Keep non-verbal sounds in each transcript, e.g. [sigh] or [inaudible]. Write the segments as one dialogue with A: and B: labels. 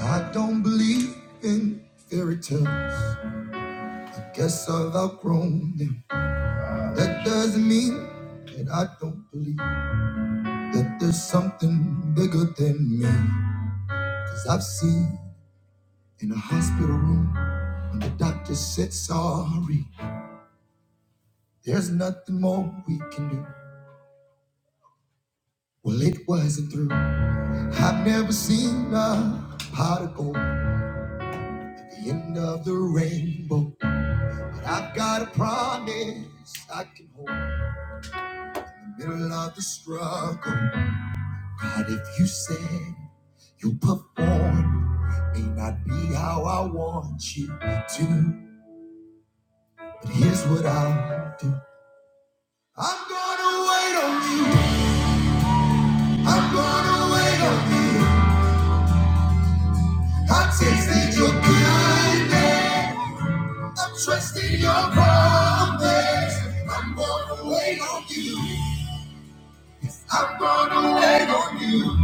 A: I don't believe in fairy tales. I guess I've outgrown them. That doesn't mean that I don't believe that there's something bigger than me. Cause I've seen in a hospital room when the doctor said sorry. There's nothing more we can do. Well, it wasn't through. I've never seen a particle at the end of the rainbow. But I've got a promise I can hold. In the middle of the struggle. God, if you said you will perform, may not be how I want you to, but here's what I'll do. I'm gonna wait on you. I'm gonna wait on you. I tasted your goodness. I'm trusting your promise. I'm gonna wait on you. Yes, I'm gonna wait on you.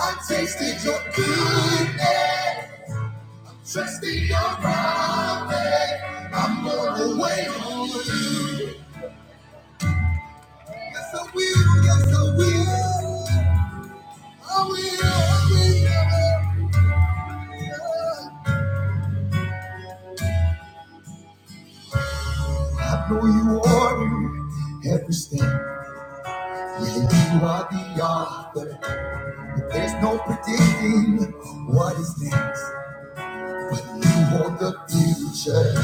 A: I tasted your goodness. Trusting your prophet. I'm gonna wait on you. Yes, I will, yes, I will. I will, I will. I know you order every step. Yeah, you are the author, but there's no predicting what is next. But you hold the future.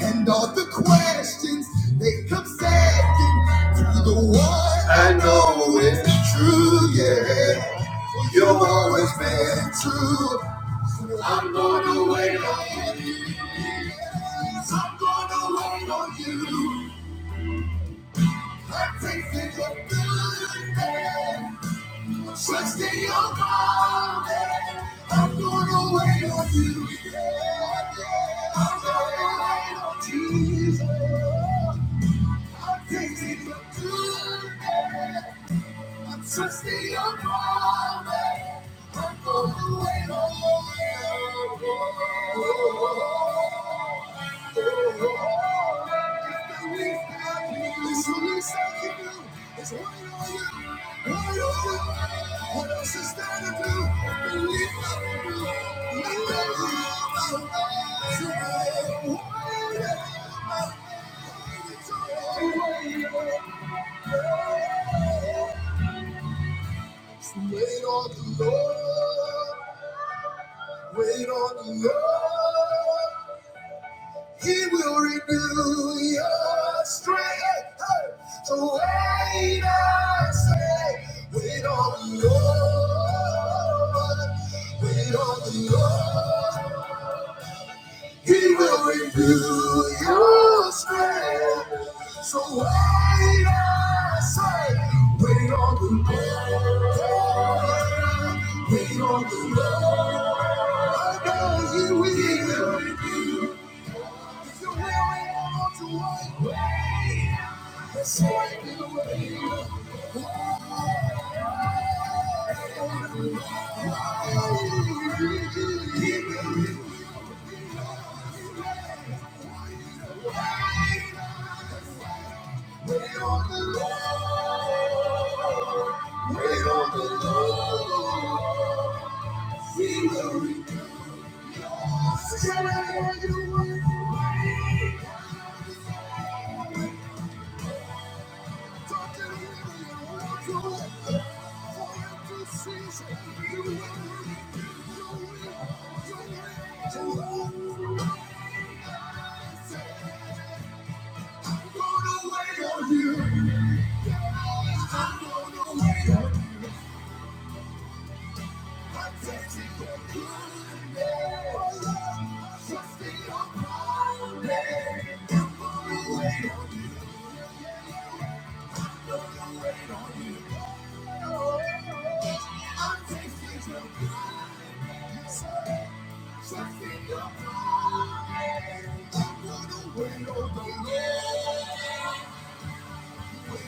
A: And all the questions they come second to the one I know is true, yeah. Well, You've always been true. I'm gonna wait on you. Yes, I'm gonna wait on you. I take it your good name. Trust in your God. I'm gonna wait on you. Yeah, yeah. I'm gonna wait on Jesus. I'm taking you to I'm trusting your promise. I'm going away, Thank you. Wait on the Lord, wait on the Lord. He will renew your strength. So wait, I say, wait on the Lord, wait on the Lord. He will renew your strength. So wait, I say, wait on the Lord. Wait on the Lord. I know He will. If you're weary and want to wait, wait. Let's wait and wait. Wait on the Lord. Wait on the Lord. We Thank you. Wait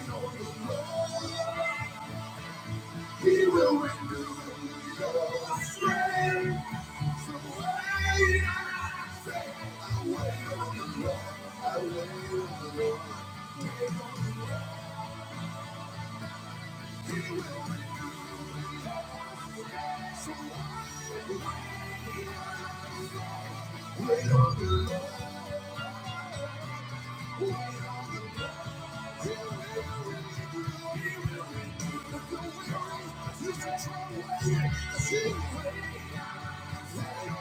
A: on the Lord. He will renew your strength. So wait say, I wait on the Lord. I wait on the Lord. wait on the Lord. He will renew your strength. So wait wait on the Lord. Wait on the Lord. He will renew. He will renew. If you wait, you should try waiting. See, wait. Strength is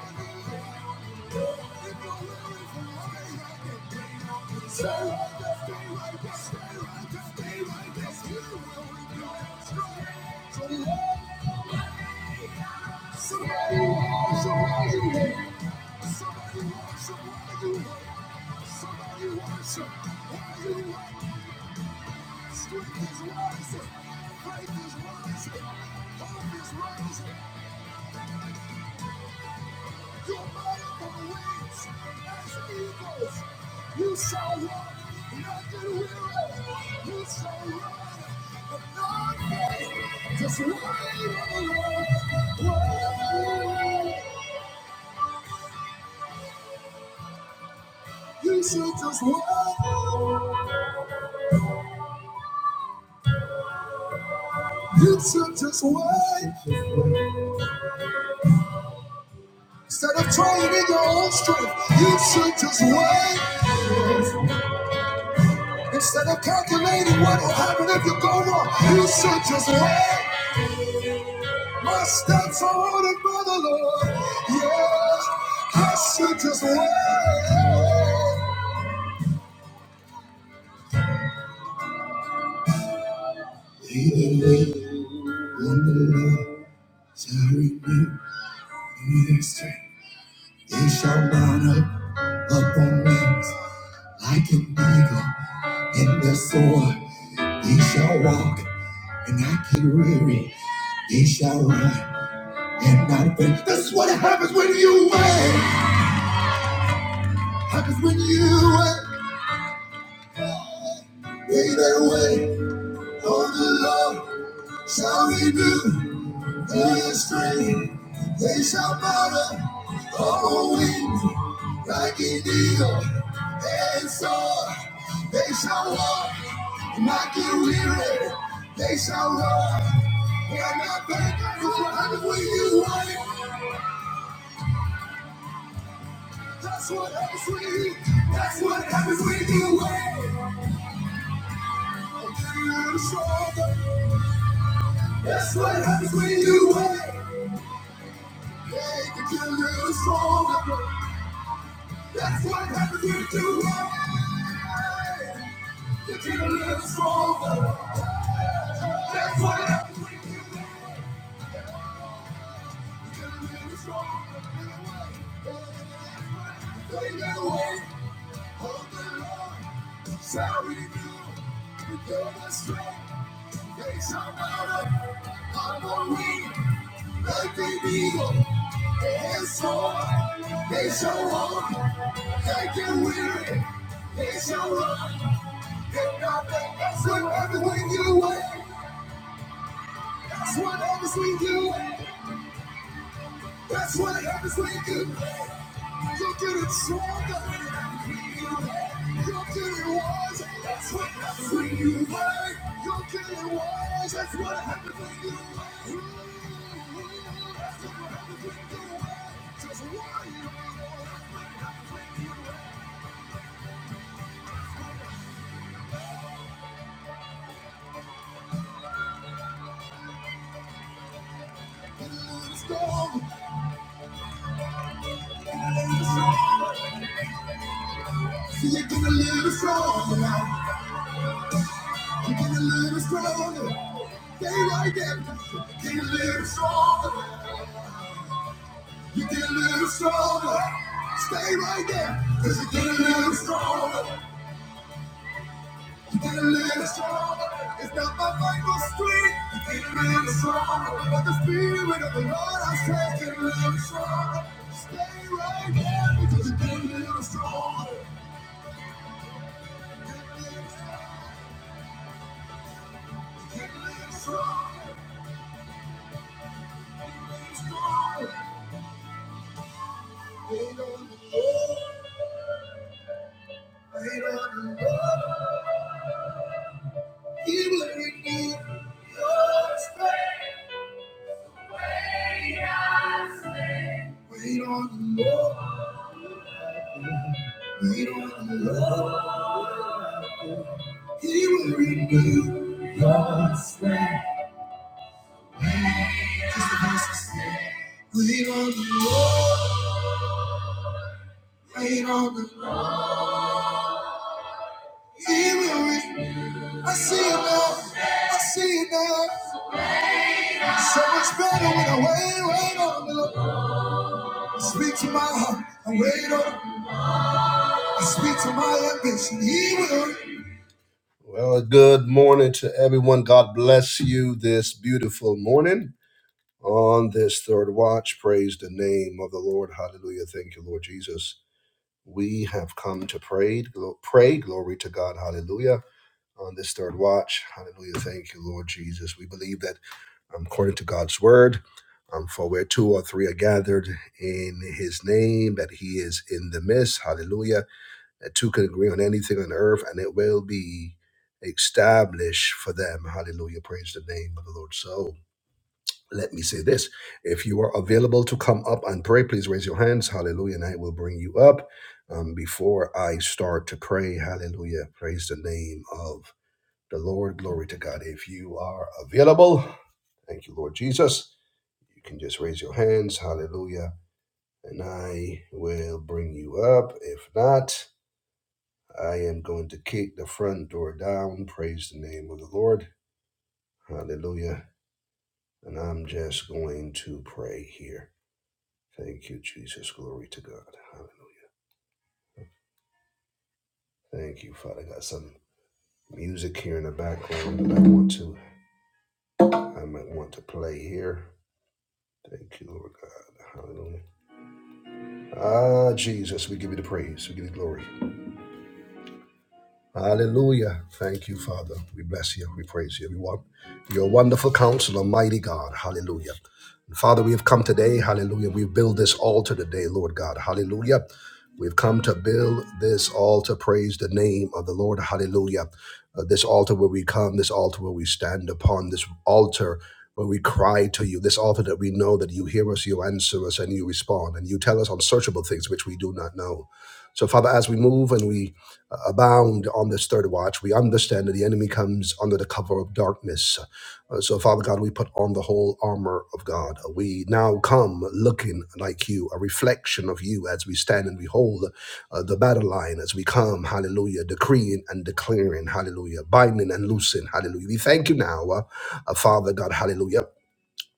A: rising, faith is rising, hope is rising. Your motorable wings as eagles. You shall run, and not get weary. You shall run, and not faint. Just wait on the Lord. Wait. You should just wait. You should just wait. Instead of trying in your own strength, you should just wait. Instead of calculating what will happen if you go wrong, you should just wait. Must stand forward by the Lord. Yeah, I should just wait. Either way, on the Lord shall renew their strength. They shall mount up, up on wings like an eagle. And their sword, they shall walk and not get weary. They shall run and not faint. That's what happens when you wait. Happens when you wait. Wait and wait on the Lord. shall renew their strength. They shall mount up on wings like an eagle and soar. They shall walk, not get weary. They shall run and not faint. That's what happens when you wait. That's what happens when you. That's what happens when you wait. I'm stronger. That's what happens when you wait. They can get a little stronger. That's what happens when you do wrong. You keep a little stronger. That's what happens when you get a little stronger. Play that way. Hold the line. Shall we do? We do it strong. They shout out. I'm on wing. Like an eagle. They head soar. They show up. They get weary. They show up. If not, that. that's what happens when you win. That's what happens when you. That's what happens when you. You're getting stronger. You're getting wise. That's what happens when you learn. You're getting wise. That's what happens when you learn. That's what happens when you learn. Just why you learn. See, you get a little stronger now. You get a little stronger. Stay right there. Get a little stronger. You get a little stronger. Stay right there. Cause you get a little stronger. You get a little stronger. It's not my final street. You get a little stronger. But the spirit of the Lord, I say, get a little stronger. Stay right there because you get a little stronger. Get a little stronger. Get a little stronger. Stronger. Wait on the Lord. Wait on the Lord. He will renew your strength. Wait on the Lord, wait on the Lord, He will renew your strength. Just the voices. say, Wait on the Lord, wait on the Lord, He will renew. I see it now, I see it now. So much better when I wait, wait on the Lord. I Speak to my heart, I wait on. I speak to my ambition, He will. Well, good morning to everyone. God bless you this beautiful morning. on this third watch. Praise the name of the Lord. Hallelujah. Thank you, Lord Jesus. We have come to pray. Glo- pray. Glory to God. Hallelujah. On this third watch. Hallelujah. Thank you, Lord Jesus. We believe that um, according to God's word, um, for where two or three are gathered in his name, that he is in the midst. Hallelujah. That two can agree on anything on earth and it will be established for them. Hallelujah. Praise the name of the Lord. So, let me say this. If you are available to come up and pray, please raise your hands. Hallelujah. And I will bring you up um, before I start to pray. Hallelujah. Praise the name of the Lord. Glory to God. If you are available, thank you, Lord Jesus. You can just raise your hands. Hallelujah. And I will bring you up. If not, I am going to kick the front door down. Praise the name of the Lord. Hallelujah. And I'm just going to pray here. Thank you, Jesus. Glory to God. Hallelujah. Thank you, Father. I got some music here in the background that I want to, I might want to play here. Thank you, Lord God. Hallelujah. Ah, Jesus, we give you the praise. We give you glory. Hallelujah. Thank you, Father. We bless you. We praise you. We want your wonderful counselor, mighty God. Hallelujah. And Father, we have come today. Hallelujah. We build this altar today, Lord God. Hallelujah. We've come to build this altar. Praise the name of the Lord. Hallelujah. Uh, this altar where we come, this altar where we stand upon, this altar where we cry to you, this altar that we know that you hear us, you answer us, and you respond, and you tell us unsearchable things which we do not know. So, Father, as we move and we abound on this third watch. We understand that the enemy comes under the cover of darkness. Uh, so, Father God, we put on the whole armor of God. We now come looking like you, a reflection of you as we stand and behold uh, the battle line as we come, hallelujah, decreeing and declaring, hallelujah, binding and loosing, hallelujah. We thank you now, uh, uh, Father God, hallelujah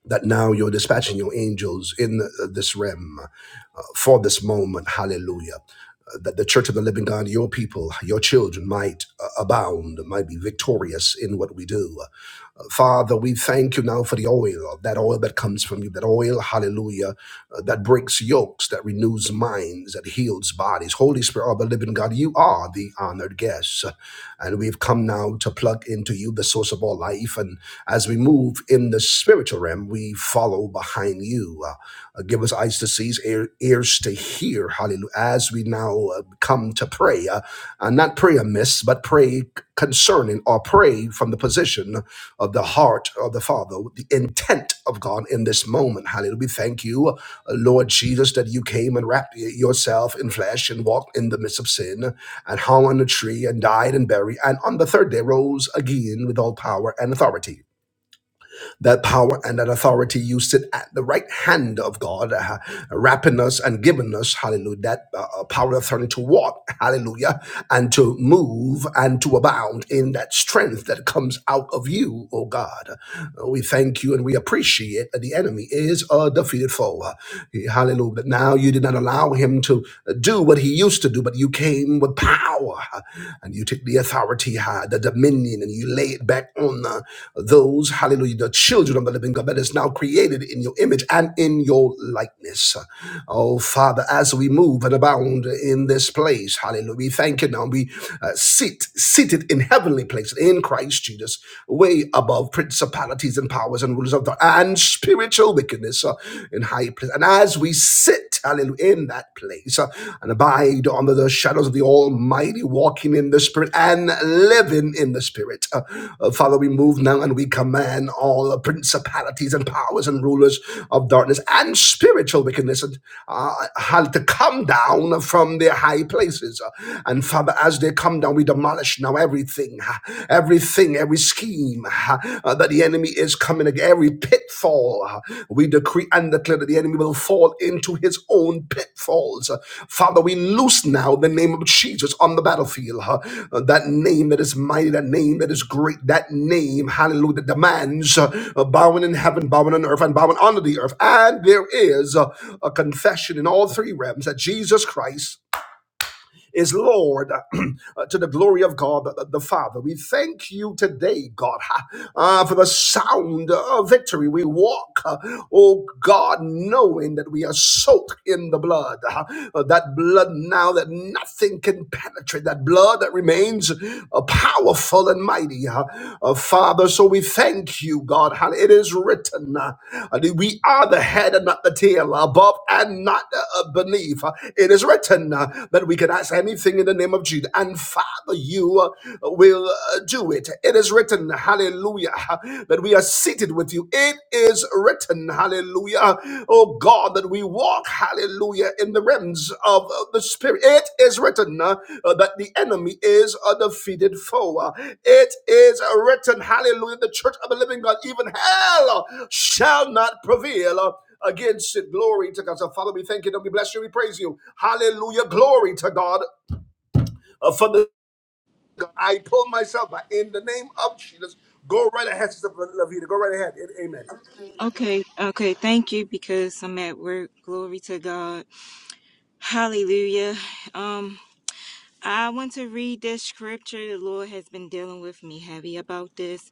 A: that now you're dispatching your angels in uh, this realm uh, for this moment. Hallelujah. Uh, That the church of the living God, your people, your children might uh, abound, might be victorious in what we do. Uh, Father, we thank you now for the oil, uh, that oil that comes from you, that oil, hallelujah, uh, that breaks yokes, that renews minds, that heals bodies. Holy Spirit of the living God, you are the honored guest. And we've come now to plug into you, the source of all life, and. As we move in the spiritual realm, we follow behind you. Uh, uh, give us eyes to see, ear, ears to hear. Hallelujah. As we now uh, come to pray, uh, uh, not pray amiss, but pray concerning or pray from the position of the heart of the Father, the intent of God in this moment. Hallelujah. We thank you, uh, Lord Jesus, that you came and wrapped y- yourself in flesh and walked in the midst of sin and hung on a tree and died and buried and on the third day rose again with all power and authority that power and that authority you sit at the right hand of god uh, wrapping us and giving us hallelujah that uh, uh, power and authority to walk hallelujah and to move and to abound in that strength that comes out of you oh god we thank you and we appreciate that the enemy is a defeated foe. Hallelujah. But Now you did not allow him to do what he used to do, but you came with power and you took the authority, uh, the dominion, and you lay it back on uh, those, hallelujah, the children of the living God that is now created in your image and in your likeness. Oh, Father, as we move and abound in this place, hallelujah, we thank you now. We uh, sit seated in heavenly places in Christ Jesus, way above principalities and powers and rulers of the and spiritual wickedness uh, in high place. And as we sit, hallelujah, in that place uh, and abide under the shadows of the Almighty, walking in the Spirit and living in the Spirit, uh, uh, Father, we move now and we command all uh, principalities and powers and rulers of darkness and spiritual wickedness and uh, to come down from their high places. Uh, And Father, as they come come down. We demolish now everything, ah, everything, every scheme ah, uh, that the enemy is coming against, every pitfall. ah, We decree and declare that the enemy will fall into his own pitfalls. Uh, Father, we loose now the name of Jesus on the battlefield. huh? Uh, That name that is mighty, that name that is great, that name, hallelujah, that demands uh, uh, bowing in heaven, bowing on earth, and bowing under the earth. And there is uh, a confession in all three realms that Jesus Christ is Lord [clears throat] to the glory of God the, the Father. We thank you today, God, uh, for the sound of victory. We walk, uh, oh God, knowing that we are soaked in the blood. uh, that blood now that nothing can penetrate, that blood that remains uh, powerful and mighty. ha. Uh, Father, so we thank you, God. It is written, uh, uh, that we are the head and not the tail, above and not uh, uh, beneath. Uh, It is written uh, that we can ask anything in the name of Jesus. And Father, you uh, will uh, do it. It is written, hallelujah, that we are seated with you. It is written, hallelujah, oh God, that we walk, hallelujah, in the realms of uh, the Spirit. It is written uh, uh, that the enemy is a defeated foe. Uh, It is written, hallelujah, the church of the living God, even hell uh, shall not prevail. uh, Against it, glory to God. So, Father, we thank you and we bless you, we praise you. Hallelujah, glory to God. Uh, Father God, I pull myself, but in the name of Jesus, go right ahead, Sister Lavita. Go right ahead. Amen.
B: Okay, okay, thank you because I'm at work. Glory to God. Hallelujah. Um I want to read this scripture. The Lord has been dealing with me heavy about this.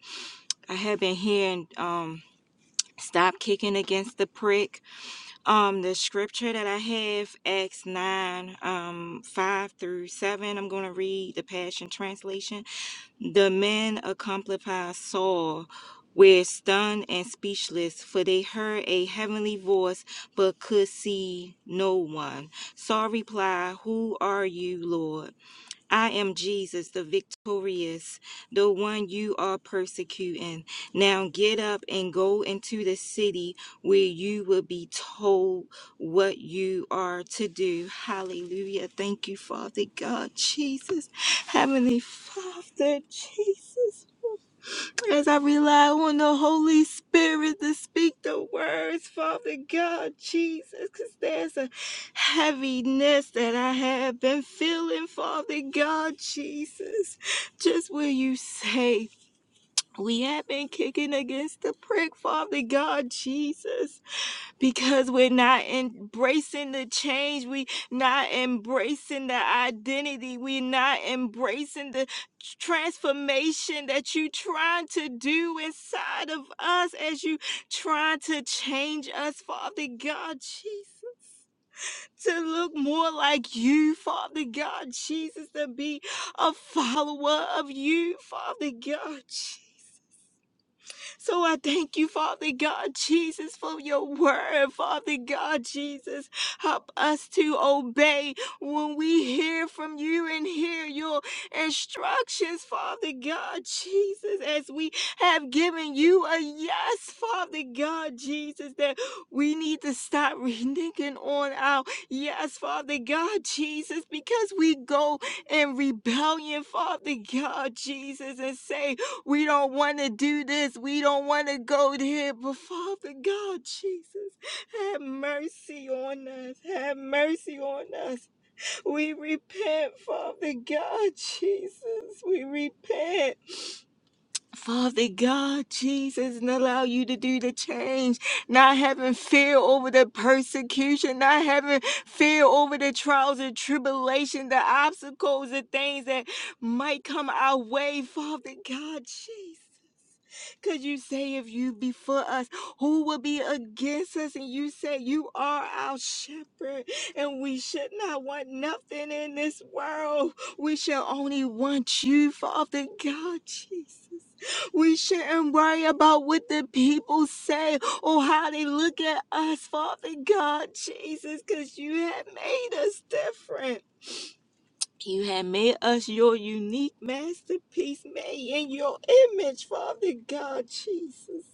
B: I have been hearing um stop kicking against the prick. Um the scripture that I have, Acts 9, um, 5 through 7. I'm gonna read the Passion Translation. The men accomplified Saul were stunned and speechless, for they heard a heavenly voice but could see no one. Saul replied, Who are you, Lord? I am Jesus, the victorious, the one you are persecuting. Now get up and go into the city where you will be told what you are to do. Hallelujah. Thank you, Father God, Jesus, Heavenly Father, Jesus. As I rely on the Holy Spirit to speak the words, Father God, Jesus, because there's a heaviness that I have been feeling, Father God, Jesus. Just will you say, we have been kicking against the prick, Father God, Jesus because we're not embracing the change we are not embracing the identity we're not embracing the transformation that you trying to do inside of us as you trying to change us father god jesus to look more like you, Father God, Jesus, to be a follower of you, Father God, Jesus. So I thank you, Father God Jesus, for your word, Father God Jesus. Help us to obey when we hear from you and hear your instructions, Father God Jesus, as we have given you a yes, Father God Jesus, that we need to stop reneging on our yes, Father God Jesus, because we go in rebellion, Father God Jesus, and say, we don't want to do this. We don't want to go there. But Father God, Jesus, have mercy on us. Have mercy on us. We repent, Father God, Jesus. We repent. Father God, Jesus, and allow you to do the change, not having fear over the persecution, not having fear over the trials and tribulation, the obstacles, the things that might come our way, Father God, Jesus. Could you say if you be for us, who will be against us? And you say you are our shepherd, and we should not want nothing in this world. We shall only want you, Father God, Jesus. We shouldn't worry about what the people say or how they look at us, Father God, Jesus, because you have made us different. You have made us your unique masterpiece, made in your image, Father God, Jesus.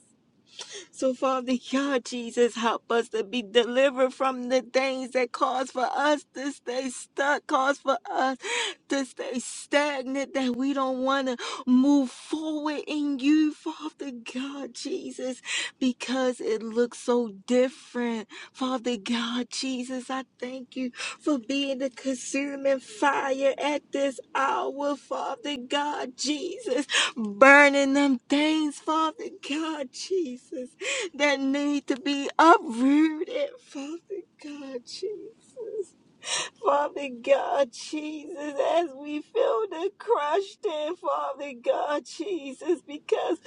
B: So, Father [laughs] God, Jesus, help us to be delivered from the things that cause for us to stay stuck, cause for us to stay stagnant, that we don't want to move forward in you, Father God, Jesus, because it looks so different. Father God, Jesus, I thank you for being the consuming fire at this hour, Father God, Jesus burning them things, Father God, Jesus that need to be uprooted, Father God, Jesus. Father God, Jesus, as we feel the crushed in, Father God, Jesus, because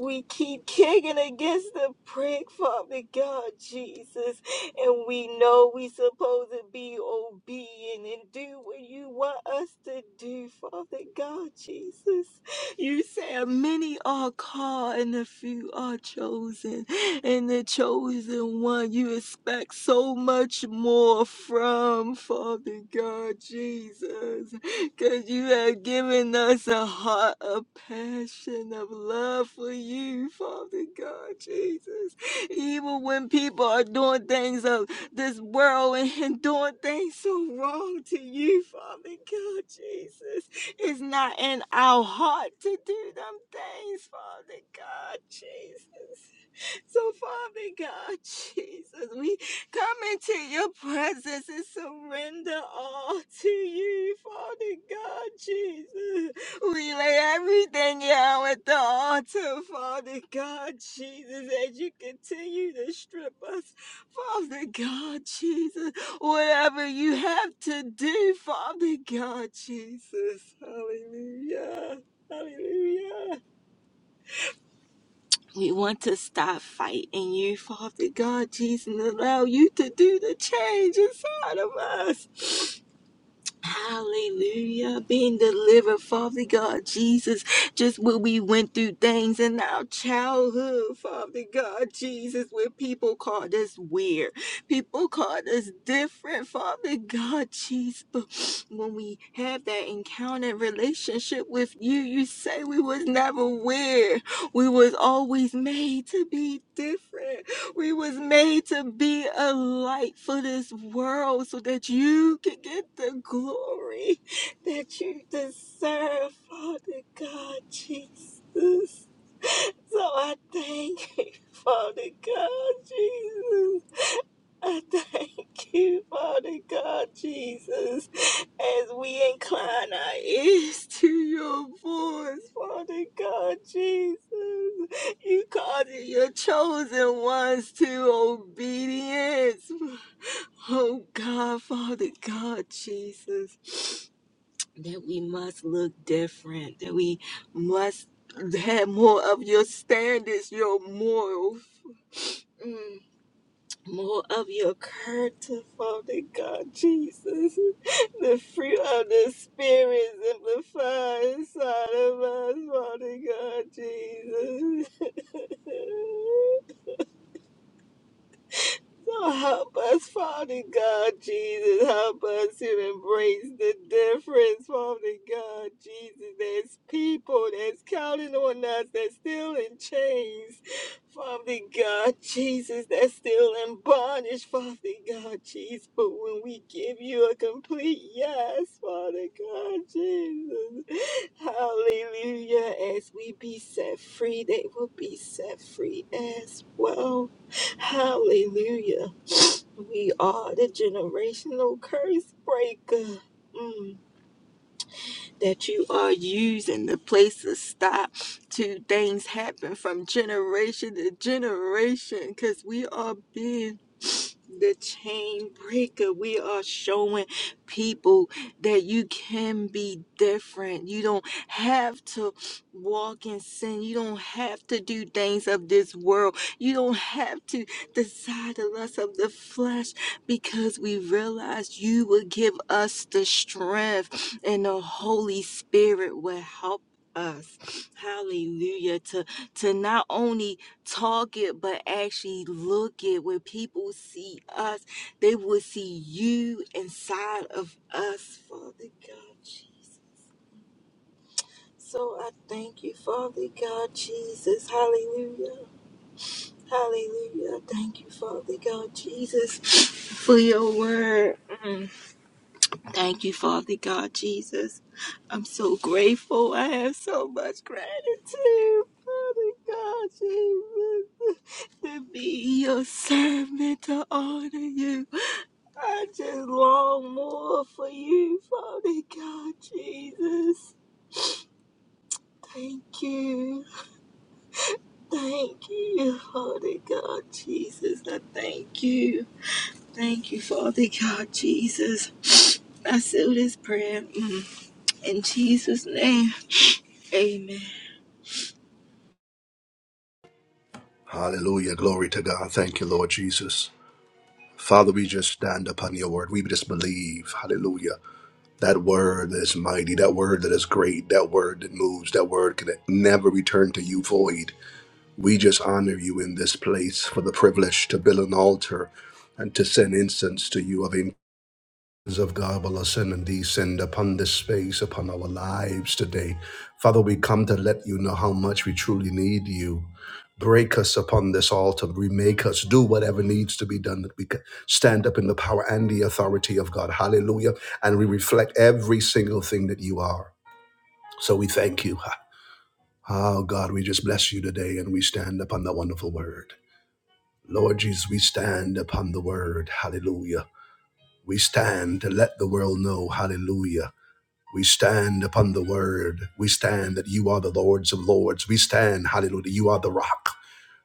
B: we keep kicking against the prick, Father God, Jesus, and we know we supposed to be obedient and do what you want us to do, Father God, Jesus. You said many are called and a few are chosen. And the chosen one you expect so much more from Father God Jesus. Cause you have given us a heart of passion, of love for you, Father God Jesus. Even when people are doing things of this world and [laughs] doing things so wrong to you, Father God Jesus. It's not in our heart to do them things, Father God, Jesus. So, Father God, [laughs] Jesus, we come into your presence and surrender all to you, Father God, Jesus. We lay everything down at the altar, Father God, Jesus, as you continue to strip us, Father God, Jesus. Whatever you have to do, Father God, Jesus. Hallelujah. Hallelujah. We want to stop fighting you, Father God, Jesus, and allow you to do the change inside of us. Hallelujah. Being delivered, Father God, Jesus. Just when we went through things in our childhood, Father God, Jesus, where people called us weird. People called us different, Father God, Jesus. But when we have that encounter relationship with you, you say we was never weird. We was always made to be different. We was made to be a light for this world so that you could get the glory that you deserve, Father God, Jesus. So I thank [laughs] you, Father God, Jesus. I thank you, Father God, Jesus, as we incline our ears [laughs] to your voice, Father God, Jesus. You causing your chosen ones to obedience. [laughs] Oh God, Father God, Jesus that we must look different, that we must have more of your standards, your morals, mm, more of your character, Father God Jesus. The fruit of the Spirit simplified inside of us, Father God Jesus. [laughs] So help us, Father God, Jesus. Help us to embrace the difference, Father God, Jesus. There's people that's counting on us that's still in chains, Father God, Jesus, that's still in bondage, Father God, Jesus. But when we give you a complete yes, Father God, Jesus, hallelujah, as we be set free, they will be set free as well. Hallelujah. We are the generational curse breaker. Mm that you are using the place to stop to things happen from generation to generation because we are being the chain breaker we are showing people that you can be different you don't have to walk in sin you don't have to do things of this world you don't have to desire the lust of the flesh because we realize you will give us the strength and the Holy Spirit will help us. Hallelujah. To to not only talk it but actually look it. When people see us, they will see you inside of us, Father God Jesus. So I thank you, Father God Jesus. Hallelujah. Hallelujah. I Thank you, Father God Jesus, for your word. Mm. Thank you, Father God Jesus. I'm so grateful. I have so much gratitude, Father God Jesus, [laughs] to be your servant, to honor you. I just long more for you, Father God Jesus. Thank you. Thank you, Father God Jesus. I thank you. Thank you, Father God, Jesus. I seal this prayer mm, in Jesus' name. Amen.
A: Hallelujah. Glory to God. Thank you, Lord Jesus. Father, we just stand upon your word. We just believe, hallelujah, that word that is mighty, that word that is great, that word that moves, that word can never return to you void. We just honor you in this place for the privilege to build an altar and to send incense to you. of God will ascend and descend upon this space, upon our lives today. Father, we come to let you know how much we truly need you. Break us upon this altar, remake us, do whatever needs to be done that we can stand up in the power and the authority of God. Hallelujah. And we reflect every single thing that you are. So we thank you. Oh God, we just bless you today and we stand upon the wonderful word. Lord Jesus, we stand upon the word. Hallelujah. We stand to let the world know, hallelujah, we stand upon the word. We stand that you are the Lords of Lords. We stand, hallelujah, you are the rock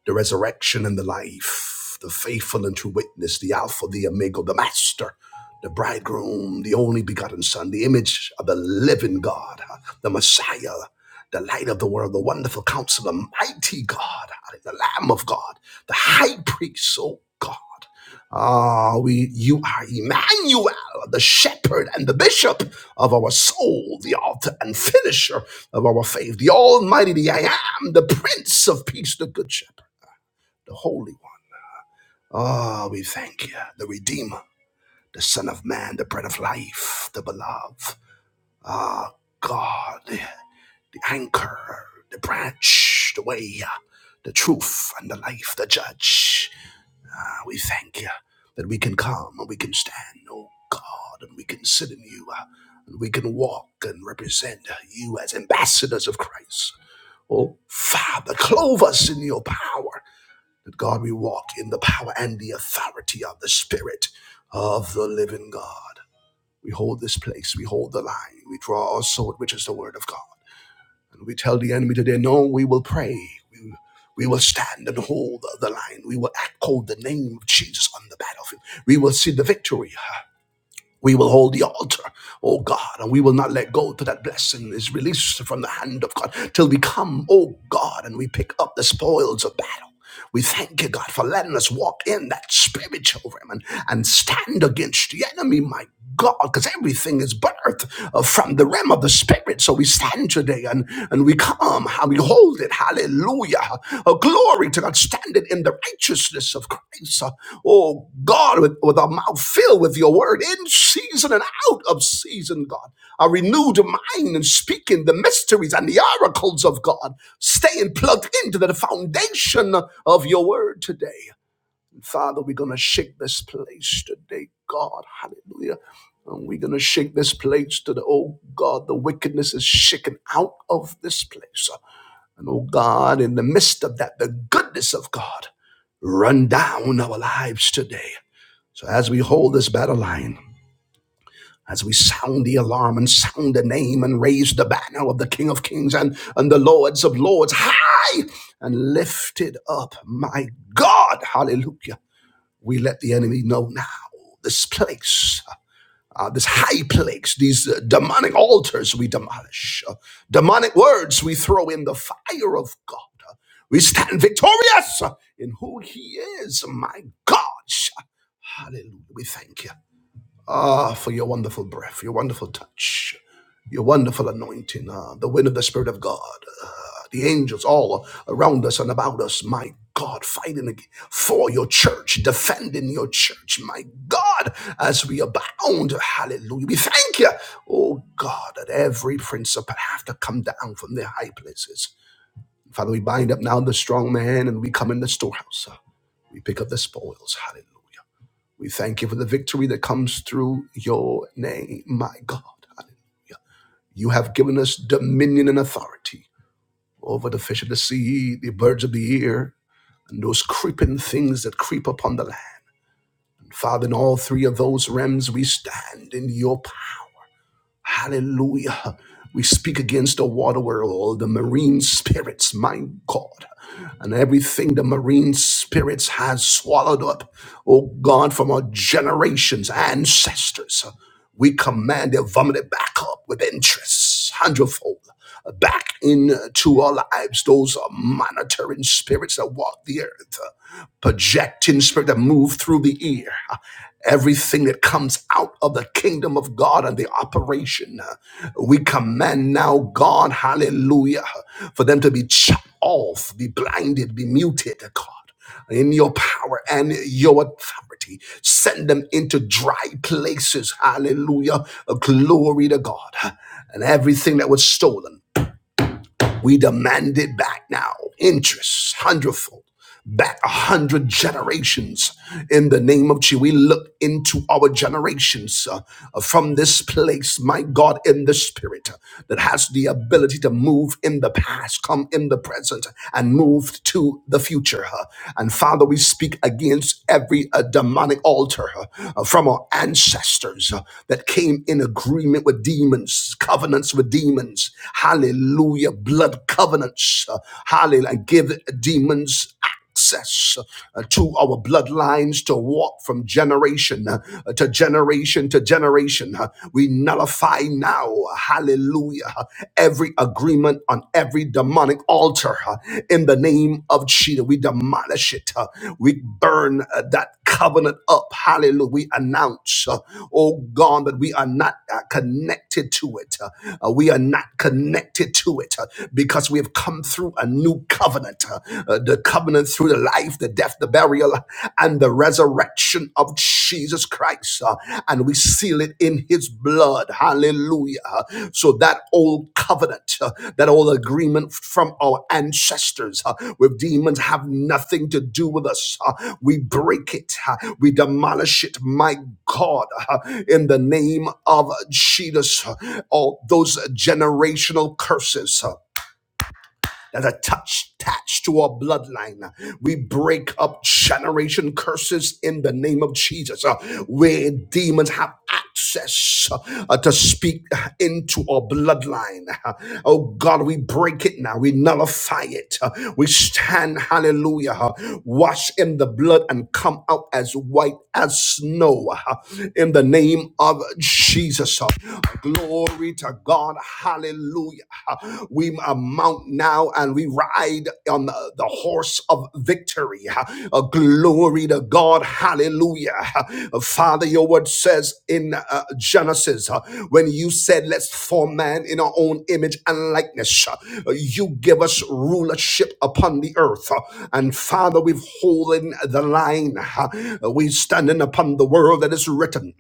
A: the resurrection and the life, the faithful and true witness, the Alpha, the Omega, the Master, the Bridegroom, the only begotten Son, the image of the living God, the Messiah, the light of the world, the wonderful counselor, mighty God, the Lamb of God, the high priest, oh God. Ah, we you are Emmanuel, the shepherd and the bishop of our soul, the author and finisher of our faith, the Almighty, the I am, the Prince of Peace, the Good Shepherd the Holy One. Oh, we thank you, the Redeemer, the Son of Man, the Bread of Life, the Beloved. Ah, oh, God, the, the anchor, the branch, the way, the truth, and the life, the judge. Ah, we thank you that we can come and we can stand, oh God, and we can sit in you, uh, and we can walk and represent you as ambassadors of Christ. Oh, Father, clothe us in your power. that God, we walk in the power and the authority of the Spirit of the living God. We hold this place, we hold the line, we draw our sword, which is the word of God. And we tell the enemy today, no, we will pray. We, we will stand and hold the line. We will echo the name of Jesus on the battlefield. We will see the victory. We will hold the altar, oh God, and we will not let go till that blessing is released from the hand of God, till we come, oh God, and we pick up the spoils of battle. We thank you, God, for letting us walk in that spiritual realm and stand against the enemy, my God, because everything is birthed uh, from the realm of the spirit. So we stand today and, and we come and we hold it. Hallelujah. Uh, glory to God. Stand it in the righteousness of Christ. Uh, oh God, with, with our mouth filled with your word in season and out of season, God. A renewed mind and speaking the mysteries and the oracles of God. Staying plugged into the foundation of your word today. Father, we're going to shake this place today, God. Hallelujah. And we're going to shake this place to the, oh God, the wickedness is shaken out of this place. And oh God, in the midst of that, the goodness of God run down our lives today. So as we hold this battle line, as we sound the alarm and sound the name and raise the banner of the King of Kings and, and the Lords of Lords high and lifted up, my God, hallelujah we let the enemy know now this place, uh, this high place, these uh, demonic altars we demolish, uh, demonic words we throw in the fire of God. Uh, we stand victorious in who He is, my God. Hallelujah. We thank you. Ah, for your wonderful breath, your wonderful touch, your wonderful anointing, ah, the wind of the Spirit of God, ah, the angels all around us and about us, my God, fighting ag- for your church, defending your church, my God, as we abound. Hallelujah. We thank you, oh God, that every principle have to come down from their high places. Father, we bind up now the strong man and we come in the storehouse. ah. We pick up the spoils. Hallelujah. We thank you for the victory that comes through your name, my God. You have given us dominion and authority over the fish of the sea, the birds of the air, and those creeping things that creep upon the land. Father, in all three of those realms, we stand in your power. Hallelujah. We speak against the water world, the marine spirits, my God, and everything the marine spirits has swallowed up, oh God, from our generations, ancestors. We command their vomited back up with interest, hundredfold, back into our lives. Those are monitoring spirits that walk the earth, projecting spirit that move through the ear. Everything that comes out of the kingdom of God and the operation, uh, we command now, God, hallelujah, for them to be chopped off, be blinded, be muted, God in your power and your authority. Send them into dry places. Hallelujah. Glory to God. And everything that was stolen. We demand it back now. Interest, hundredfold, back a hundred generations in the name of Jesus. We look into our generations uh, uh, from this place, my God, in the spirit uh, that has the ability to move in the past, come in the present, and move to the future. uh. And Father, we speak against every uh, demonic altar uh, uh, from our ancestors uh, that came in agreement with demons, covenants with demons. Hallelujah blood covenants. uh, Hallelujah. And give demons access uh, to our bloodlines to walk from generation uh, to generation to generation. Uh, We nullify now, hallelujah, uh, every agreement on every demonic altar uh, in the name of Jesus. We demolish it. uh, We burn uh, that covenant up. Hallelujah. We announce, uh, oh God, that we are not uh, connected to it. Uh, uh, we are not connected to it. Uh, because we have come through a new covenant, uh, uh, the covenant through the life, the death, the burial, and the resurrection of Jesus Christ. uh, and we seal it in his blood. Hallelujah. So that old covenant, uh, that old agreement from our ancestors uh, with demons have nothing to do with us. uh, we break it. uh, we demolish it. My God, uh, in the name of Jesus, uh, all those generational curses. uh, that's attached, attached to our bloodline. We break up generation curses in the name of Jesus, uh, where demons have access uh, to speak into our bloodline. [laughs] Oh God, we break it now. We nullify it. Uh, We stand, hallelujah, uh, wash in the blood and come out as white as snow uh, in the name of Jesus. uh, Glory to God. Hallelujah. We uh, mount now and we ride on the, the horse of victory. Uh, glory to God. Hallelujah. Uh, Father, your word says in uh, Genesis, uh, when you said, Let's form man in our own image and likeness, uh, you give us rulership upon the earth. Uh, And Father, we've holding the line. Uh, we standing upon the word that is written.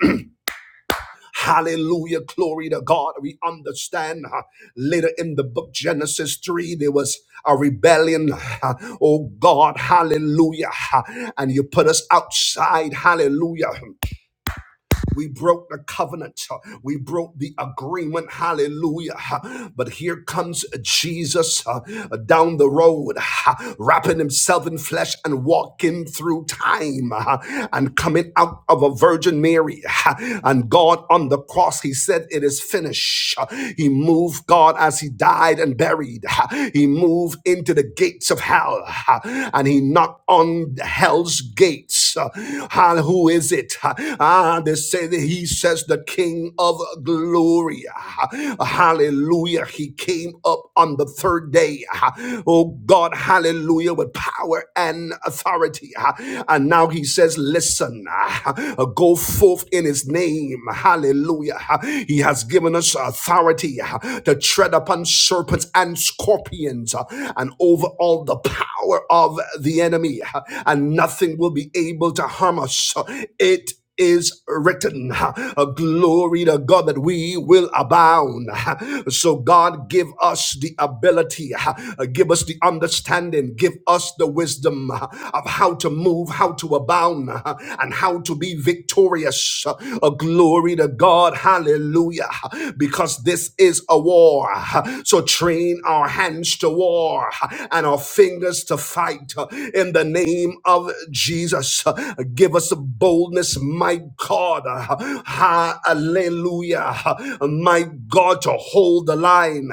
A: Hallelujah. Glory to God. We understand uh, later in the book Genesis 3, there was a rebellion. uh, Oh God, hallelujah. uh, And you put us outside. Hallelujah. We broke the covenant. We broke the agreement. Hallelujah. But here comes Jesus uh, down the road, uh, wrapping himself in flesh and walking through time uh, and coming out of a Virgin Mary. uh, And God on the cross, he said, It is finished. Uh, He moved God as he died and buried. Uh, He moved into the gates of hell. uh, And He he knocked on hell's gates. Uh, ah, who is it? Ah, they say that he says the King of glory. Ah, Hallelujah. He came up on the third day. Ah, Oh God, hallelujah, with power and authority. Ah, And now he says, Listen, ah, go forth in his name. Hallelujah. Ah, He has given us authority ah, to to tread upon serpents and scorpions uh, and over all the power of the enemy, uh, and nothing will be able to harm us. Uh, It is written. A glory to God that we will abound. [laughs] So God give us the ability, uh, give us the understanding, give us the wisdom uh, of how to move, how to abound, uh, and how to be victorious victorious. Uh, glory to God. Hallelujah. Because this is a war. So train our hands to war and our fingers to fight in the name of Jesus. Give us boldness, my God. Hallelujah. My God, to hold the line.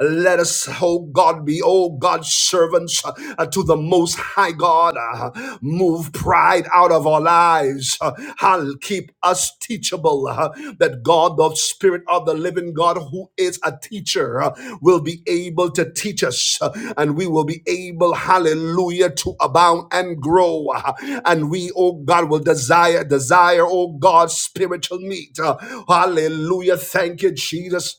A: Let us, oh God, be, oh God, servants uh, to the Most High God. uh, move pride out of our lives. uh, hal- keep us teachable. uh, that God, the Spirit of the living God, who is a teacher, uh, will be able to teach us. uh, and we will be able, hallelujah, to abound and grow. uh, and we, oh God, will desire, desire, oh God, spiritual meat. uh, hallelujah. Thank you, Jesus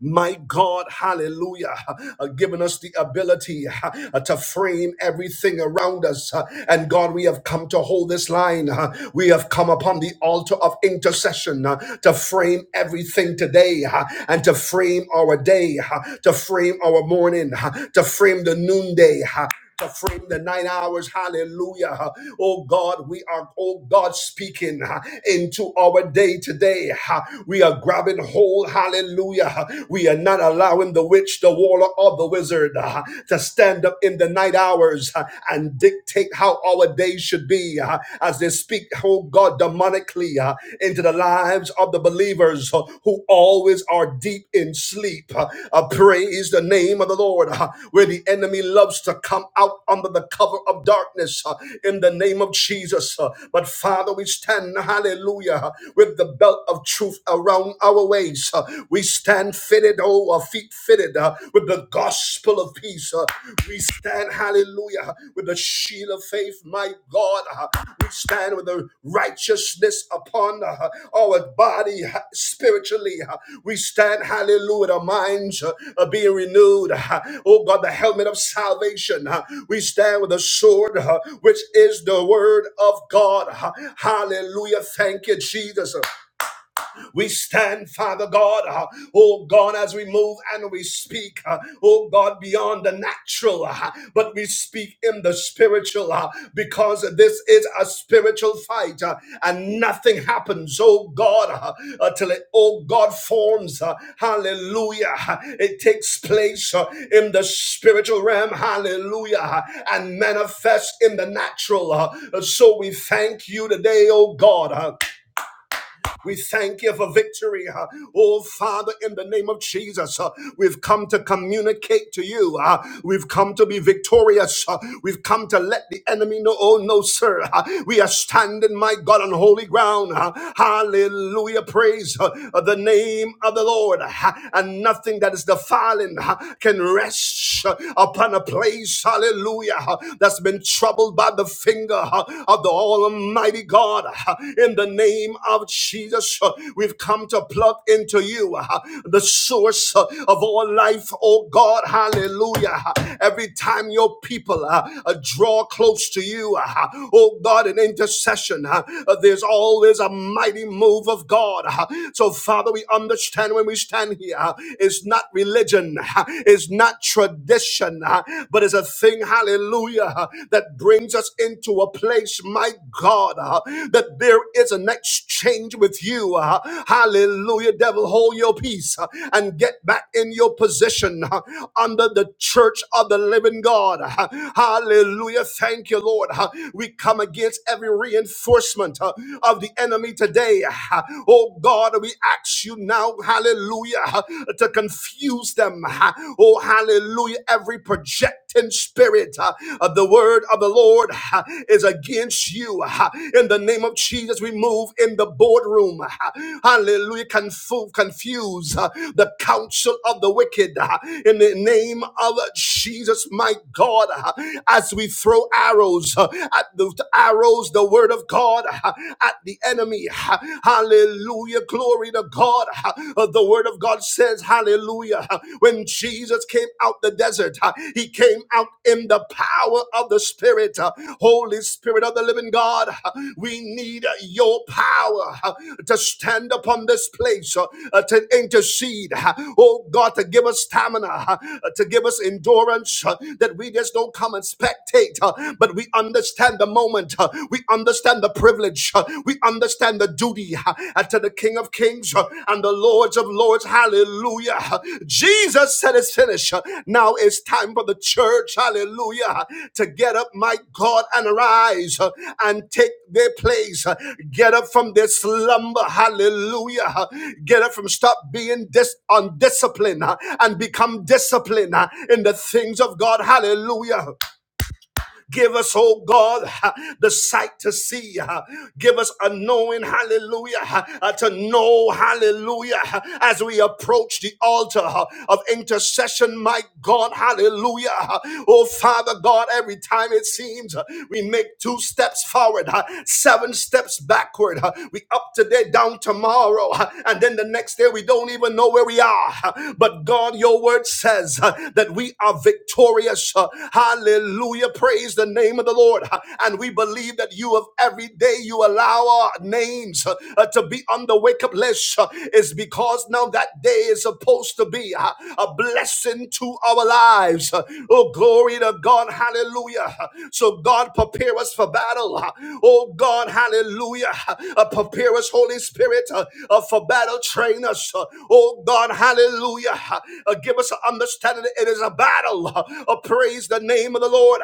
A: my God, hallelujah, uh, given us the ability uh, to frame everything around us. uh, and God, we have come to hold this line. uh, we have come upon the altar of intercession uh, to frame everything today uh, and to frame our day, uh, to frame our morning, uh, to frame the noonday, uh, to frame the nine hours. Hallelujah. Oh God, we are, oh God, speaking uh, into our day today. Uh, We are grabbing hold. Hallelujah. Uh, We are not allowing the witch, the warlock, or the wizard uh, to stand up in the night hours uh, and dictate how our day should be uh, as they speak, oh God, demonically uh, into the lives of of the believers uh, who always are deep in sleep. Uh, uh, praise the name of the Lord, uh, where the enemy loves to come out under the cover of darkness uh, in the name of Jesus. Uh, but Father, we stand, hallelujah, uh, with the belt of truth around our waist. Uh, we stand fitted, oh, our feet fitted uh, with the gospel of peace. Uh, we stand, hallelujah, with the shield of faith, my God. Uh, We stand with the righteousness upon uh, our body uh, spiritually. Uh, We stand, hallelujah, our minds uh, are being renewed. Uh, Oh God, the helmet of salvation. Uh, We stand with the sword, uh, which is the word of God. Uh, Hallelujah. Thank you, Jesus. We stand, Father God, uh, oh God, as we move and we speak, uh, oh God, beyond the natural, uh, but we speak in the spiritual uh, because this is a spiritual fight uh, and nothing happens, oh God, uh, until it, oh God, forms. uh, hallelujah. uh, It takes place uh, in the spiritual realm, hallelujah, uh, and manifests in the natural. uh, So we thank you today, oh God. uh, we thank you for victory. uh, Oh, Father, in the name of Jesus, uh, we've come to communicate to you. uh, We've come to be victorious. uh, We've come to let the enemy know, oh, no, sir. uh, We are standing, my God, on holy ground. uh, Hallelujah. Praise uh, the name of the Lord. uh, And nothing that is defiling uh, can rest uh, upon a place. Hallelujah. uh, That's been troubled by the finger. uh, of the Almighty God. In the name of Jesus, we've come to plug into you the source of all life, oh God. Hallelujah. Every time your people uh, draw close to you, uh, oh God, in intercession, uh, there's always a mighty move of God. So, Father, we understand when we stand here, uh, it's not religion, uh, it's not tradition, uh, but it's a the thing, hallelujah, that brings us into a place, my God, uh, that there is an exchange with you. uh, Hallelujah, devil, hold your peace uh, and get back in your position uh, under the church of the living God. uh, Hallelujah, thank you, Lord. uh, We come against every reinforcement uh, of the enemy today. uh, Oh God, we ask you now, hallelujah, uh, to confuse confuse them. Oh, hallelujah. Every projecting spirit uh, of the word of the Lord uh, is against you. uh, In the name of Jesus, we move in the boardroom. uh, Hallelujah. Confu- Confuse uh, the counsel of the wicked. uh, In the name of Jesus, my God, uh, as we throw arrows uh, at the arrows, the word of God, uh, at the enemy. uh, Hallelujah. Hallelujah. Glory to God. Uh, The word of God says, Hallelujah. When Jesus came out the desert, uh, he came out in the power of the Spirit. Uh, Holy Spirit of the living God, uh, we need uh, your power uh, to stand upon this place, uh, uh, to intercede. uh, Oh God, to give us stamina, uh, uh, to give us endurance, uh, that we just don't come and spectate, uh, but we understand the moment. uh, We understand understand the privilege. uh, We understand the duty uh, to the King of Kings uh, and the Lords of Lords. Hallelujah. Uh, Jesus said it's finished. Uh, Now it's time for the church. Hallelujah. uh, To get up, my God, and arise uh, and take their place. Uh, Get up from their slumber. Hallelujah. Uh, Get up from stop being dis- undisciplined uh, and become disciplined uh, in the things of God. Hallelujah. Give us, oh God, [laughs] the sight to see. Give us a knowing, hallelujah, uh, to know, hallelujah, uh, as we approach the altar uh, of intercession, my God, hallelujah. uh, Oh Father God, every time it seems uh, we make two steps forward, uh, seven steps backward, uh, we up today, down tomorrow, uh, and then the next day we don't even know where we are. uh, But God, your word says uh, that we are are victorious. Uh, Hallelujah. Praise the name of the Lord. Uh, And we believe that you have every day you allow our names uh, uh, to be on the wake up list uh, is because now that day is supposed to be uh, a blessing to our lives. Uh, Oh, glory to God. Hallelujah. Uh, So, God, prepare us for battle. Uh, Oh, God. Hallelujah. Uh, Prepare us, Holy Spirit, uh, uh, for battle. Train us. Uh, Oh, God. Hallelujah. Hallelujah. Uh, give us an understanding. It is a battle. Uh, praise the name of the Lord.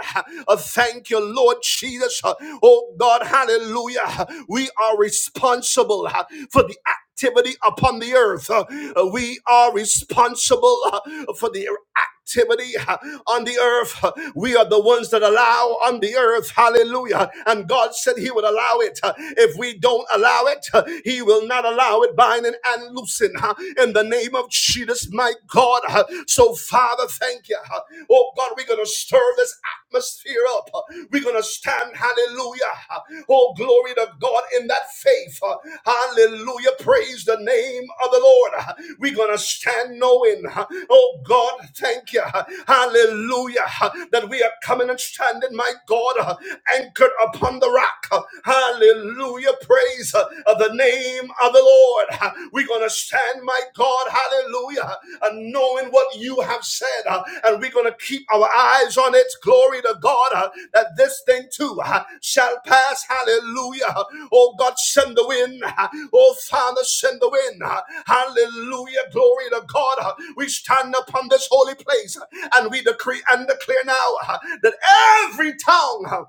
A: Uh, thank you, Lord Jesus. Uh, oh God, hallelujah. Uh, We are responsible uh, for the activity upon the earth. Uh, uh, we are responsible uh, for the act activity uh, on the earth. Uh, We are the ones that allow on the earth. Hallelujah. And God said He would allow it. Uh, If we don't allow it, uh, He will not allow it binding and loosing uh, in the name of Jesus, my God. Uh, So, Father, thank you. Uh, Oh, God, we're going to stir this atmosphere up. Uh, We're going to stand, hallelujah. Uh, Oh, Oh, glory to God in that faith. Uh, Hallelujah. Praise the name of the Lord. Uh, We're going to stand knowing. uh, Oh, God, thank you. Uh, Hallelujah. Uh, That we are coming and standing, my God, uh, anchored upon the rock. Uh, Hallelujah. Praise uh, the name of the Lord. Uh, We're going to stand, my God. Hallelujah uh, and knowing what you have said. uh, and we're going to keep our eyes on it. Glory to God uh, that this thing too uh, shall pass. Hallelujah. Oh God, send the wind. uh, Oh Father, send the wind. uh, Hallelujah. Glory to God. uh, We stand upon this holy place uh, and we decree and declare now uh, that every tongue uh,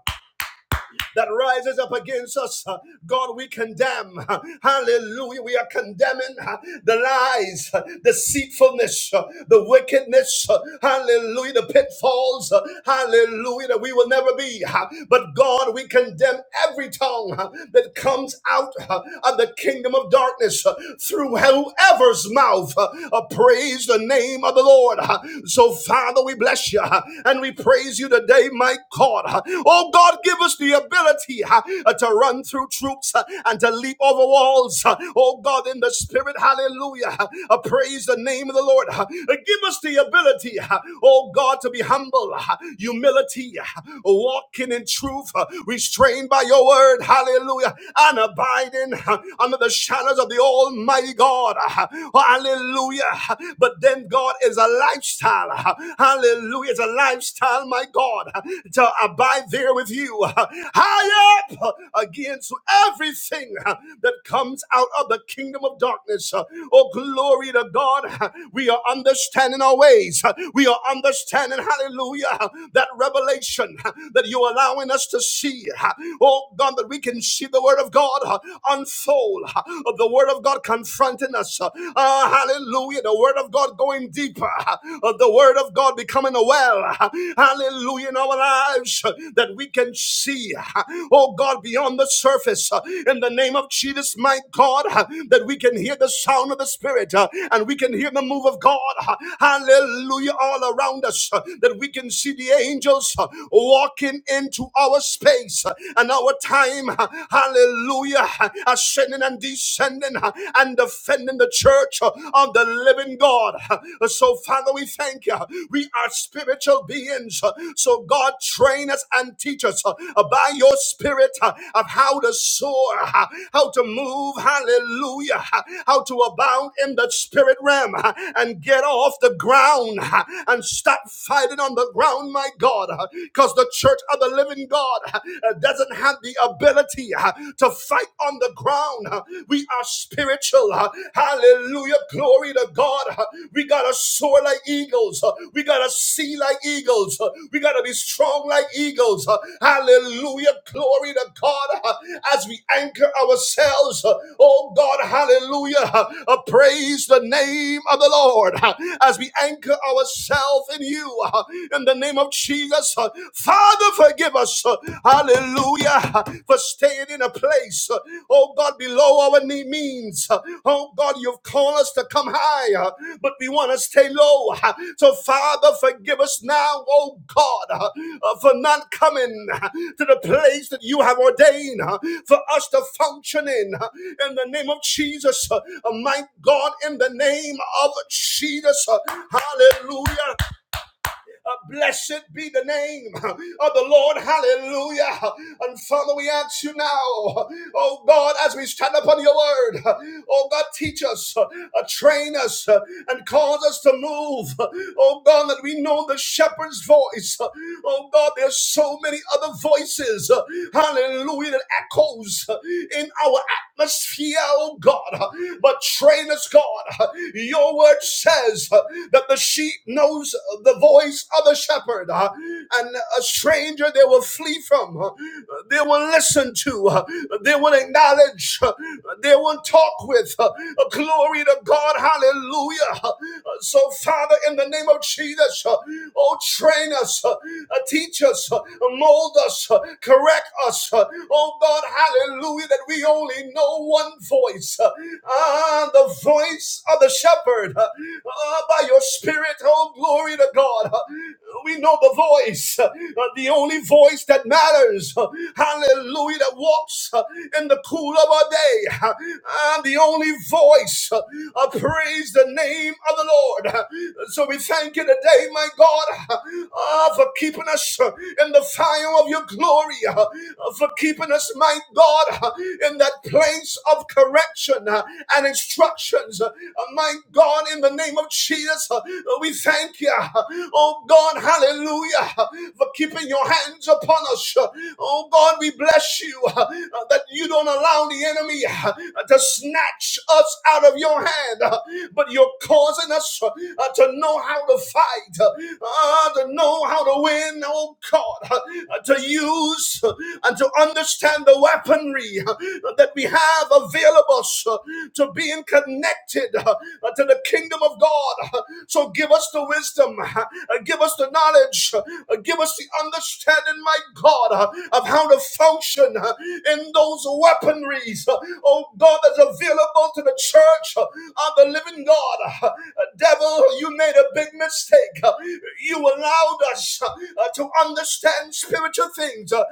A: that rises up against us, uh, God, we condemn. Hallelujah. We are condemning uh, the lies, uh, deceitfulness, uh, the wickedness. uh, Hallelujah. The pitfalls. uh, Hallelujah. That we will never be. uh, But God, we condemn every tongue uh, that comes out uh, of the kingdom of darkness uh, through whoever's mouth. uh, uh, Praise the name of the Lord. uh. So, Father, we bless you uh, and we praise you you today, my God. Oh God, give us the ability uh, to run through troops uh, and to leap over walls. Oh God, in the spirit, hallelujah. Uh, Praise the name of the Lord. Uh, Give us the ability, uh, oh God, to be humble, uh, humility, uh, walking in truth, uh, restrained by your word, hallelujah, and abiding uh, under the shadows of the Almighty God. Uh, Hallelujah. But then God is a lifestyle lifestyle. Hallelujah. It's a lifestyle, my God, to abide there with you. High up against everything that comes out of the kingdom of darkness. Oh, glory to God. We are understanding our ways. We are understanding, hallelujah, that revelation that you're allowing us to see. Oh, God, that we can see the word of God unfold, of the word of God confronting us. Uh, Oh, hallelujah. The word of God going deeper. Of the word of God becoming a well. Hallelujah. In our lives uh, that we can see. uh, Oh God, beyond the surface. uh, In the name of Jesus, my God, uh, that we can hear the sound of the Spirit uh, and we can hear the move of God. uh, Hallelujah. All around us. uh, That we can see the angels uh, walking into our space uh, and our time. uh, Hallelujah. uh, Ascending ascending and descending uh, and defending the church uh, of the living God. Uh, So, Father, we thank you. We are spiritual beings. uh, So, God, train us and teach us uh, by your spirit uh, of how to soar, uh, how to move, hallelujah, uh, how to abound in the spirit realm uh, and get off the ground uh, and stop fighting on the ground, my God, because the church of the living God uh, doesn't have the the ability uh, to fight on the ground. uh, We are spiritual. uh, Hallelujah. Glory to God. uh, We got to soar like eagles. uh, We got to see like eagles. uh, We got to be strong like eagles. uh, Hallelujah. Glory to God. uh, As we anchor ourselves, uh, oh God, hallelujah. uh, Praise the name of the Lord. uh, As we anchor ourselves in you, uh, in the name of Jesus. uh, Father, forgive us, uh, hallelujah, for staying in a place, uh, oh God, below our knee means. Uh, Oh God, you've called us to come higher, but we want to stay low. Uh, So, Father, forgive us now, oh God, uh, uh, for not coming uh, to the place that you have ordained uh, for us to function in. Uh, In the name of Jesus, uh, uh, my God, in the name of Jesus, uh, hallelujah. Uh, blessed be the name of the Lord. Hallelujah. And Father, we ask you now, oh God, as we stand upon your word, oh God, teach us, uh, train us, uh, and cause us to move. Oh God, that we know the shepherd's voice. Oh God, there's so many other voices. uh, Hallelujah, that echoes uh, in our atmosphere, oh God. But train us, God. Your word says that the sheep knows the voice of the shepherd, and a stranger they will flee from, they will listen to, they will acknowledge, they will talk with. Glory to God, hallelujah. So, Father, in the name of Jesus, oh, train us, teach us, mold us, correct us, oh God, hallelujah, that we only having no one voice, uh, ah, the voice of the shepherd, uh, ah, by your spirit, oh glory to God. Uh, we know the voice, uh, the only voice that matters, uh, hallelujah, that walks uh, in the cool of our day, uh, and the only voice, uh, uh, praise the name of the Lord. Uh, So we thank you today, my God, uh, uh, for keeping us uh, in the fire of your glory, uh, uh, for keeping us, my God, uh, in that place of correction uh, and instructions. Uh, My God, in the name of Jesus, uh, we thank you. Oh God, hallelujah, uh, for keeping your hands upon us. Uh, Oh God, we bless you uh, uh, that you don't allow the enemy uh, to snatch us out of your hand, uh, but you're causing us uh, uh, to know how to fight, uh, uh, to know how to win, oh God, uh, uh, to use uh, and to understand the weaponry uh, that that we have available uh, to being connected uh, to the kingdom of God. Uh, So give us the wisdom, uh, give us the knowledge, uh, give us the understanding, my God, uh, of how to function uh, in those weaponries, uh, oh God, that's available to the church uh, of the living God. Uh, Devil, you made a big mistake. Uh, You allowed us uh, uh, to understand spiritual things. Uh,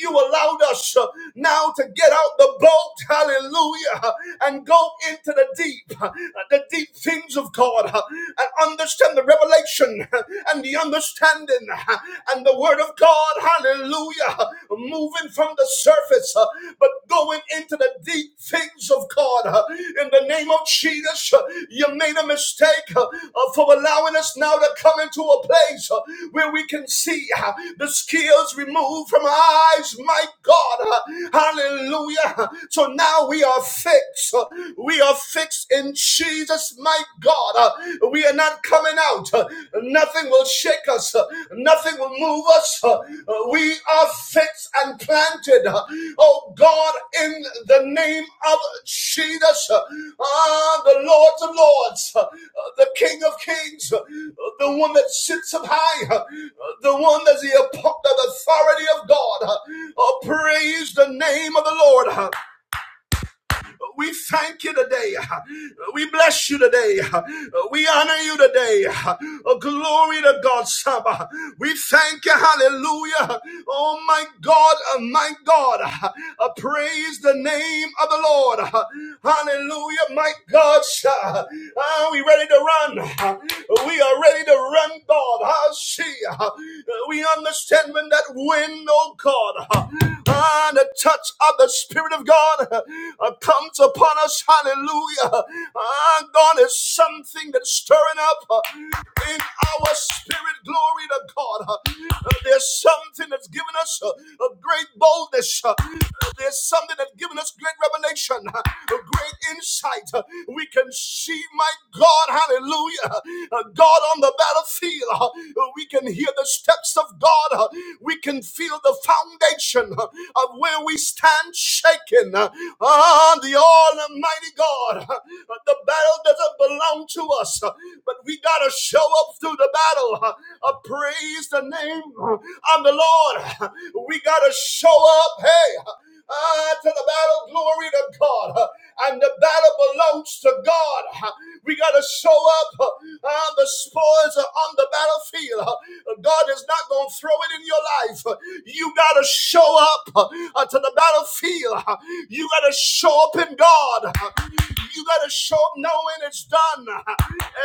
A: You allowed us uh, now to get out the bones boat, hallelujah, and go into the deep, uh, the deep things of God, uh, and understand the revelation uh, and the understanding uh, and the word of God, hallelujah, moving from the surface, uh, but going into the deep things of God. uh, In the name of Jesus, uh, you made a mistake uh, uh, for allowing us now to come into a place uh, where we can see uh, the skills removed from our eyes, my God. uh, Hallelujah. So now we are fixed. We are fixed in Jesus, my God. Uh, We are not coming out. Uh, Nothing will shake us. Uh, Nothing will move us. Uh, uh, We are fixed and planted. Uh, Oh God, in the name of Jesus, Uh, ah, the Lord of Lords, uh, the King of Kings, uh, the one that sits up high, uh, the one that's the authority of God. Uh, Oh, praise the name of the Lord. We thank you today. We bless you today. We honor you today. Oh, glory to God, Saba. We thank you. Hallelujah. Oh, my God, oh, my God. Uh, Praise the name of the Lord. Hallelujah, my God. Are we ready to run? We are ready to run, God. Ah, see, uh, we understand when that wind, oh God, uh, ah, the touch of the Spirit Spirit of God uh, comes upon us. Hallelujah. Ah, God is something that's stirring up uh, in our spirit. Glory to God. Uh, there's something that's given us uh, a great boldness. Uh, there's something that's given us great revelation, uh, a great insight. Uh, we can see, my God, hallelujah, uh, God on the battlefield. Uh, we can hear the steps of God. Uh, we can feel the foundation. uh, of where we stand shaken. Ah, the Almighty God. The battle doesn't belong to us, but we got to show up through the battle. Uh, Praise the name of the Lord. Ah, We got to show up. Hey. Ah, to the battle, glory to God. Uh, And the battle belongs to God. Uh, We got to show up. Uh, ah, The spoils are on the battlefield. Uh, God is not going to throw it in your life. Uh, You got to show up uh, uh, to the battlefield. Uh, You got to show up in God. Uh, You got to show up knowing it's done. Uh,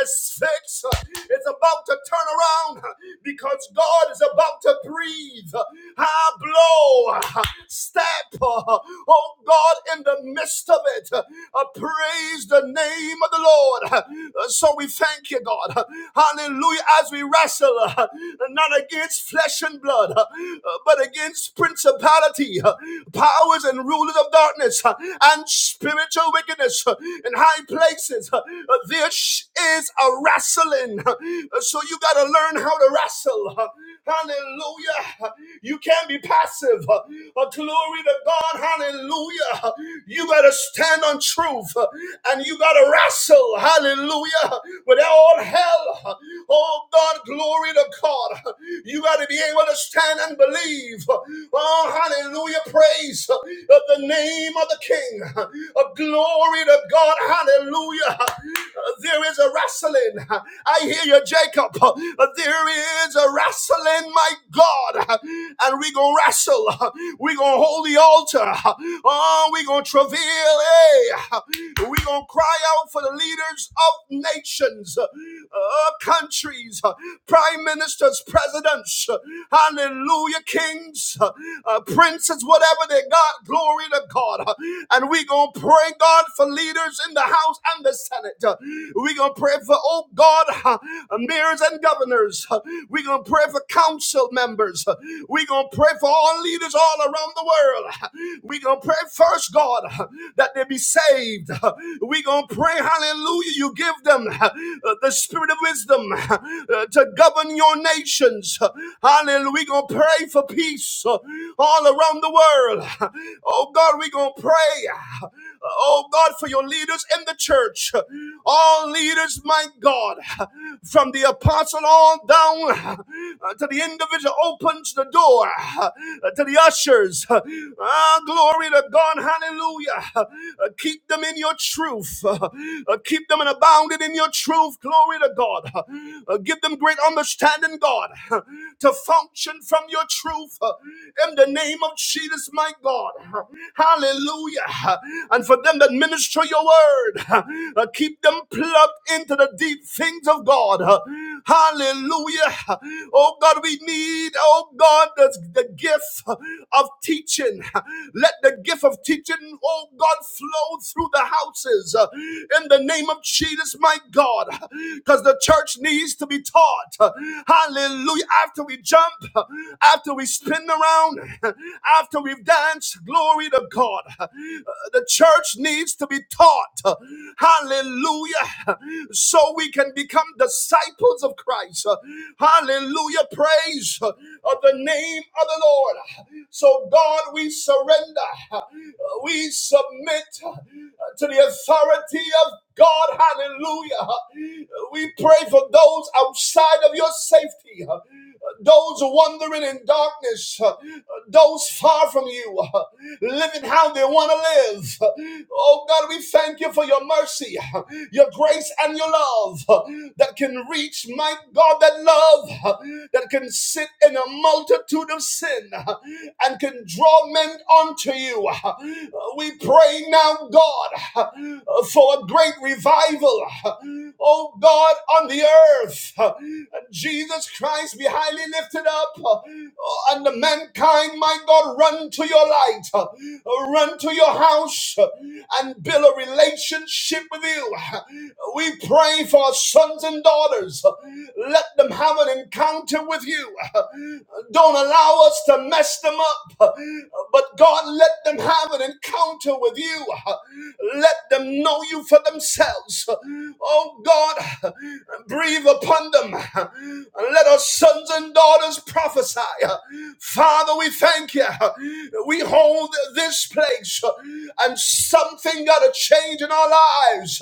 A: It's fixed. Uh, It's about to turn around uh, because God is about to breathe, I blow, step, oh God, in the midst of it. Uh, Praise the name of the Lord. Uh, So we thank you, God. Hallelujah. As we wrestle, uh, not against flesh and blood, uh, but against principality, uh, powers and rulers of darkness, uh, and spiritual wickedness uh, in high places. Uh, is a wrestling win. [laughs] So you got to learn how to wrestle. Hallelujah. You can't be passive. But glory to God. Hallelujah. You got to stand on truth uh, and you got to wrestle. Hallelujah. With all hell. Oh God, glory to God. You got to be able to stand and believe. Oh, hallelujah. Praise of the name of the King. Of glory to God. Hallelujah. There is a wrestling. I hear you, Jacob. There is a wrestling, my God. And we gonna wrestle. We gonna hold the altar. Oh, we gonna travail. Hey, we gonna cry out for the leaders of nations, uh, countries, prime ministers, presidents. Hallelujah, kings, uh, princes, whatever they got. Glory to God. And we're going to pray, God, for leaders in the House and the Senate. We're going to pray for, oh God, mayors and governors. We're going to pray for council members. We're going to pray for all leaders all around the world. We're going to pray first, God, that they be saved. We're going to pray, hallelujah, you give them uh, the spirit of wisdom uh, to govern your nations. Hallelujah. We gonna going to pray for peace uh, all around the world. [laughs] Oh God, we're going to pray. uh, Oh God, for your leaders in the church. All leaders, my God, [laughs] from the apostle all down [laughs] uh, to the individual opens the door [laughs] uh, to the ushers. [laughs] Ah, glory to God. Hallelujah. [laughs] Uh, Keep them in your truth. [laughs] Uh, Keep them and abounded in your truth. Glory to God. [laughs] Uh, give them great understanding, God, [laughs] uh, to function from your truth uh, in the name of Jesus, my God. [laughs] Uh, Hallelujah. Uh, And for them that minister your word, [laughs] uh, uh, keep them plugged into the deep things of God. [laughs] Uh, Hallelujah. Uh, Oh God, we need, oh God, the, the gift of teaching. [laughs] Uh, Let the gift of teaching, oh God, flow through the houses. [laughs] Uh, in the name of Jesus, my God, because the church needs to be taught. Hallelujah. After we jump, after we spin around, after we've danced, glory to God. The church needs to be taught. Hallelujah. So we can become disciples of Christ. Hallelujah. Praise of the name of the Lord. So, God, we surrender. We submit uh, to the authority of God. Hallelujah. We pray for those outside of your safety, uh, those wandering in darkness, uh, those far from you, uh, living how they want to live. Oh God, we thank you for your mercy, uh, your grace, and your love uh, that can reach, my God, that love uh, that can sit in a a multitude of sin uh, and can draw men unto you. Uh, We pray now, God, uh, for a great revival, uh, oh God, on the earth. Uh, Jesus Christ be highly lifted up, uh, and the mankind, my God, run to your light, uh, run to your house, uh, and build a relationship with you. We pray for are sons and daughters. Let them have an encounter with you. Don't allow us to mess them up. But God, let them have an encounter with you. Let them know you for themselves. Oh God, breathe upon them. Let our sons and daughters prophesy. Father, we thank you. We hold this place and and something got to change in our lives.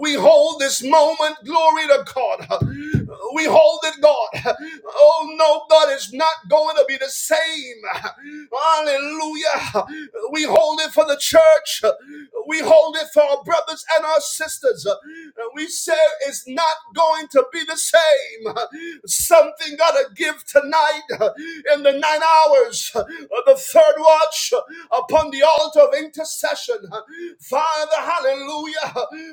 A: We hold this moment, glory to God. We hold it, God. Oh no, God is not going to be the same. Hallelujah. We hold it for the church. We hold it for our brothers and our sisters. We say it's not going to be the same. Something got to give tonight in in the nine hours of the third watch upon the altar of intercession. Father, hallelujah.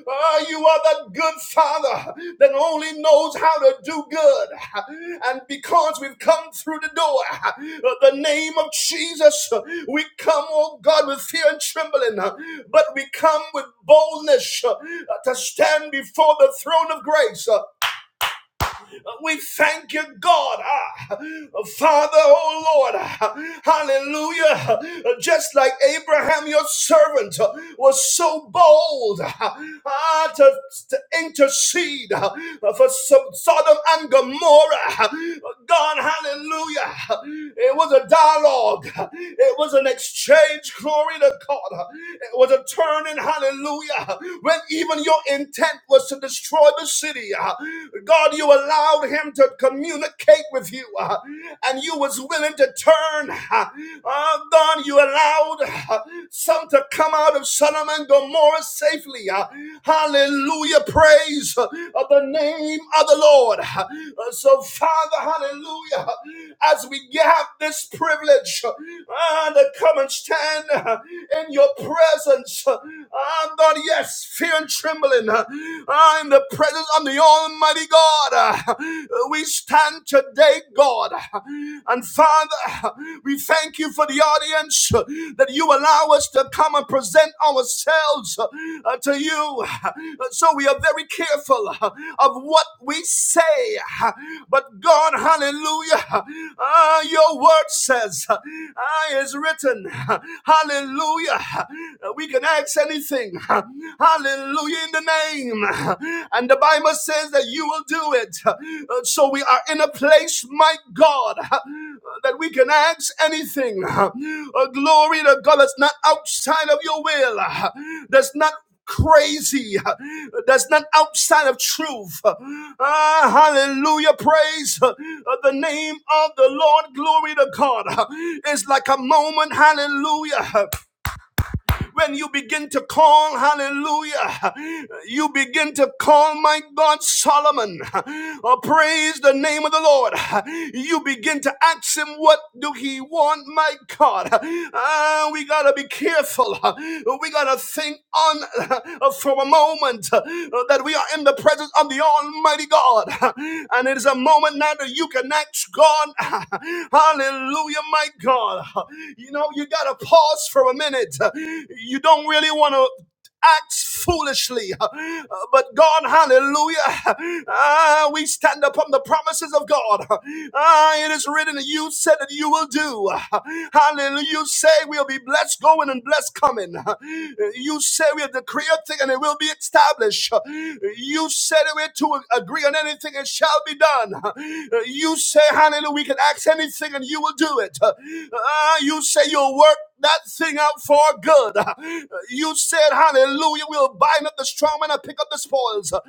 A: Ah, you are that good Father that only knows how to do good. And because we've come through the door, uh, the name of Jesus, uh, we come, oh God, with fear and trembling, uh, but we come with boldness uh, to stand before the throne of grace. Uh, we thank you, God, ah, Father, oh Lord, ah, hallelujah. Just like Abraham, your servant, ah, was so bold ah, ah, to, to intercede ah, for so- Sodom and Gomorrah. ah. God, hallelujah. It was a dialogue, it was an exchange, glory to God. ah. It was a turning, hallelujah, when even your intent was to destroy the city. uh, God, you allowed him to communicate with you, uh, and you was willing to turn. uh, uh, God, you allowed uh, some to come out of Sodom and Gomorrah safely. uh, Hallelujah. Praise uh, of the name of the Lord. Uh, So, Father, hallelujah, as we have this privilege uh, to come and stand uh, in your presence, uh, God, yes, fear and trembling trembling uh, uh, in the presence of the Almighty God. Uh, We stand today, God. And Father, we thank you for the audience uh, that you allow us to come and present ourselves uh, uh, to you. Uh, So we are very careful uh, of what we say. Uh, But God, hallelujah, uh, your word says, uh, is written, uh, hallelujah. uh, We can access anything. [laughs] Hallelujah in the name. [laughs] And the Bible says that you will do it. Uh, So we are in a place, my God, [laughs] that we can ask anything. [laughs] Uh, Glory to God that's not outside of your will, [laughs] uh, that's not crazy [laughs] uh, that's not outside of truth [laughs] Ah, hallelujah praise [laughs] uh, the name of the lord glory to god [laughs] it's like a moment hallelujah [laughs] When you begin to call, hallelujah, you begin to call, my God, Solomon, or praise the name of the Lord. You begin to ask him, what do he want, my God? Ah, we got to be careful. We got got to think on [laughs] uh, for a moment uh, that we are in the presence of the Almighty God. [laughs] And it is a moment now that you can ask God, [laughs] Hallelujah, my God. [laughs] You know, you got to pause for a minute. [laughs] You don't really want to acts foolishly. Uh, But God, hallelujah, uh, we stand upon the promises of God. Uh, It is written, You said that you will do. Hallelujah. You say we'll be blessed going and blessed coming. You say we'll decree a thing and it will be established. You said it we're to agree on anything, it shall be done. You say, Hallelujah, we can ask anything and you will do it. Uh, You say you'll work that thing out for good. You said, Hallelujah, we'll bind up the strong man and pick up the spoils. Uh,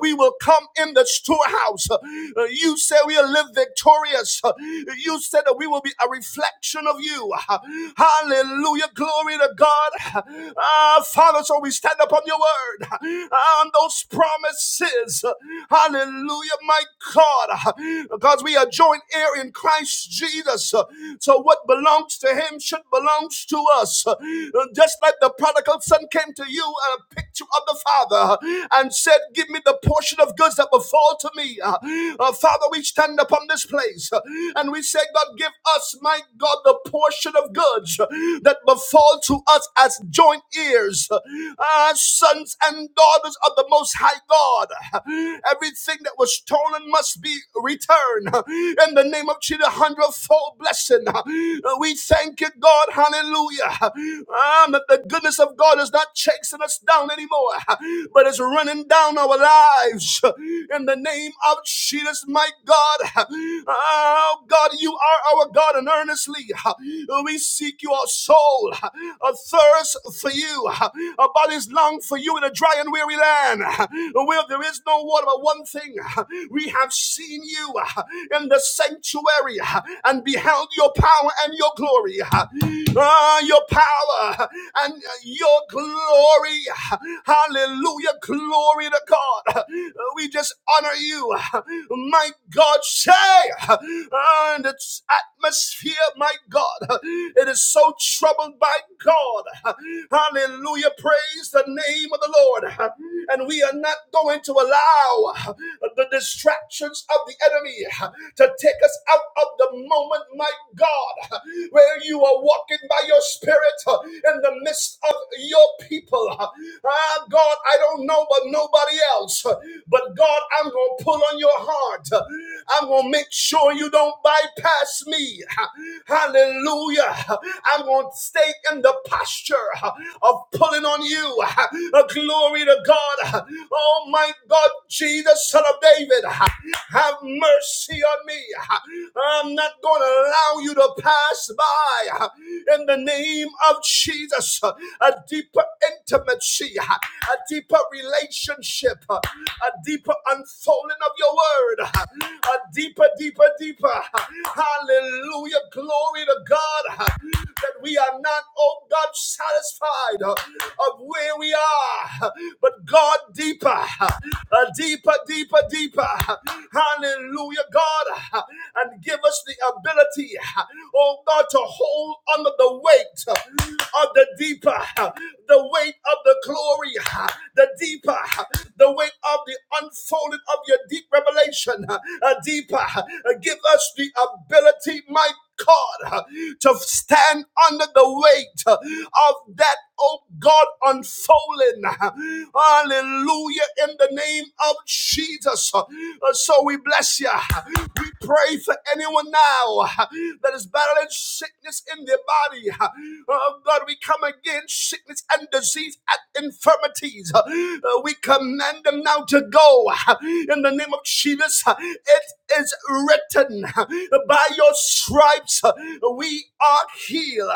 A: We will come in the storehouse. Uh, You said we'll live victorious. Uh, You said that we will be a reflection of you. Uh, Hallelujah, glory to God. Ah, Father, so we stand upon your word and those promises. Uh, Hallelujah, my God, Uh, because we are joint heir in Christ Jesus. Uh, So what belongs belongs to him should belong to us. Uh, Just like the prodigal son came to you and a picture of the father uh, and said, Give me the portion of goods that befall to me. Uh, uh, Father, we stand upon this place uh, and we say, God, give us, my God, the portion of goods uh, that befall to us as joint heirs, uh, sons and daughters of the Most High God. Everything that was stolen must be returned in the name of Jesus, a hundredfold blessing. Uh, We thank you, God. Hallelujah. Um, that the goodness of God is not chasing us down anymore, but it's running down our lives. In the name of Jesus, my God. Oh, God, you are our God, and earnestly uh, we seek your soul, a thirst for you, our bodies long for you in a dry and weary land where there is no water. But one thing we have seen you uh, in the sanctuary sanctuary uh, and beheld your power and your glory. uh, uh, your power uh, and uh, your glory. uh, Hallelujah. Glory to God. Uh, We just honor you. uh, My God, say, uh, and it's at atmosphere, my God, it is so troubled by God. Hallelujah. Praise the name of the Lord. And we are not going to allow the distractions of the enemy to take us out of the moment, my God, where you are walking by your spirit in the midst of your people people. Ah, God, I don't know, but nobody else. But God, I'm going to pull on your heart. I'm going to make sure you don't bypass me. Hallelujah. I'm going to stay in the posture of pulling on you. Glory to God. Oh, my God, Jesus, son of David. Have mercy on me. I'm not going to allow you to pass by. In the name of Jesus, a deeper intimacy, a deeper relationship, a deeper unfolding of your word, a deeper, deeper, deeper. Hallelujah. Glory to God that we are not, oh God, satisfied of where we are, but God. God, deeper, a deeper, deeper, deeper. Hallelujah, God. And give us the ability, oh God, to hold under the weight of the deeper, the weight of the glory, the deeper, the weight of the unfolding of your deep revelation, a deeper. Give us the ability, my God, uh, to stand under the weight uh, of that, oh God, unfolding. uh, Hallelujah, in the name of Jesus. Uh, So we bless you. We pray for anyone now uh, that is battling sickness in their body. Uh, Oh God, we come against sickness and disease and infirmities. Uh, uh, We command them now to go uh, in the name of Jesus. uh, It is written written, by your stripes uh, we are healed.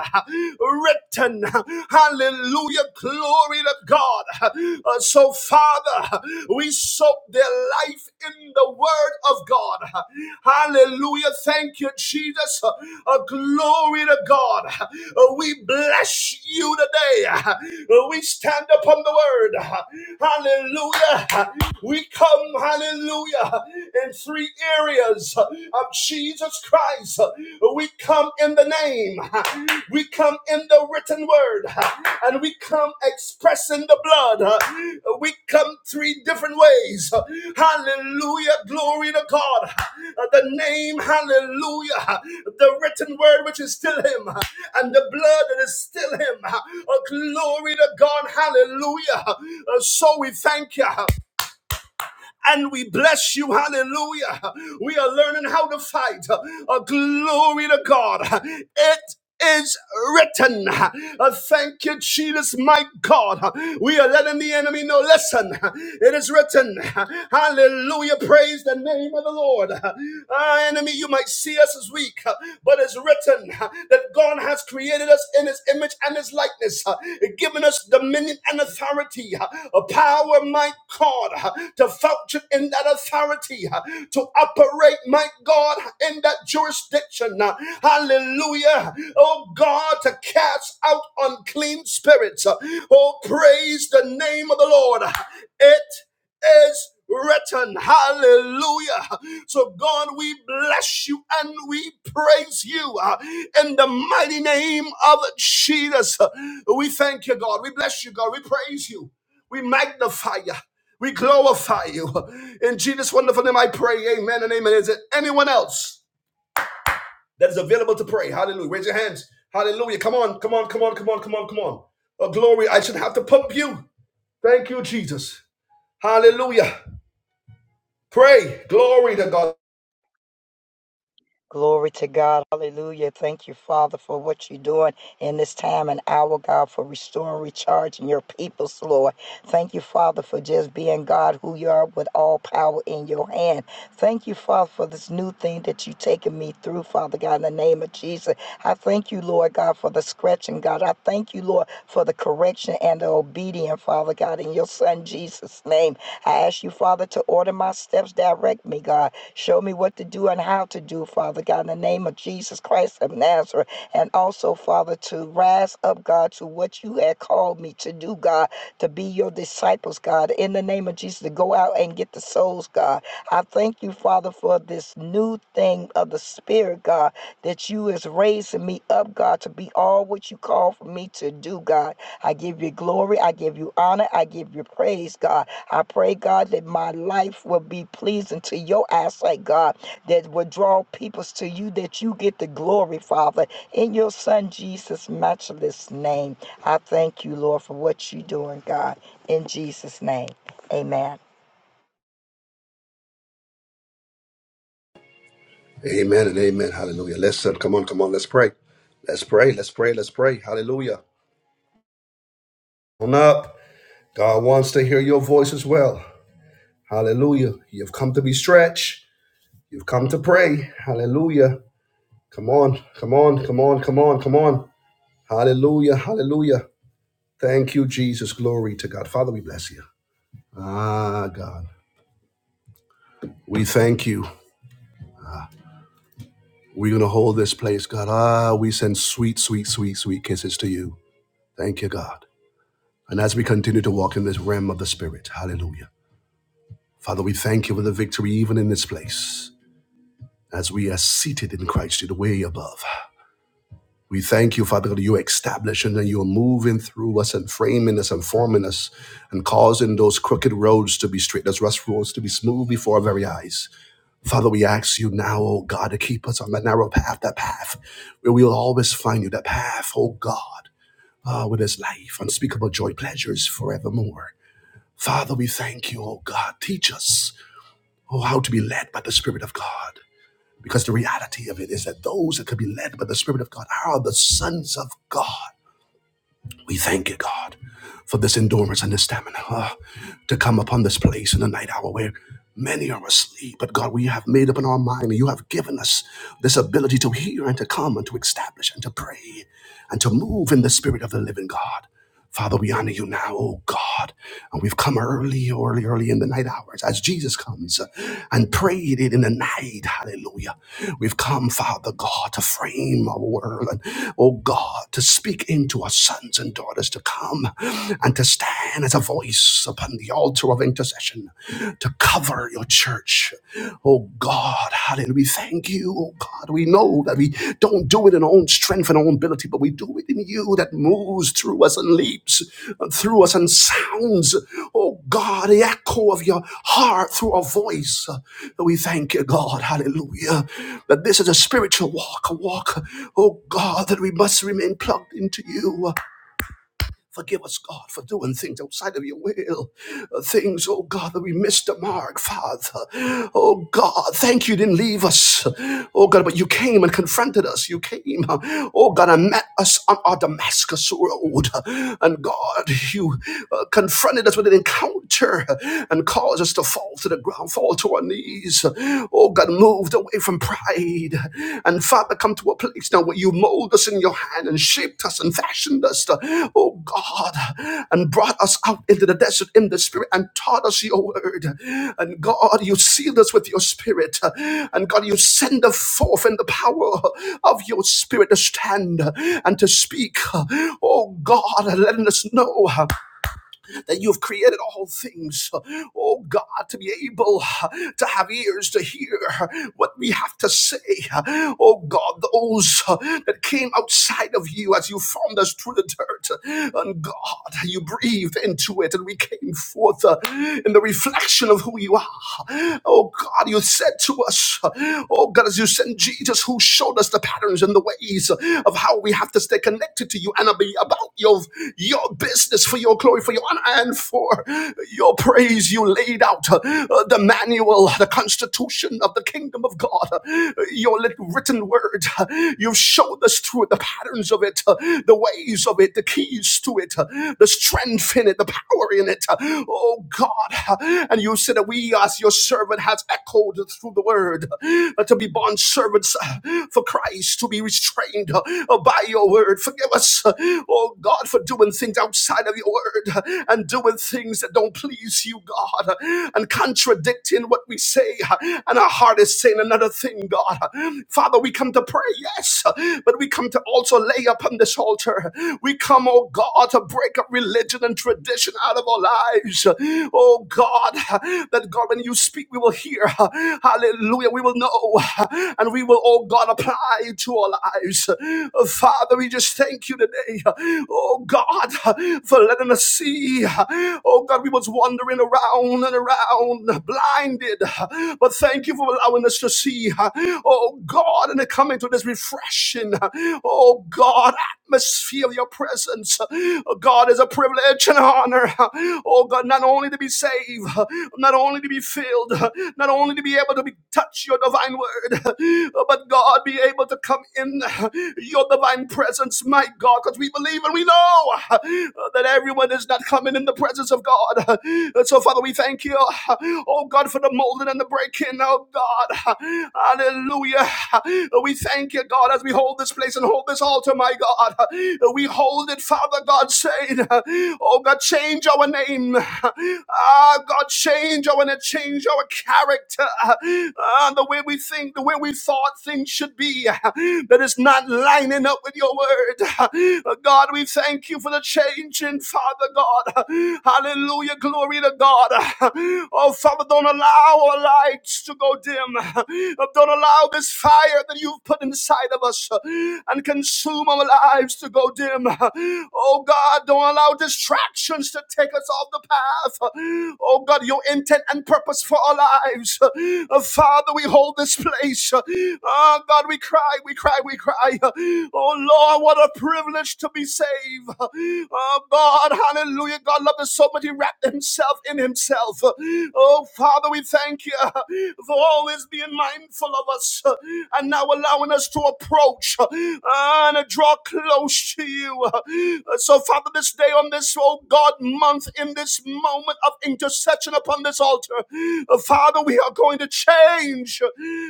A: Written, hallelujah, glory to God. Uh, So, Father, we soak their life in the word of God. Hallelujah, thank you, Jesus. Uh, Glory to God. Uh, We bless you today. Uh, We stand upon the word. Hallelujah. We come, hallelujah hallelujah, in three areas of Jesus Christ. We come in the name, we come in the written word, and we come expressing the blood. We come three different ways. Hallelujah, glory to God. The name, hallelujah, the written word which is still Him, and the blood that is still Him. Oh, Glory to God, hallelujah. So we thank you and we bless you. Hallelujah. We are learning how to fight. Uh, glory to God. It is written. Uh, thank you, Jesus, my God. Uh, We are letting the enemy know. Listen, uh, it is written. Uh, Hallelujah. Praise the name of the Lord. Uh, enemy, you might see us as weak, uh, but it's written uh, that God. God has created us in his image and his likeness, uh, given us dominion and authority, uh, a power, my God, uh, to function in that authority, uh, to operate, my God, in that jurisdiction. uh, Hallelujah. Oh God, to cast out unclean spirits. uh, Oh, praise the name of the Lord. uh, It is written. Hallelujah. So, God, we bless you and we praise you uh, in the mighty name of Jesus. We thank you, God. We bless you, God. We praise you. We magnify you. We glorify you. In Jesus' wonderful name, I pray. Amen and amen. Is there anyone else that is available to pray? Hallelujah. Raise your hands. Hallelujah. Come on, come on, come on, come on, come on, come on. Oh, glory. I should have to pump you. Thank you, Jesus. Hallelujah. Pray. Glory to God.
C: Glory to God. Hallelujah. Thank you, Father, for what you're doing in this time and hour, God, for restoring, recharging your peoples, Lord. Thank you, Father, for just being God who you are with all power in your hand. Thank you, Father, for this new thing that you've taken me through, Father God, in the name of Jesus. I thank you, Lord God, for the scratching, God. I thank you, Lord, for the correction and the obedience, Father God, in your Son Jesus' name. I ask you, Father, to order my steps, direct me, God. Show me what to do and how to do, Father God, in the name of Jesus Christ of Nazareth. And also, Father, to rise up, God, to what you had called me to do, God, to be your disciples, God, in the name of Jesus, to go out and get the souls, God. I thank you, Father, for this new thing of the Spirit, God, that you is raising me up, God, to be all what you call for me to do, God. I give you glory. I give you honor. I give you praise, God. I pray, God, that my life will be pleasing to your eyesight, God, that will draw peoples to you, that you get the glory, Father. In your Son Jesus' matchless name, I thank you, Lord, for what you're doing, God. In Jesus' name, amen.
A: Amen and amen. Hallelujah. Listen, come on, come on. Let's pray. Let's pray. Let's pray. Let's pray. Hallelujah. On up. God wants to hear your voice as well. Hallelujah. You've come to be stretched. You've come to pray. Hallelujah. Come on. Come on. Come on. Come on. Come on. Hallelujah. Hallelujah. Thank you, Jesus. Glory to God. Father, we bless you. Ah, God. We thank you. We're going to hold this place, God. Ah, we send sweet, sweet, sweet, sweet kisses to you. Thank you, God. And as we continue to walk in this realm of the Spirit, hallelujah. Father, we thank you for the victory even in this place. As we are seated in Christ in the way above, we thank you, Father, that you're establishing and you're moving through us and framing us and forming us and causing those crooked roads to be straight, those rough roads to be smooth before our very eyes. Father, we ask you now, oh God, to keep us on that narrow path, that path where we'll always find you, that path, oh God, ah, where there's life, unspeakable joy, pleasures forevermore. Father, we thank you, oh God. Teach us, oh, how to be led by the Spirit of God. Because the reality of it is that those that can be led by the Spirit of God are the sons of God. We thank you, God, for this endurance and this stamina uh, to come upon this place in the night hour where many are asleep. But God, we have made up in our mind and you have given us this ability to hear and to come and to establish and to pray and to move in the Spirit of the living God. Father, we honor you now, oh God. And we've come early, early, early in the night hours as Jesus comes and prayed it in the night. Hallelujah. We've come, Father God, to frame our world and, oh God, to speak into our sons and daughters to come and to stand as a voice upon the altar of intercession to cover your church. Oh oh God. Hallelujah. We thank you, oh God. We know that we don't do it in our own strength and our own ability, but we do it in you that moves through us and leaps uh, through us and sounds, oh God, the echo of your heart through our voice. Uh, We thank you, God. Hallelujah. That this is a spiritual walk, a walk, oh God, that we must remain plugged into you. Forgive us, God, for doing things outside of your will. Uh, Things, oh God, that we missed the mark, Father. Oh God, thank you didn't leave us. Oh God, but you came and confronted us. You came, uh, oh God, and met us on our Damascus road. And God, you uh, confronted us with an encounter and caused us to fall to the ground, fall to our knees. Oh God, moved away from pride. And Father, come to a place now where you mold us in your hand and shaped us and fashioned us, to, oh God, and brought us out into the desert in the spirit and taught us your word. And God, you sealed us with your spirit. And God, you send us forth in the power of your spirit to stand and to speak. Oh God, letting us know that you've created all things, oh God, to be able to have ears to hear what we have to say. Oh God, those that came outside of you as you formed us through the dirt, and God, you breathed into it, and we came forth uh, in the reflection of who you are. Oh God, you said to us, oh God, as you sent Jesus, who showed us the patterns and the ways of how we have to stay connected to you and be about your, your your business for your glory, for your honor, and for your praise. You laid out uh, uh, the manual, the constitution of the kingdom of God, uh, your little written word. uh, You've showed us through it the patterns of it, uh, the ways of it, the keys to it, uh, the strength in it, the power in it. uh, Oh God. uh, And you said that we, as your servant, has echoed through the word uh, to be bond servants uh, for Christ, to be restrained uh, by your word. Forgive us us, oh God, for doing things outside of your word and doing things that don't please you, God, and contradicting what we say. And our heart is saying another thing, God. Father, we come to pray, yes, but we come to also lay upon this altar. We come, oh God, to break up religion and tradition out of our lives. Oh God, that God, when you speak, we will hear. Hallelujah. We will know. And we will, oh God, apply to our lives. Oh, Father, we just thank you today. Oh God, for letting us see. Oh God, we was wandering around and around, blinded. But thank you for allowing us to see. Oh God, and coming to this refreshing. Oh God, atmosphere of your presence. Oh, God is a privilege and honor. Oh God, not only to be saved, not only to be filled, not only to be able to be touch your divine word, but God. God, be able to come in your divine presence, my God, because we believe and we know uh, that everyone is not coming in the presence of God. Uh, So, Father, we thank you, uh, oh God, for the molding and the breaking, oh God. Hallelujah. Uh, We thank you, God, as we hold this place and hold this altar, my God. Uh, We hold it, Father God, saying, uh, oh God, change our name. Ah, God, change our name, change our character. Ah, the way we we think, the way we thought things should be, [laughs] that is not lining up with your word. [laughs] Uh, God, we thank you for the change in Father God. [laughs] Hallelujah. Glory to God. [laughs] Oh, Father, don't allow our lights to go dim. [laughs] Uh, Don't allow this fire that you've put inside of us [laughs] uh, and consume our lives to go dim. [laughs] Oh, God, don't allow distractions to take us off the path. [laughs] Oh, God, your intent and purpose for our lives lives. Uh, Father, we hold this place. Uh, oh, God, we cry, we cry, we cry. Uh, Oh, Lord, what a privilege to be saved. Uh, Oh, God, hallelujah. God loved us so much, He wrapped Himself in Himself. Uh, Oh, Father, we thank you uh, for always being mindful of us uh, and now allowing us to approach uh, and uh, draw close to you. Uh, So, Father, this day on this, oh God, month, in this moment of intercession upon upon this altar. Uh, Father, we are going to change.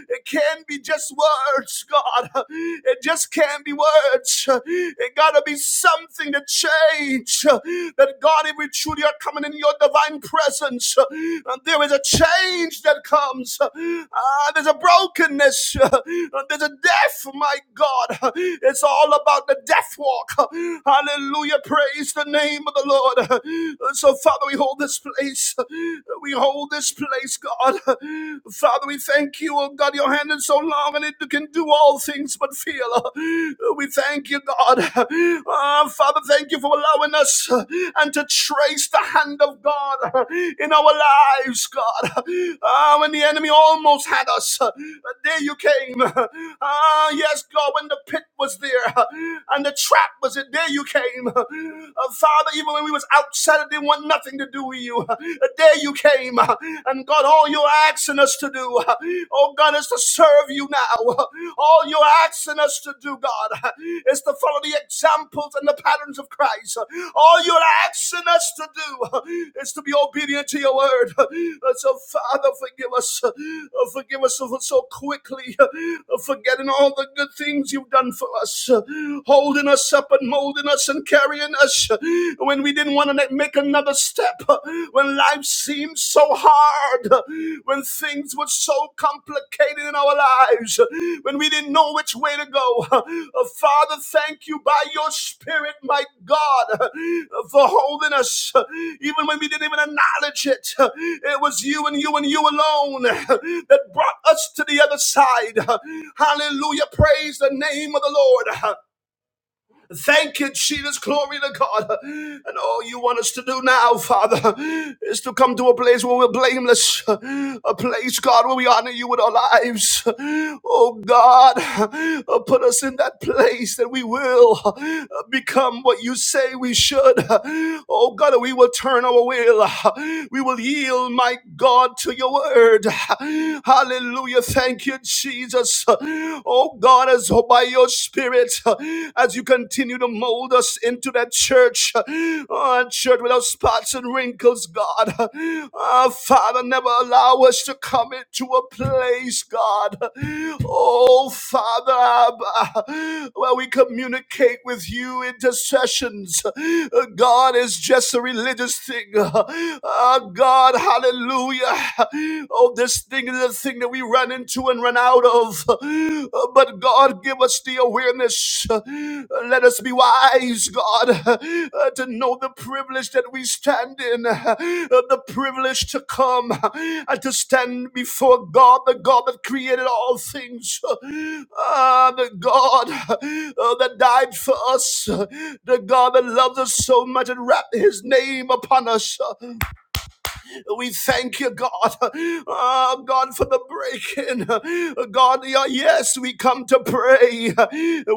A: It can not be just words, God. It just can't be words. It gotta be something to change. That God, if we truly are coming in your divine presence, uh, there is a change that comes. Ah, there's a brokenness. Uh, There's a death, my God. It's all about the death walk. Hallelujah. Praise the name of the Lord. Uh, So, Father, Father, we hold this place. We hold this place, God. Father, we thank you, oh God. Your hand is so long and it can do all things but feel. We thank you, God. Ah, Father, thank you for allowing us uh, and to trace the hand of God uh, in our lives, God. Ah, when the enemy almost had us, there you came. Ah, yes, God, when the pit was there uh, and the trap was it, there you came. Uh, Father, even when we was outside and didn't want nothing to do with you. The day you came. And God, all you're asking us to do, oh God, is to serve you now. All you're asking us to do, God, is to follow the examples and the patterns of Christ. All you're asking us to do is to be obedient to your word. So, Father, forgive us. Forgive us for so quickly forgetting all the good things you've done for us, holding us up and molding holding us and carrying us when we didn't want to make another step, when life seemed so hard, when things were so complicated in our lives, when we didn't know which way to go. Uh, Father, thank you by your Spirit, my God, uh, for holding us, uh, even when we didn't even acknowledge it. Uh, It was you and you and you alone uh, that brought us to the other side. Uh, Hallelujah. Praise the name of the Lord. Thank you, Jesus. Glory to God. And all you want us to do now, Father, is to come to a place where we're blameless, a place, God, where we honor you with our lives. Oh, God, uh, put us in that place that we will uh, become what you say we should. Oh, God, we will turn our will. We will yield, my God, to your word. Hallelujah. Thank you, Jesus. Oh God, as by your spirit, as you continue to mold us into that church, oh, a church without spots and wrinkles, God. Ah, Father, never allow us to come into a place, God. Oh Father, where we communicate with you intercessions. Uh, God is just a religious thing. Uh, God, hallelujah. Oh, this this thing is the thing that we run into and run out of. [gasps] Uh, But God, give us the awareness. Uh, Let us be wise, God, [laughs] uh, to know the privilege that we stand in, [laughs] uh, the privilege to come [laughs] uh, and to stand before God, the God that created all things, [laughs] uh, uh, the God [laughs] uh, that died for us, [laughs] uh, the God that loves us so much and wrapped his name upon us. [laughs] Uh, we thank you, God. Oh, God, for the breaking. God, yeah, yes, we come to pray.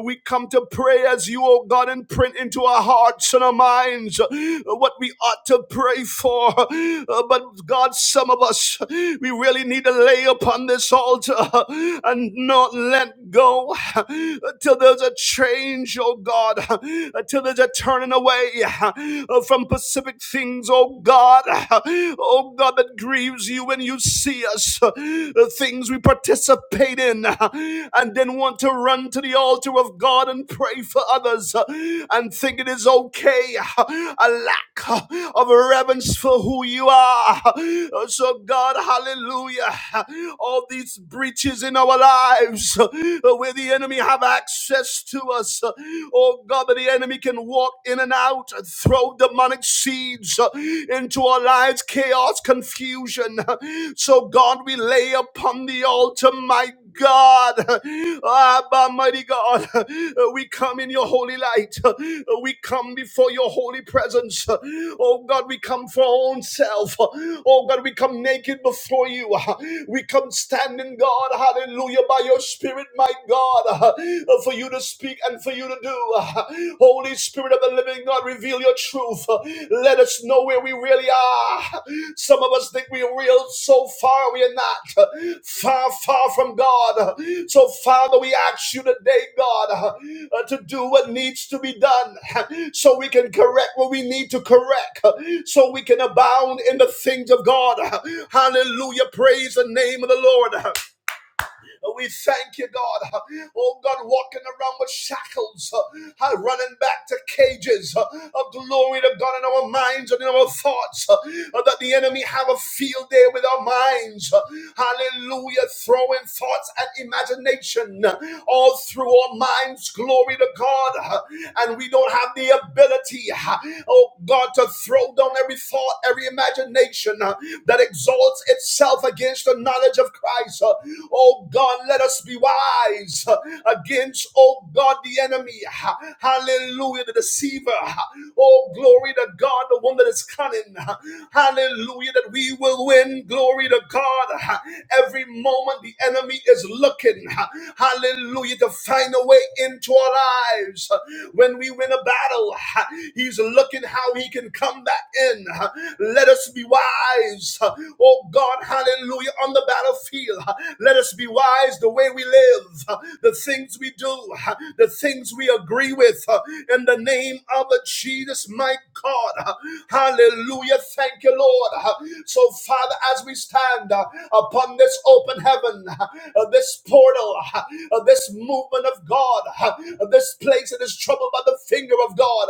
A: We come to pray as you, oh God, imprint into our hearts and our minds what we ought to pray for. Uh, But God, some of us, we really need to lay upon this altar and not let go till there's a change, oh God, till there's a turning away from specific things, oh God, oh God, that grieves you when you see us, the things we participate in, and then want to run to the altar of God and pray for others and think it is okay, a lack of reverence for who you are. So, God, hallelujah, all these breaches in our lives where the enemy have access to us, oh God. God, that the enemy can walk in and out, uh, throw demonic seeds uh, into our lives, chaos, confusion. So, God, we lay upon the altar, my God, Abba, mighty God, we come in your holy light. We come before your holy presence. Oh, God, we come for our own self. Oh, God, we come naked before you. We come standing, God, hallelujah, by your spirit, my God. Father, uh, for you to speak and for you to do. Uh, Holy Spirit of the living God, reveal your truth. Uh, Let us know where we really are. Some of us think we're real so far, we are not. Uh, Far, far from God. Uh, So, Father, we ask you today, God, uh, uh, to do what needs to be done uh, so we can correct what we need to correct, uh, so we can abound in the things of God. Uh, Hallelujah. Praise the name of the Lord. Uh, we thank you, God. Oh, God, walking around with shackles, uh, uh, running back to cages. uh, glory to God in our minds and in our thoughts. uh, uh, That the enemy have a field day with our minds. uh, Hallelujah. Throwing thoughts and imagination uh, all through our minds. Glory to God. uh, And we don't have the ability, uh, oh God, to throw down every thought, every imagination uh, that exalts itself against the knowledge knowledge of Christ. Uh, Oh God, let us be wise uh, against, oh God, the enemy. Hallelujah, the deceiver. Ha- Oh, glory to God, the one that is cunning. Hallelujah, that we will win. Glory to God. Every moment the enemy is looking. Hallelujah, to find a way into our lives. When we win a battle, he's looking how he can come back in. Let us be wise oh God, hallelujah, on the battlefield. Let us be wise the way we live, the things we do, the things we agree with, in the name of Jesus, my God. Hallelujah, thank you, Lord. So, Father, as we stand upon this open heaven, this portal, this movement of God, this place that is troubled by the finger of God,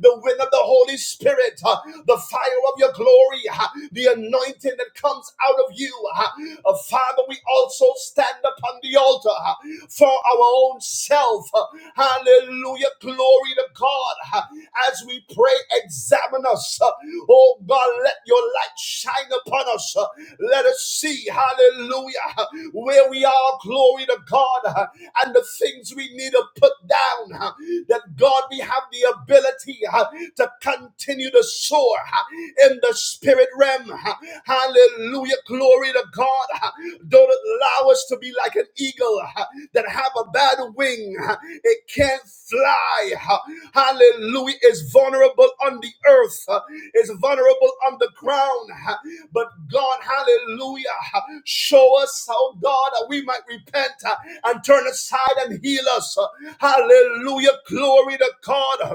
A: the wind of the Holy Spirit, the fire of your your glory, ah, the anointing that comes out of you. ah. Uh, Father, we also stand upon the altar ah, for our own self. ah. Hallelujah. Glory to God. ah. As we pray, examine us. ah. Oh God, let your light shine upon us. ah. Let us see, hallelujah, ah, where we are. Glory to God. ah, And the things we need to put down. ah, That God, we have the ability ah, to continue continue to soar uh, in the spirit realm. uh, Hallelujah. Glory to God. uh, Don't allow us to be like an eagle uh, that have a bad wing. uh, It can't fly. uh, Hallelujah. It's vulnerable on the earth. uh, It's vulnerable on the ground. uh, But God, hallelujah, uh, show us how God that we might repent uh, and turn aside and heal us. uh, Hallelujah. Glory to God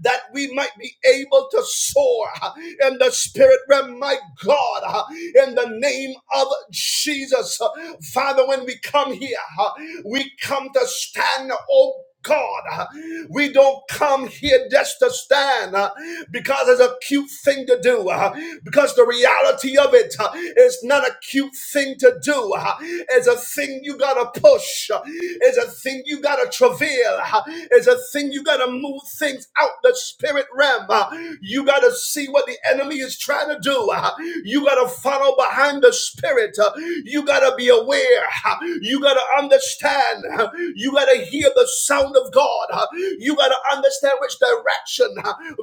A: that we might be able to soar in the spirit realm, my God, in the name of Jesus. Father, when we come here, we come to stand, oh God, we don't come here just to stand uh, because it's a cute thing to do, uh, because the reality of it uh, is not a cute thing to do. uh, It's a thing you gotta push. uh, it's a thing you gotta travail. It's a thing you gotta move things out the spirit realm. You gotta see what the enemy is trying to do. You gotta follow behind the spirit. You gotta be aware. You gotta understand. You gotta hear the sound of God. You gotta understand which direction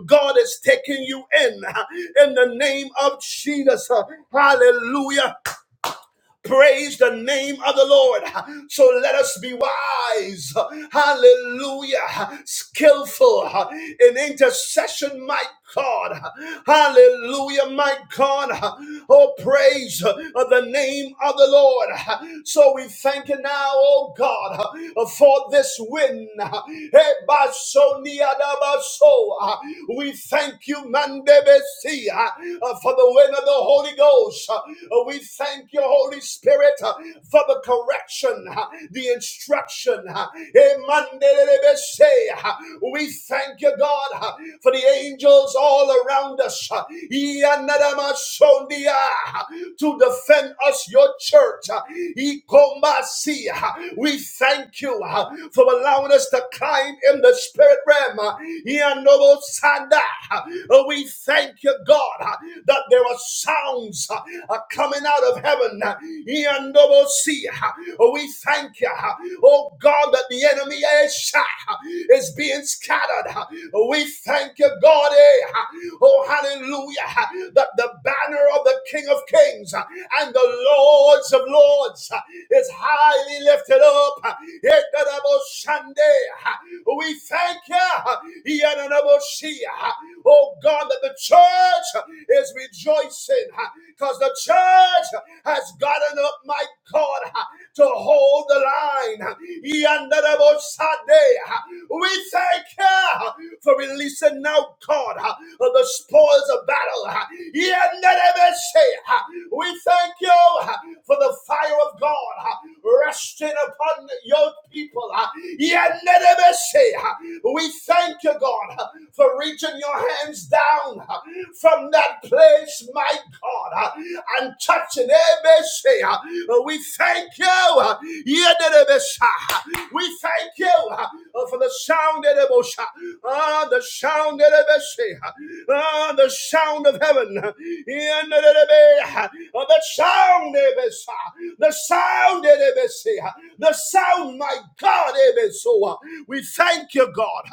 A: God is taking you in. In the name of Jesus. Hallelujah. Praise the name of the Lord. So let us be wise. Hallelujah. Skillful in intercession, my God. Hallelujah, my God. Oh, praise the name of the Lord. So we thank you now, oh God, for this win. Ebasoniadabaso. We thank you, Mandebesi see uh, uh, for the wind of the Holy Ghost. Uh, uh, we thank you, Holy Spirit, uh, for the correction, uh, the instruction. uh, Uh, We thank you, God, uh, for the angels all around us uh, uh, to defend us, your church. uh, Uh, We thank you uh, for allowing us to climb in the spirit spirit realm. uh, Yandobosanda. Uh, We thank you, God, uh, that there are sounds uh, uh, coming out of heaven. uh, Yandobosi. Uh, We thank you, uh, oh God, that the enemy is, uh, is being scattered. Uh, We thank you, God. eh, uh, Oh, hallelujah, that the banner of the King of Kings uh, and the Lords of Lords uh, is high highly lifted up. Sunday. We thank you. Yananaboshia. Oh God, that the church is rejoicing because the church has gotten up, my God, to hold the line. Yananaboshade. We thank you for releasing now, God, of the spoils of battle. We thank you uh, for the fire of God uh, resting upon your people. uh, Yenedebeshe, uh, We thank you, God, uh, for reaching your hands down uh, from that place, my God, uh, and touching Ebeshe. uh, We thank you. uh, Yenedebesha, uh, We thank you uh, for the sound of the sound. Ah, the sound of heaven. Ah, The sound, the sound, the sound, my God. We thank you, God.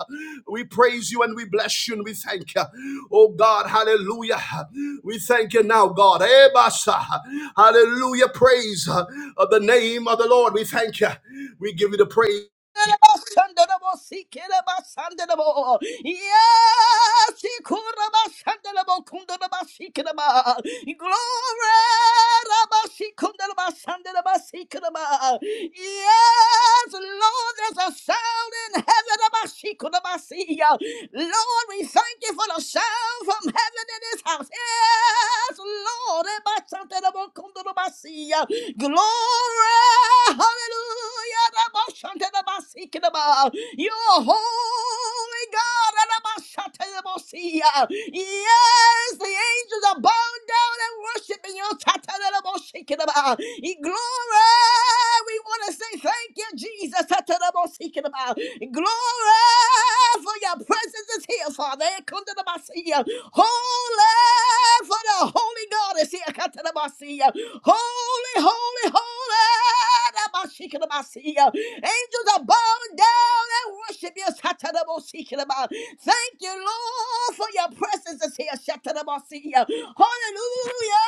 A: We praise you and we bless you and we thank you. Oh God, hallelujah. We thank you now, God. Hallelujah. Praise of the name of the Lord. We thank you. We give you the praise.
D: Ikorabashandarabasikerabashandarabo. Yes, Ikorabashandarabakundarabasikiraba. Glory, Rabashikundarabasandarabasikeraba. Yes, Lord, there's a sound in heaven. Rabashikundabasia. Lord, we thank you for the sound from heaven in this house. Yes, Lord, Rabashandarabakundarabasia. Glory, hallelujah. Rabashantarabasikinaba. You're holy God. Rabashatarabosia. Yes, the angels are bowing down and worshiping you. Tatarabosikinaba. Glory, we want to say thank you, Jesus. Tatarabosikinaba. Glory, for your presence is here, Father. Ekundarabasia. Holy, for the holy God is here. Katarabasia. Holy, holy, holy. Namashikidabasiya. Angels are bowing down and worship you. Satanamosikidaba. Thank you, Lord, for your presence is here. Satanamasiya. Hallelujah.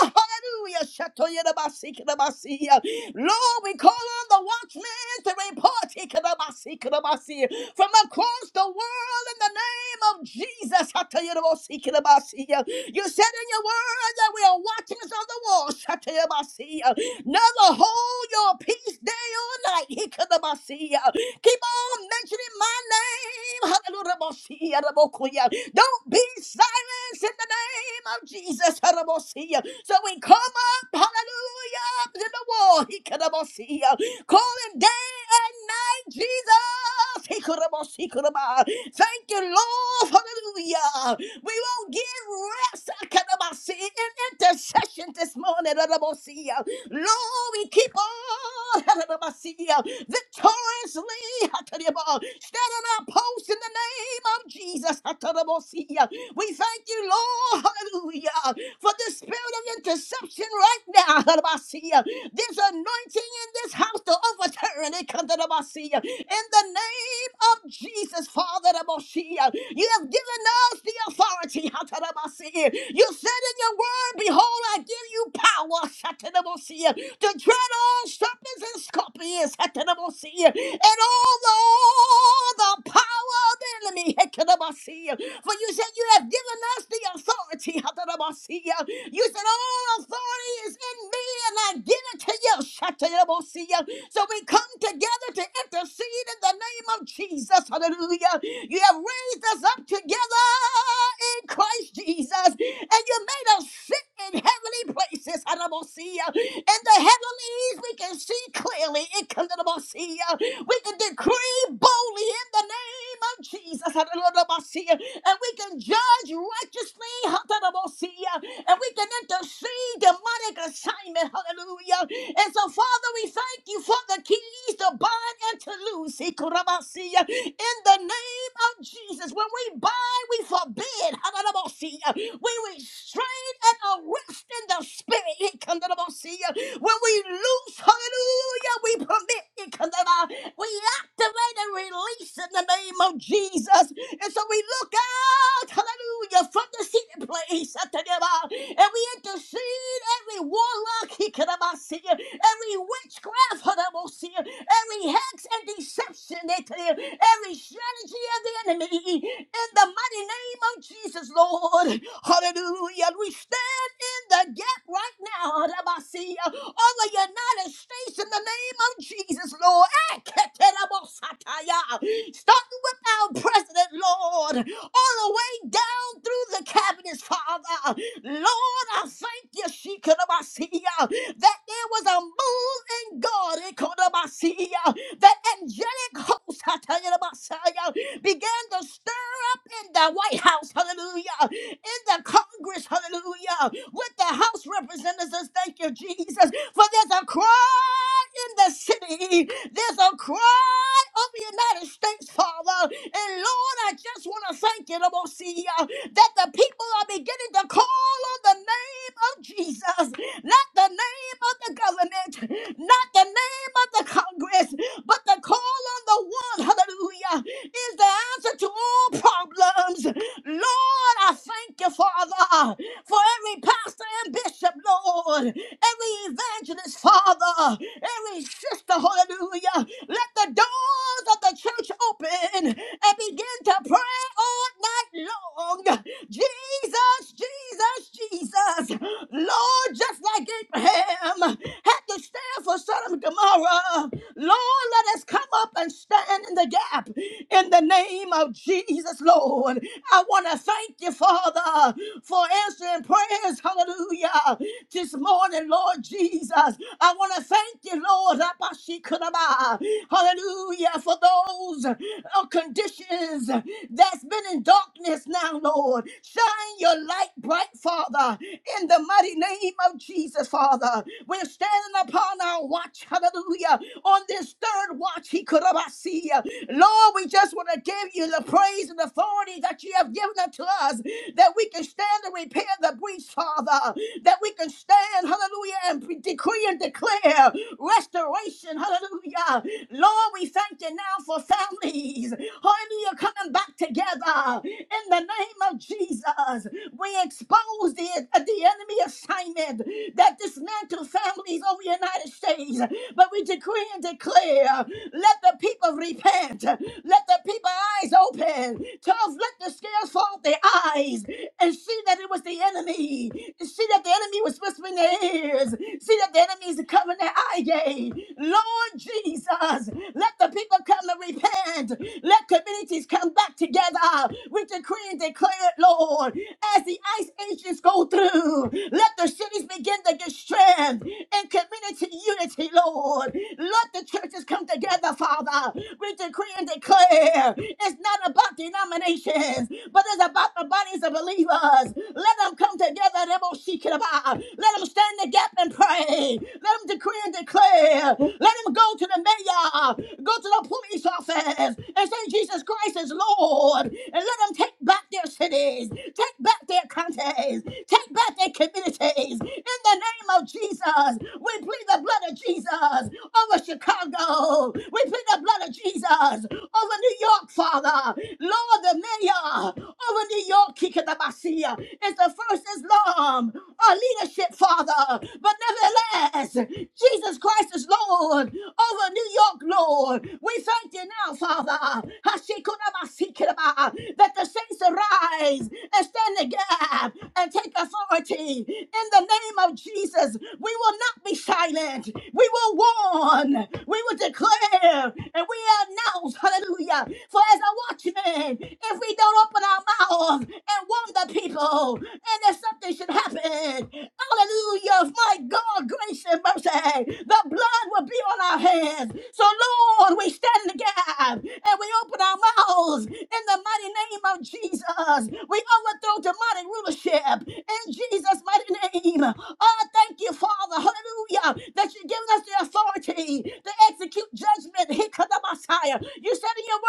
D: Hallelujah. Shatoyedabasikinabasiya. Lord, we call on the watchmen to report ikinabasikinabasiya, from across the world in the name of Jesus. Hatayedabosikidabasiya. You said in your word that we are watchers on the wall. Shatabasiya. Never hold your peace day or night. Hikadabasiya. Keep on mentioning my name. Hallelujah. Rabokuya. Don't be silenced in the name of Jesus. Hallelujah. So we come up, hallelujah, up to the wall. Hikadabasiya. Calling day and night, Jesus. Hikadabasikadaba. Thank you, Lord. Hallelujah. We won't give rest. Hikadabasi intercession this morning. Adamasia. Lord, we keep on [laughs] Adamasia, victoriously Atadaba, standing our post in the name of Jesus. Atadamasia. We thank you, Lord, hallelujah, for the spirit of interception right now. Atadamasia. This anointing in this house to overturn it. Atadamasia. In the name of Jesus, Father Atadamasia, you have given us the authority. Atadamasia. You said in your word behold, I give you power, Satanamosia, to tread on serpents and scorpions, Satanamosia, and all the, all the power of the enemy, Satanamosia. For you said you have given us the authority, Satanamosia. You said all authority is in me, and I give it to you, Satanamosia. So we come together to intercede in the name of Jesus, hallelujah. You have raised us up together in Christ Jesus and you made us sit in heavenly places. Hallelujah. In the heavenlies, we can see clearly. Hallelujah. We can decree boldly in the name of Jesus. Hallelujah. And we can judge righteously. Hallelujah. And we can intercede demonic assignment. Hallelujah. And so, Father, we thank you for the keys to bind and to loose. Hallelujah. In the name of Jesus, when we bind, we forbid. Hallelujah. When we strain and arrest in the spirit, it comes to the most see ya. when we loose, hallelujah, we permit, it comes to the- we activate and release in the name of Jesus. And so we look out, hallelujah, from the seated place, at the devil, and we intercede every warlock, he could have see ya, every witchcraft, hallelujah, see ya, every hex and deception, they tell you, every strategy of the enemy, in the mighty name name of Jesus, Lord. Hallelujah. And we stand in the gap right now, Rabasia, on the United States in the name of Jesus, Lord. Starting with our president, Lord, all the way down through the cabinets, Father. Lord, I thank you, Shikarabasia, that there was a move in God, Ekorabasia, that angelic host, Hatayarabasia, began to stir in the White House, hallelujah, in the Congress, hallelujah, with the House representatives. Thank you, Jesus. For there's a cry in the city, there's a cry of the United States, Father. And Lord, I just want to thank you, Lord, see Lamosia, that the people are beginning to call on the name of Jesus, not the name of the government, not the name of the Congress, but the call on the one, hallelujah, is the answer to all problems. Lord, I thank you, Father, for every pastor and bishop, Lord, every evangelist, Father, every sister, hallelujah. Let the doors of the church open and begin to pray all night long. Jesus, Jesus, Jesus. Lord, just like Abraham had to stand for Sodom and Gomorrah, Lord, let us come up and stand in the gap in the name of Jesus, Lord. I want to thank you, Father, for answering prayers, hallelujah, this morning, Lord Jesus. I want to thank you, Lord, Rabashikuraba. hallelujah, for those uh, conditions that's been in darkness now, Lord. Shine your light bright, Father, in the mighty name of Jesus, Father. We're standing upon our watch, hallelujah, on this third watch, he could have see Lord, we just want to give you the praise and authority that you have given unto us, that we can stand and repair the breach, Father, that we can stand, hallelujah hallelujah, and pre- decree and declare restoration, hallelujah. Lord, we thank you now for families, hallelujah, coming back together in the name of Jesus. We expose the, the enemy assignment that dismantled families over the United States, but we decree and declare let the people repent, let the people eyes open, Tough, let the scales fall off their eyes and see that it was the enemy. See that the enemy he was whispering in their ears. See that the enemies are coming their eye gate. Lord Jesus, let the people come and repent. Let communities come back together. We decree and declare it, Lord. As the ice ages go through, let the cities begin to get strength and community unity, Lord. Let the churches come together, Father. We decree and declare it's not about denominations, but it's about the bodies of believers. Let them come together let them stand in the gap and pray. Let them decree and declare. Let them go to the mayor, go to the police office, and say Jesus Christ is Lord. And let them take back their cities, take back their counties, take back their communities. In the name of Jesus, we plead the blood of Jesus over Chicago. We plead the blood of Jesus over New York, Father. Lord, the mayor over New York, Kikatabasia failure is the first Islam or leadership, Father. But nevertheless, Jesus Christ is Lord over New York, Lord. We thank you now, Father, Hashikunabasikiraba, that the saints arise and stand in the gap and take authority. In the name of Jesus, we will not be silent. We will warn. We will declare and we announce, hallelujah. For as a watchman, if we don't open our mouth, love and warn the people, and that something should happen. Hallelujah. My God, grace and mercy. The blood will be on our hands. So, Lord, we stand in the gap and we open our mouths in the mighty name of Jesus. We overthrow demonic rulership in Jesus' mighty name. Oh, thank you, Father. Hallelujah. That you've given us the authority to execute judgment. Here comes the Messiah. You said in your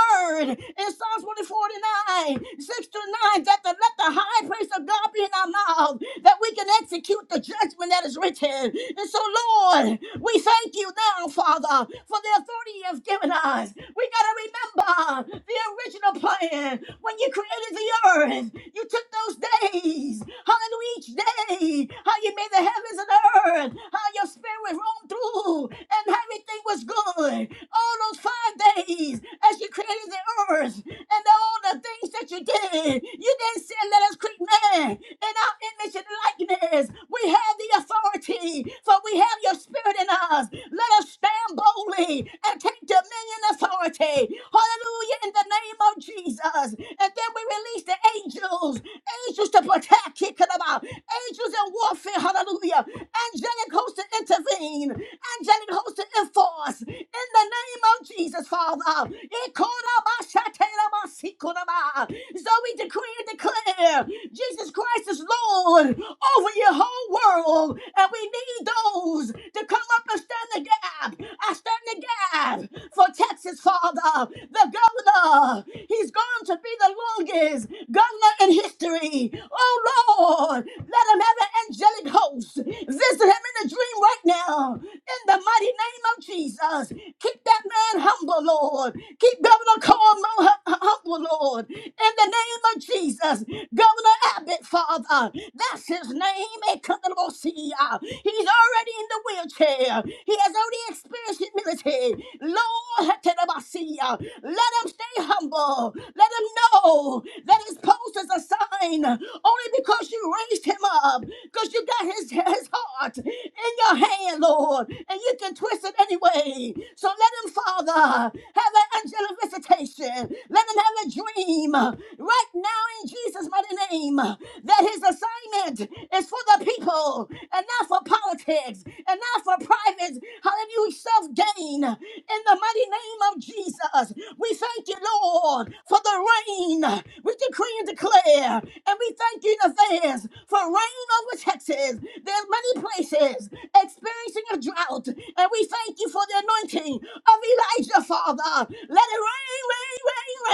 D: word in Psalms 149 nine, six to nine, that the, let the high praise of God be in our mouth, that we can execute the judgment that is written. And so, Lord, we thank you now, Father, for the authority you have given us. We got to remember the original plan. When you created the earth, you took those days, hallelujah, each day, how you made the heavens and earth, how your spirit roamed through, and everything was good. All those five days as you created the earth, and all the things that you did. You didn't say, Let us create man in our image and likeness. We have the authority, for we have your spirit in us. Let us stand boldly and take dominion authority. Hallelujah, in the name of Jesus. And then we release the angels, angels to protect, kick it about, angels in warfare, hallelujah, angelic hosts to intervene angelic host to enforce us in the name of Jesus, Father. Ikorabashaterabasikoraba. So we decree and declare Jesus Christ is Lord over your whole world, and we need those to come up and stand the gap. I stand the gap for Texas, Father. The governor, he's going to be the longest governor in history. Oh Lord, let him have an angelic host visit to him in a dream right now. In the mighty name of Jesus. Keep that man humble, Lord. Keep Governor Cuomo hu- humble, Lord. In the name of Jesus. Governor Abbott, Father. That's his name. Ekanamosia. He's already in the wheelchair. He has already experienced humility. Lord, [laughs] Ekanamosia. let him stay humble. Let him know that his post is a sign only because you raised him up because you got his, his heart in your hand, Lord, and you can twist it anyway. So let him, Father, have an angelic visitation. Let him have a dream right now in Jesus' mighty name that his assignment is for the people and not for politics and not for private, hallelujah, self gain. In the mighty name of Jesus, we thank you, Lord, for the rain. We decree and declare, and we we thank you in advance for reigning over Texas. There are many places experiencing a drought, and we thank you for the anointing of Elijah, Father. Let it rain, rain, rain,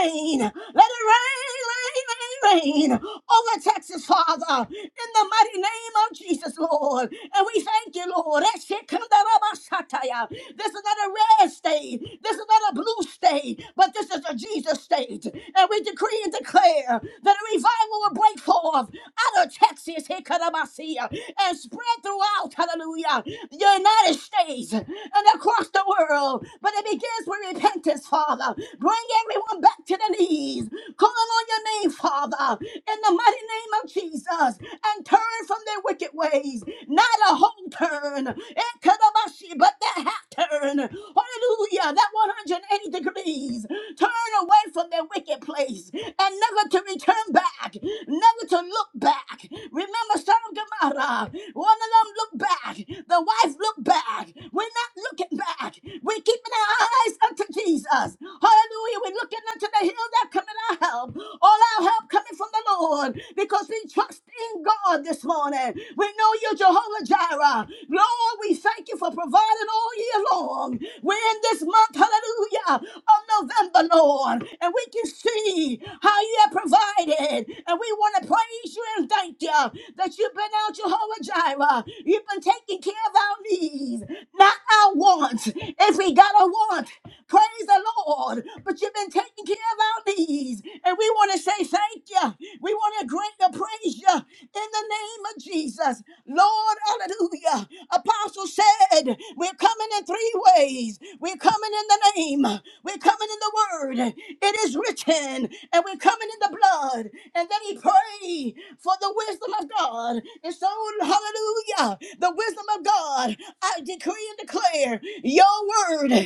D: rain. Let it rain, rain, rain, rain over Texas, Father, in the mighty name of Jesus, Lord. And we thank you, Lord. Eshekandarabashataya. This is not a red state. This is not a blue state, but this is a Jesus state. And we decree and declare that a revival will break forth out of Texas, Hikaramasia, and spread throughout, hallelujah, the United States and across the world. But it begins with repentance, Father. Bring everyone back to their knees. Call on your name, Father, in the mighty name of Jesus, and turn from their wicked ways. Not a whole turn, Hikaramasia, but that half turn. Hallelujah, that 180 degrees. Turn away from their wicked place and never to return back, never to look back. Remember, Sodom and Gomorrah, one of them looked back, the wife looked back. We're not looking back, we're keeping our eyes unto Jesus. Hallelujah, we're looking unto the hill that coming our help. All our help coming from the Lord because we trust in God this morning. We know you're Jehovah Jireh. Lord, we thank you for providing all year long. We're in this this month, hallelujah, of November, Lord. And we can see how you have provided. And we want to praise you and thank you that you've been out Jehovah Jireh. You've been taking care of our needs, not our wants. If we got a want, praise the Lord. But you've been taking care of our needs. And we want to say thank you. Hallelujah. We want to drink the praise you in the name of Jesus. Lord, hallelujah. Apostle said, We're coming in three ways. We're coming in the name, we're coming in the word. It is written, and we're coming in the blood. And then he prayed for the wisdom of God. And so, hallelujah, the wisdom of God. God, I decree and declare your word in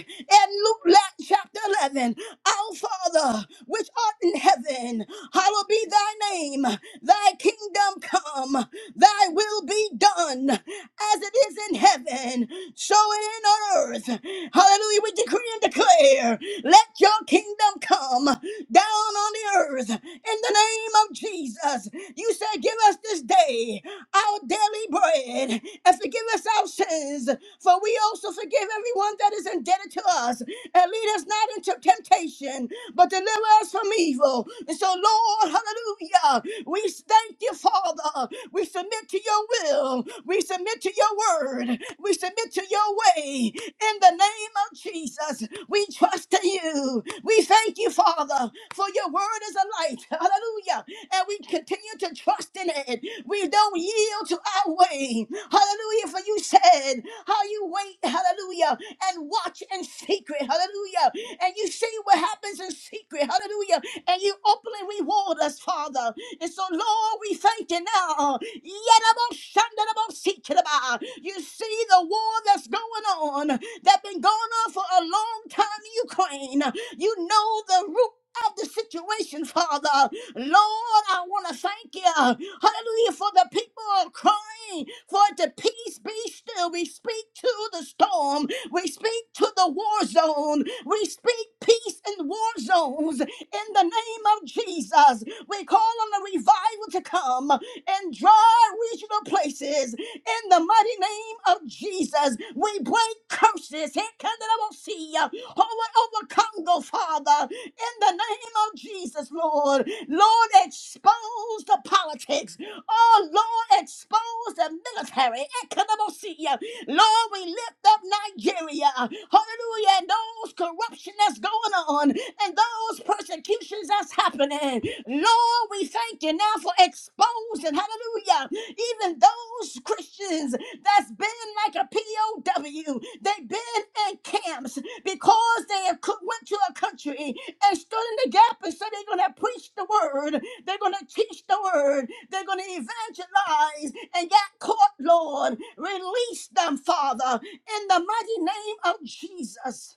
D: Luke la- chapter 11. Our Father, which art in heaven, hallowed be thy name. Thy kingdom come, thy will be done as it is in heaven, so it is on earth. Hallelujah. We decree and declare, let your kingdom kingdom come down on the earth in the name of Jesus. You said, Give us this day our daily bread and forgive us our sins, for we also forgive everyone that is indebted to us. And lead us not into temptation, but deliver us from evil. And so, Lord, hallelujah, we thank you, Father. We submit to your will, we submit to your word, we submit to your way in the name of Jesus. We trust in you. We thank you, Father, for your word is a light. [laughs] Hallelujah. And we continue to trust in it. We don't yield to our way. Hallelujah. For you said how you wait, hallelujah, and watch in secret. Hallelujah. And you see what happens in secret. Hallelujah. And you openly reward us, Father. And so, Lord, we thank you now. Yadaboshandadabosikinaba. You see the war that's going on that been going on for a long time in Ukraine. You know the root of the situation, Father. Lord, I want to thank you. Hallelujah for the people are crying for the peace be still. We speak to the storm. We speak to the war zone. We speak peace in war zones in the name of Jesus. We call on the revival to come and dry regional places. In the mighty name of Jesus, we break curses. Hikandarabosia, Over, over Congo, Father. In the name of Jesus, Lord. Lord, expose the politics. Oh, Lord, expose the military. Hikandarabosia. Lord, we lift up Nigeria. Hallelujah. And those corruption that's going on and those persecutions that's happening. Lord, we thank you now for exposing. Hallelujah. Even those Christians that's been like a POW, they've been in camps because they have co- went to a country and stood in the gap and said they're going to preach the word, they're going to teach the word, they're going to evangelize and got caught, Lord. Release them, Father, in the mighty name of Jesus.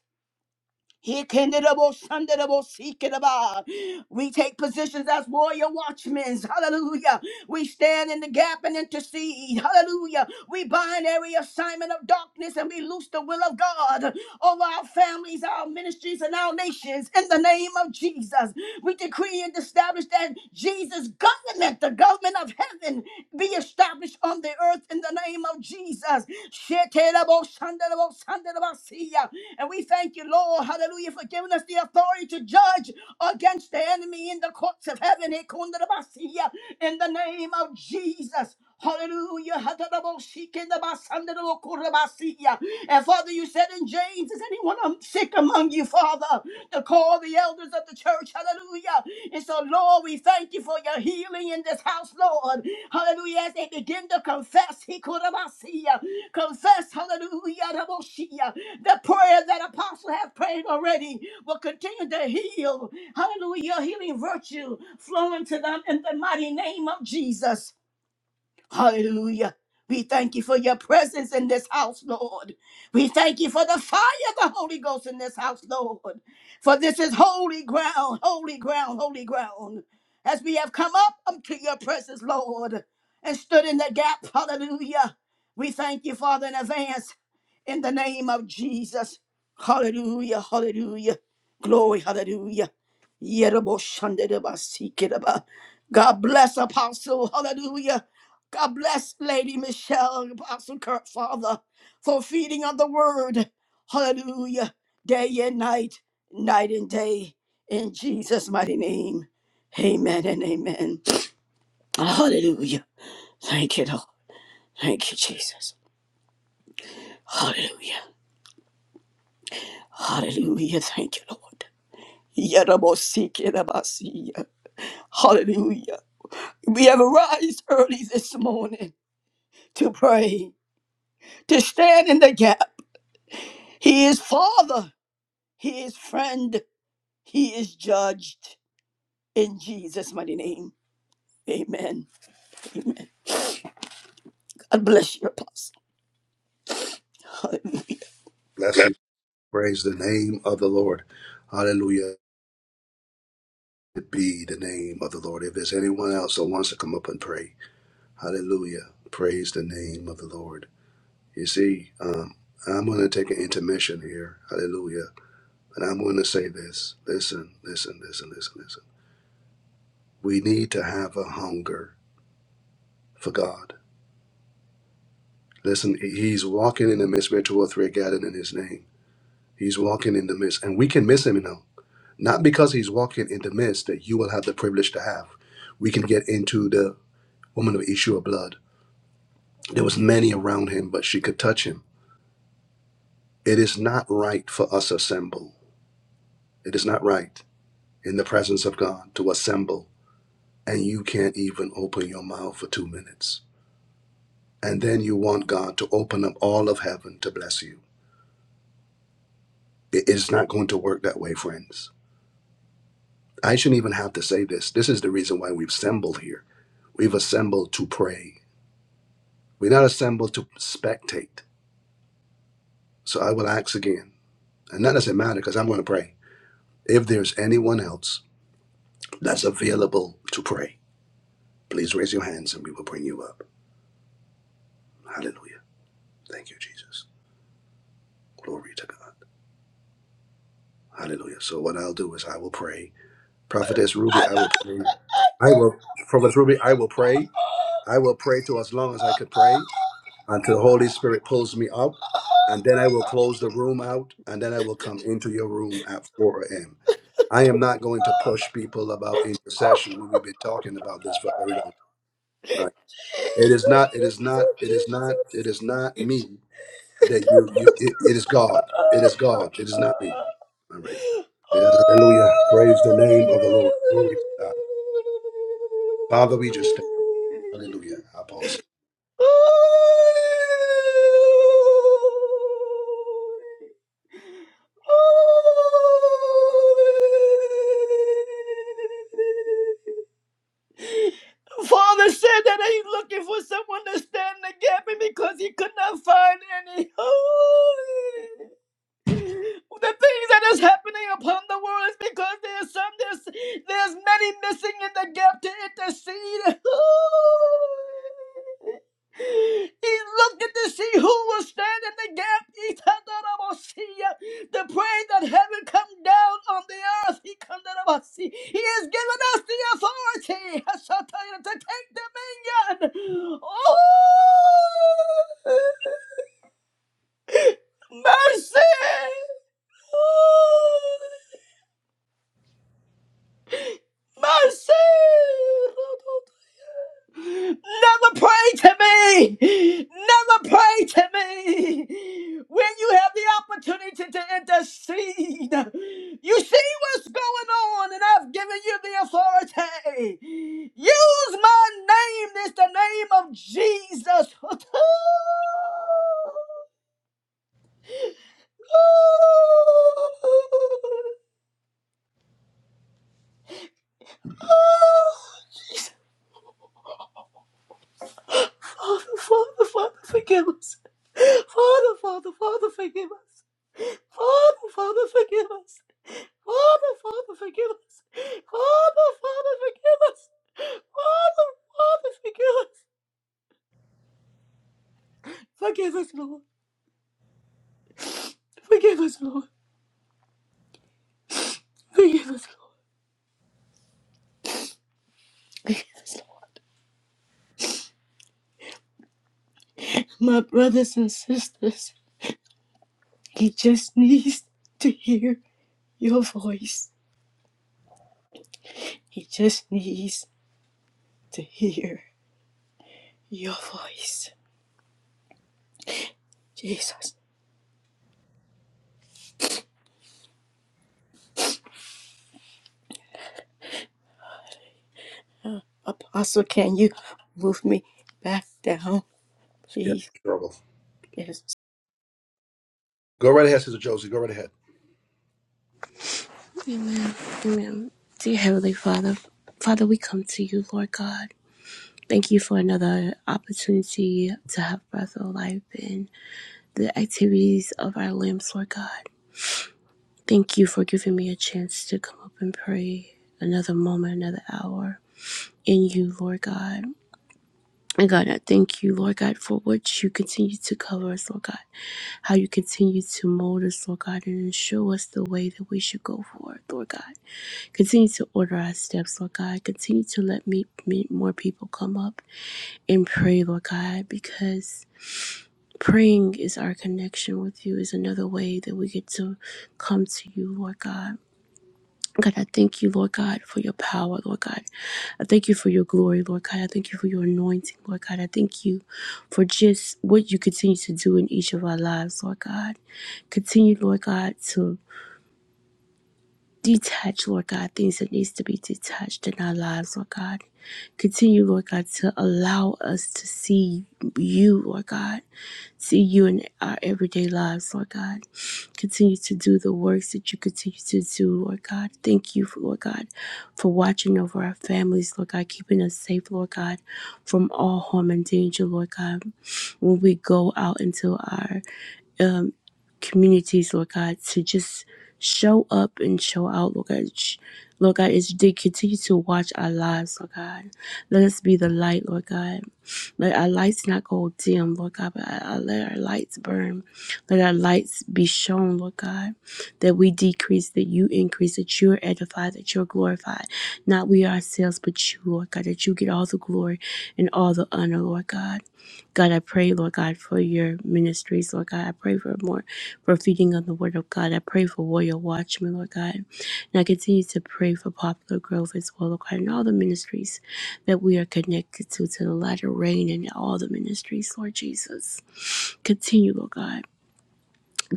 D: Here can the double Sunday double seek it about. We take positions as warrior watchmen. Hallelujah. We stand in the gap and intercede. Hallelujah. We bind every assignment of darkness and we loose the will of God over our families, our ministries, and our nations. In the name of Jesus, we decree and establish that Jesus' government, the government of heaven, be established on the earth in the name of Jesus. Shetelaboshandelaboshandelabasiya. And we thank you, Lord, hallelujah, for giving us the authority to judge against the enemy in the courts of heaven. Ekundelabasiya. In the name of Jesus. Hallelujah. Hatadaboshikenabasandadokorabasiya. And Father, you said in James, is anyone um, sick among you, Father, to call the elders of the church? Hallelujah. And so, Lord, we thank you for your healing in this house, Lord. Hallelujah. As they begin to confess, hikorabasiya. confess, hallelujah, the prayer that apostle have prayed already will continue to heal. Hallelujah. Healing virtue flowing to them in the mighty name of Jesus. Hallelujah. We thank you for your presence in this house, Lord. We thank you for the fire of the Holy Ghost in this house, Lord. For this is holy ground, holy ground, holy ground. As we have come up unto your presence, Lord, and stood in the gap, hallelujah. We thank you, Father, in advance in the name of Jesus. Hallelujah, hallelujah. Glory, hallelujah. Yerobo shandedeba sikereba. God bless Apostle, hallelujah. God bless Lady Michelle Apostle Kurt, Father, for feeding on the word. Hallelujah. Day and night, night and day. In Jesus' mighty name. Amen and amen. Hallelujah. Thank you, Lord. Thank you, Jesus. Hallelujah. Hallelujah. Thank you, Lord. Yadabosikidabasiya. Hallelujah. We have arise early this morning to pray, to stand in the gap. He is Father. He is friend. He is judged in Jesus' mighty name. Amen. God bless you, Apostle. Hallelujah.
A: Be the name of the Lord. If there's anyone else that wants to come up and pray. Hallelujah. Praise the Lord. He's in here. Hallelujah. And I'm going to say this. Listen, listen, This We need to have a hunger for God. Listen, He's walking in His name. He's in the midst. Let me know. Not because He's walking in the midst that you will have the privilege to have. We can get into the woman of issue of blood. There was many around him, but she could touch him. It is not right for us to assemble. It is not right in the presence of God to assemble and you can't even open your mouth for two minutes and then you want God to open up all of heaven to bless you. It- It's not going to work that way, friends. I shouldn't even have to say this. This is the reason why we've assembled here. We've assembled to pray. We're not assembled to spectate. So I will ask again, and that doesn't matter because I'm going to pray. If there's anyone else that's available to pray, please raise your hands and we will bring you up. Hallelujah. Thank you, Jesus. Glory to God. Hallelujah. So what I'll do is I will pray Prophetess Ruby, I will pray. I will, Prophetess Ruby, I will pray. I will pray to as long as I could pray until the Holy Spirit pulls me out. And then I will close the room out and then I will come into your room at 4 a.m. I am not going to push people about intercession when we've been talking about this for a very long time.
D: [laughs]
A: Right.
D: Jesus,
A: It is not, it is not,
D: Jesus,
A: it is not, it
D: Jesus.
A: is not me that you, you it, it is God. It
D: Ah.
A: is God. It
D: Ah.
A: is not me. All right. Yeah, hallelujah. Praise the name of the Lord. Glory to God. Father, we just Hallelujah. I pause
D: Oh, Father said that he's looking for someone to stand in the gap and because he could not find any. Oh, the things that is happening upon the world is because there's some there's there's many missing in the gap to intercede. [laughs] He's looking to see who will stand in the gap. He turned out about see ya. The prayer that heaven come down on the earth. He come down about see. He has given us the authority. I shall tell you to take dominion. Oh, mercy! Mercy! Never pray to me! Never pray to me! When you have the opportunity to intercede, you see what's going on, and I've given you the authority. Use my name, it's the name of Jesus. [laughs] Father, Father, Father, forgive us. Father, Father, Father, forgive us. Father, Father, forgive us. Father, Father, forgive us. Father, Father, forgive us. Father, Father, forgive us. Forgive us, Lord. Forgive us, Lord. Forgive us, Lord. Forgive us, Lord. My brothers and sisters, he just needs to hear your voice. He just needs to hear your voice. Jesus. Apostle, can you move me back down,
A: it. Yeah,
D: please?
A: struggle.
D: Yes.
A: Go right ahead, Sister Josie. Go right ahead.
E: Amen. Amen. Dear Heavenly Father, Father, we come to you, Lord God. Thank you for another opportunity to have breath of life and the activities of our limbs, Lord God. Thank you for giving me a chance to come up and pray another moment, another hour in you, Lord God. And God, I thank you, Lord God, for what you continue to cover us, Lord God. How you continue to mold us, Lord God, and show us the way that we should go forward, Lord God. Continue to order our steps, Lord God. Continue to let me me- more people come up and pray, Lord God, because praying is our connection with you, is another way that we get to come to you, Lord God. God, I thank you, Lord God, for your power, Lord God. I thank you for your glory, Lord God. I thank you for your anointing, Lord God. I thank you for just what you continue to do in each of our lives, Lord God. Continue, Lord God, to detach, Lord God, things that needs to be detached in our lives, Lord God. Continue, Lord God, to allow us to see you, Lord God, see you in our everyday lives, Lord God. Continue to do the works that you continue to do, Lord God. Thank you, for, Lord God, for watching over our families, Lord God, keeping us safe, Lord God, from all harm and danger, Lord God. When we go out into our um, communities, Lord God, to just show up and show out, Lord God. Sh- Lord God, as they continue to watch our lives, Lord God, let us be the light, Lord God. Let our lights not go dim, Lord God, but I, I let our lights burn. Let our lights be shown, Lord God, that we decrease, that you increase, that you are edified, that you're glorified. Not we ourselves, but you, Lord God, that you get all the glory and all the honor, Lord God. God, I pray, Lord God, for your ministries, Lord God. I pray for more, for feeding on the word of God. I pray for Warrior Watchmen, Lord God. And I continue to pray for Popular Grove as well, Lord God, and all the ministries that we are connected to, to the latter rain and all the ministries, Lord Jesus. Continue, Lord God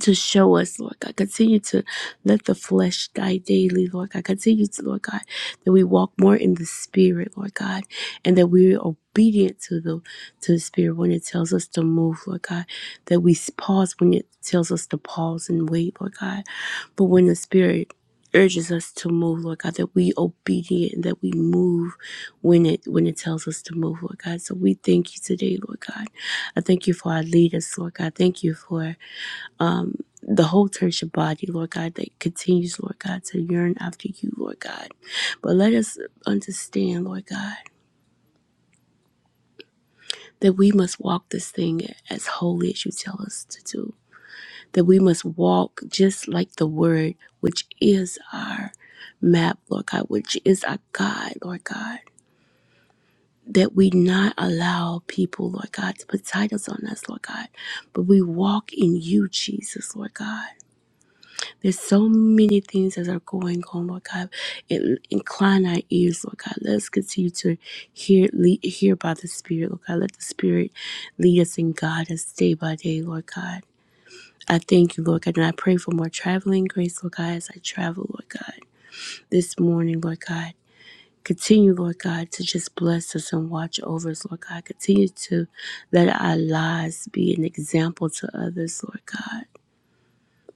E: to show us, Lord God. Continue to let the flesh die daily, Lord God. Continue to, Lord God, that we walk more in the spirit, Lord God, and that we are obedient to the to the spirit when it tells us to move, Lord God. That we pause when it tells us to pause and wait, Lord God. But when the spirit urges us to move, Lord God, that we obedient and that we move when it when it tells us to move, Lord God. So we thank you today, Lord God. I thank you for our leaders, Lord God. Thank you for the whole church body, Lord God, that continues, Lord God, to yearn after you, Lord God. But let us understand, Lord God, that we must walk this thing as holy as you tell us to do. That we must walk just like the word, which is our map, Lord God, which is our guide, Lord God. That we not allow people, Lord God, to put titles on us, Lord God, but we walk in you, Jesus, Lord God. There's so many things that are going on, Lord God. In- Incline our ears, Lord God. Let us continue to hear, lead, hear by the Spirit, Lord God. Let the Spirit lead us and guide us day by day, Lord God. I thank you, Lord God, and I pray for more traveling grace, Lord God, as I travel, Lord God, this morning, Lord God. Continue, Lord God, to just bless us and watch over us, Lord God. Continue to let our lives be an example to others, Lord God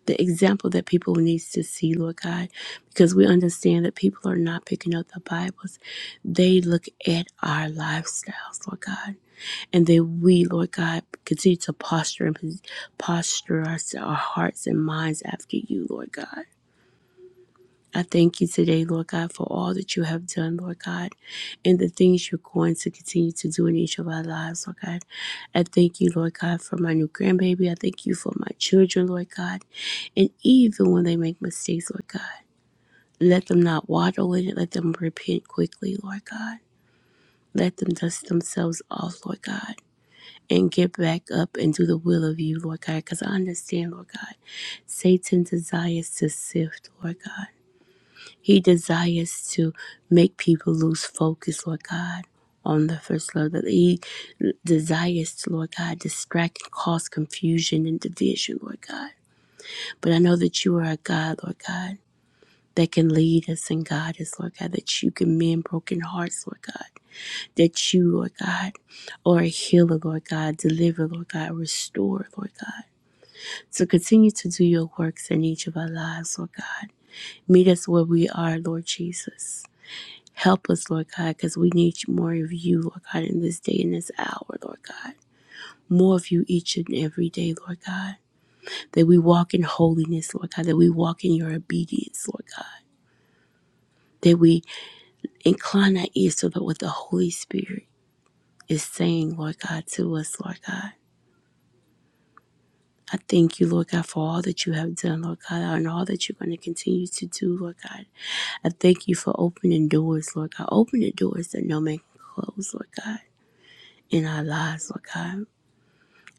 E: the example that people needs to see, Lord God, because we understand that people are not picking up the Bibles. They look at our lifestyles, Lord God, and that we, Lord God, continue to posture and pos- posture our, our hearts and minds after you, Lord God. I thank you today, Lord God, for all that you have done, Lord God, and the things you're going to continue to do in each of our lives, Lord God. I thank you, Lord God, for my new grandbaby. I thank you for my children, Lord God. And even when they make mistakes, Lord God, let them not waddle in it. Let them repent quickly, Lord God. Let them dust themselves off, Lord God. And get back up and do the will of you, Lord God, because I understand, Lord God, Satan desires to sift, Lord God. He desires to make people lose focus, Lord God, on the first love. That He desires, to, Lord God, distract, and cause confusion and division, Lord God. But I know that you are a God, Lord God, that can lead us and guide us, Lord God, that you can mend broken hearts, Lord God, that you, Lord God, are a healer, Lord God, deliver, Lord God, restore, Lord God. So continue to do your works in each of our lives, Lord God. Meet us where we are, Lord Jesus. Help us, Lord God, because we need more of you, Lord God, in this day and this hour, Lord God. More of you each and every day, Lord God. That we walk in holiness, Lord God. That we walk in your obedience, Lord God. That we incline our ears to what the Holy Spirit is saying, Lord God, to us, Lord God. I thank you, Lord God, for all that you have done, Lord God, and all that you're going to continue to do, Lord God. I thank you for opening doors, Lord God. Open the doors that no man can close, Lord God, in our lives, Lord God.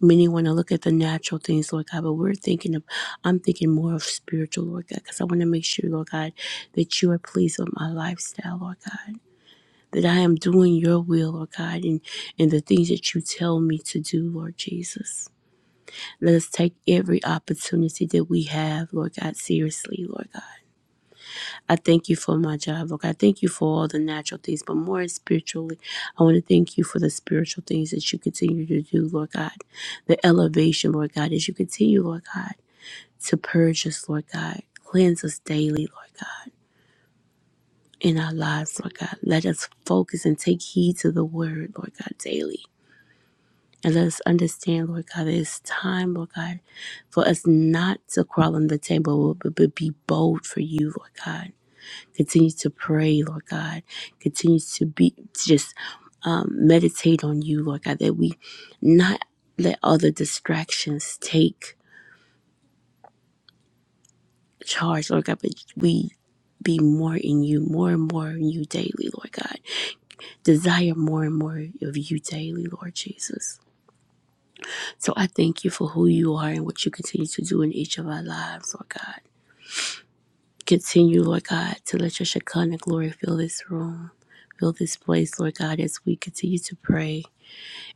E: Many want to look at the natural things, Lord God, but we're thinking of, I'm thinking more of spiritual, Lord God, because I want to make sure, Lord God, that you are pleased with my lifestyle, Lord God. That I am doing your will, Lord God, and, and the things that you tell me to do, Lord Jesus. Let us take every opportunity that we have, Lord God, seriously, Lord God. I thank you for my job. Look, I thank you for all the natural things, but more spiritually, I want to thank you for the spiritual things that you continue to do, Lord God. The elevation, Lord God, as you continue, Lord God, to purge us, Lord God. Cleanse us daily, Lord God, in our lives, Lord God. Let us focus and take heed to the word, Lord God, daily. And let us understand, Lord God, that it's time, Lord God, for us not to crawl on the table, but but be bold for you, Lord God Continue to pray, Lord God. Continue to be to just um, meditate on you, Lord God, that we not let other distractions take charge, Lord God, but we be more in you, more and more in you daily, Lord God. Desire more and more of you daily, Lord Jesus. So I thank you for who you are and what you continue to do in each of our lives, Lord God. Continue, Lord God, to let your Shekinah glory fill this room, fill this place, Lord God, as we continue to pray.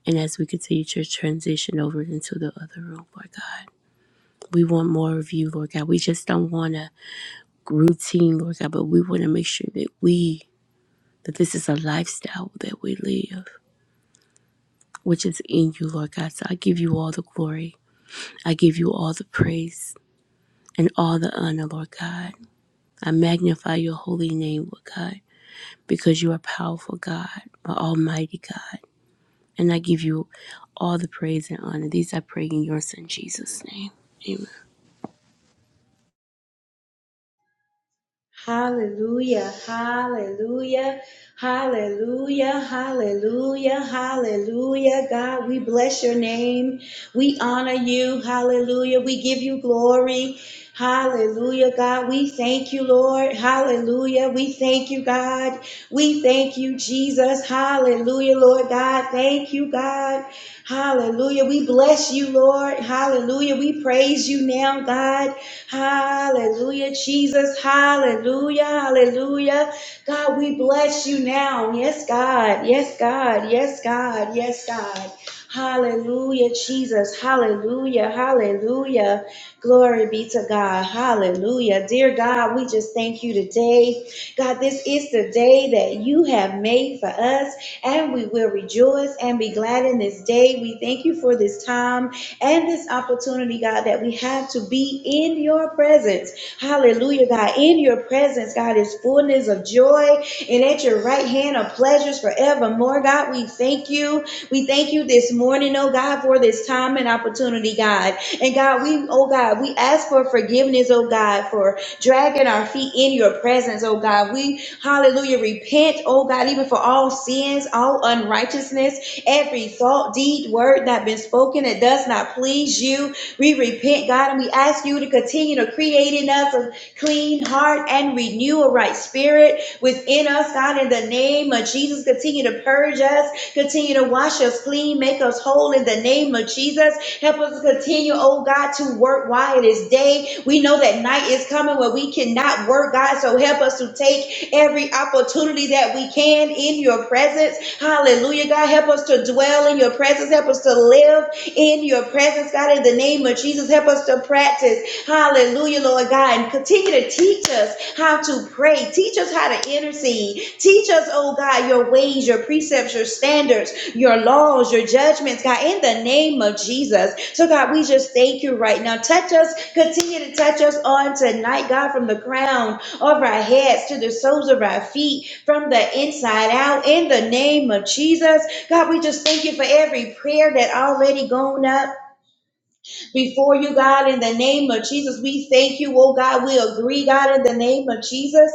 E: And as we continue to transition over into the other room, Lord God, we want more of you, Lord God. We just don't want a routine, Lord God, but we want to make sure that we, that this is a lifestyle that we live, which is in you, Lord God. So I give you all the glory. I give you all the praise and all the honor, Lord God. I magnify your holy name, Lord God, because you are powerful, God, an almighty God. And I give you all the praise and honor. These I pray in your son Jesus' name. Amen.
F: Hallelujah, hallelujah, hallelujah, hallelujah, hallelujah. God, we bless your name. We honor you. Hallelujah. We give you glory. Hallelujah, God. We thank you, Lord. Hallelujah. We thank you, God. We thank you, Jesus. Hallelujah, Lord God. Thank you, God. Hallelujah. We bless you, Lord. Hallelujah. We praise you now, God. Hallelujah, Jesus. Hallelujah. Hallelujah. God, we bless you now. Yes, God. Yes, God. Yes, God. Yes, God. Hallelujah, Jesus. Hallelujah. Hallelujah. Glory be to God. Hallelujah. Dear God, we just thank you today. God, this is the day that you have made for us and we will rejoice and be glad in this day. We thank you for this time and this opportunity, God, that we have to be in your presence. Hallelujah, God. In your presence, God, is fullness of joy, and at your right hand are pleasures forevermore. God, we thank you. We thank you this morning, oh God, for this time and opportunity, God. And God, we, oh God, we ask for forgiveness, oh God, for dragging our feet in your presence, oh God. We Hallelujah. Repent, oh God, even for all sins, all unrighteousness, every thought, deed, word that been spoken that does not please you. We repent, God, and we ask you to continue to create in us a clean heart and renew a right spirit within us, God, in the name of Jesus. Continue to purge us, continue to wash us clean, make us whole in the name of Jesus. Help us to continue, oh God, to work while it is day. We know that night is coming where we cannot work, God, so help us to take every opportunity that we can in your presence. Hallelujah. God, help us to dwell in your presence. Help us to live in your presence, God, in the name of Jesus. Help us to practice. Hallelujah, Lord God. And continue to teach us how to pray. Teach us how to intercede. Teach us, oh God, your ways, your precepts, your standards, your laws, your judgments, God, in the name of Jesus. So, God, we just thank you right now. Touch us, continue to touch us on tonight, God, from the crown of our heads to the soles of our feet from the inside out in the name of Jesus. God, we just thank you for every prayer that already gone up before you, God, in the name of Jesus. We thank you, oh God. We agree, God, in the name of Jesus.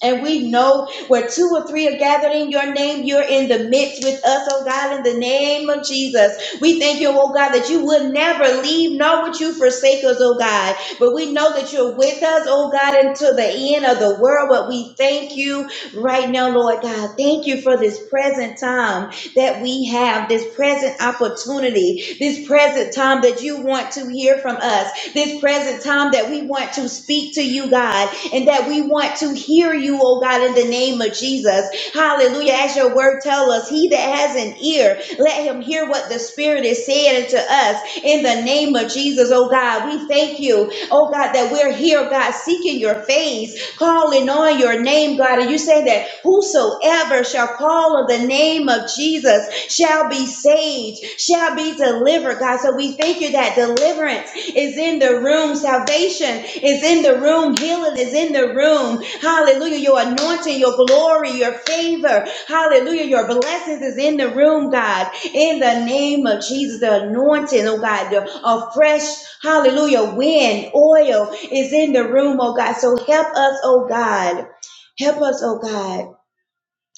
F: And we know where two or three are gathered in your name, you're in the midst with us, oh God, in the name of Jesus. We thank you, oh God, that you would never leave, nor would you forsake us, oh God. But we know that you're with us, oh God, until the end of the world. But we thank you right now, Lord God. Thank you for this present time that we have, this present opportunity, this present time that you want to hear from us this present time that we want to speak to you, God, and that we want to hear you, oh God, in the name of Jesus. Hallelujah. As your word tell us, he that has an ear, let him hear what the Spirit is saying unto us in the name of Jesus, oh God. We thank you, oh God, that we're here, God, seeking your face calling on your name, God. And you say that whosoever shall call on the name of Jesus shall be saved, shall be delivered, God. So we thank you that deliverance is in the room, salvation is in the room, healing is in the room. Hallelujah. Your anointing, your glory, your favor, hallelujah. Your blessings is in the room, God. In the name of Jesus, the anointing, oh God, the, a fresh, hallelujah, wind, oil, is in the room, oh God. So help us, oh God. Help us, oh God.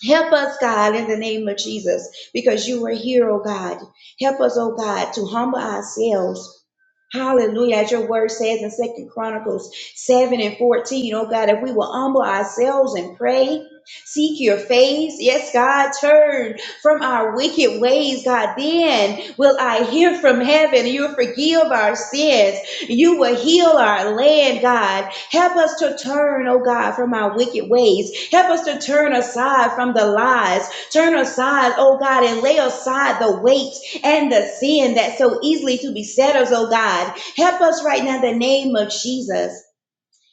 F: Help us, God, in the name of Jesus, because you are here, oh God. Help us, oh God, to humble ourselves Hallelujah. As your word says in Second Chronicles 7 and 14, oh God, if we will humble ourselves and pray, seek your face, yes, God, turn from our wicked ways, God, then will I hear from heaven. You will forgive our sins. You will heal our land, God. Help us to turn, oh God, from our wicked ways. Help us to turn aside from the lies. Turn aside, oh God, and lay aside the weight and the sin that so easily to beset us, oh God. Help us right now in the name of Jesus.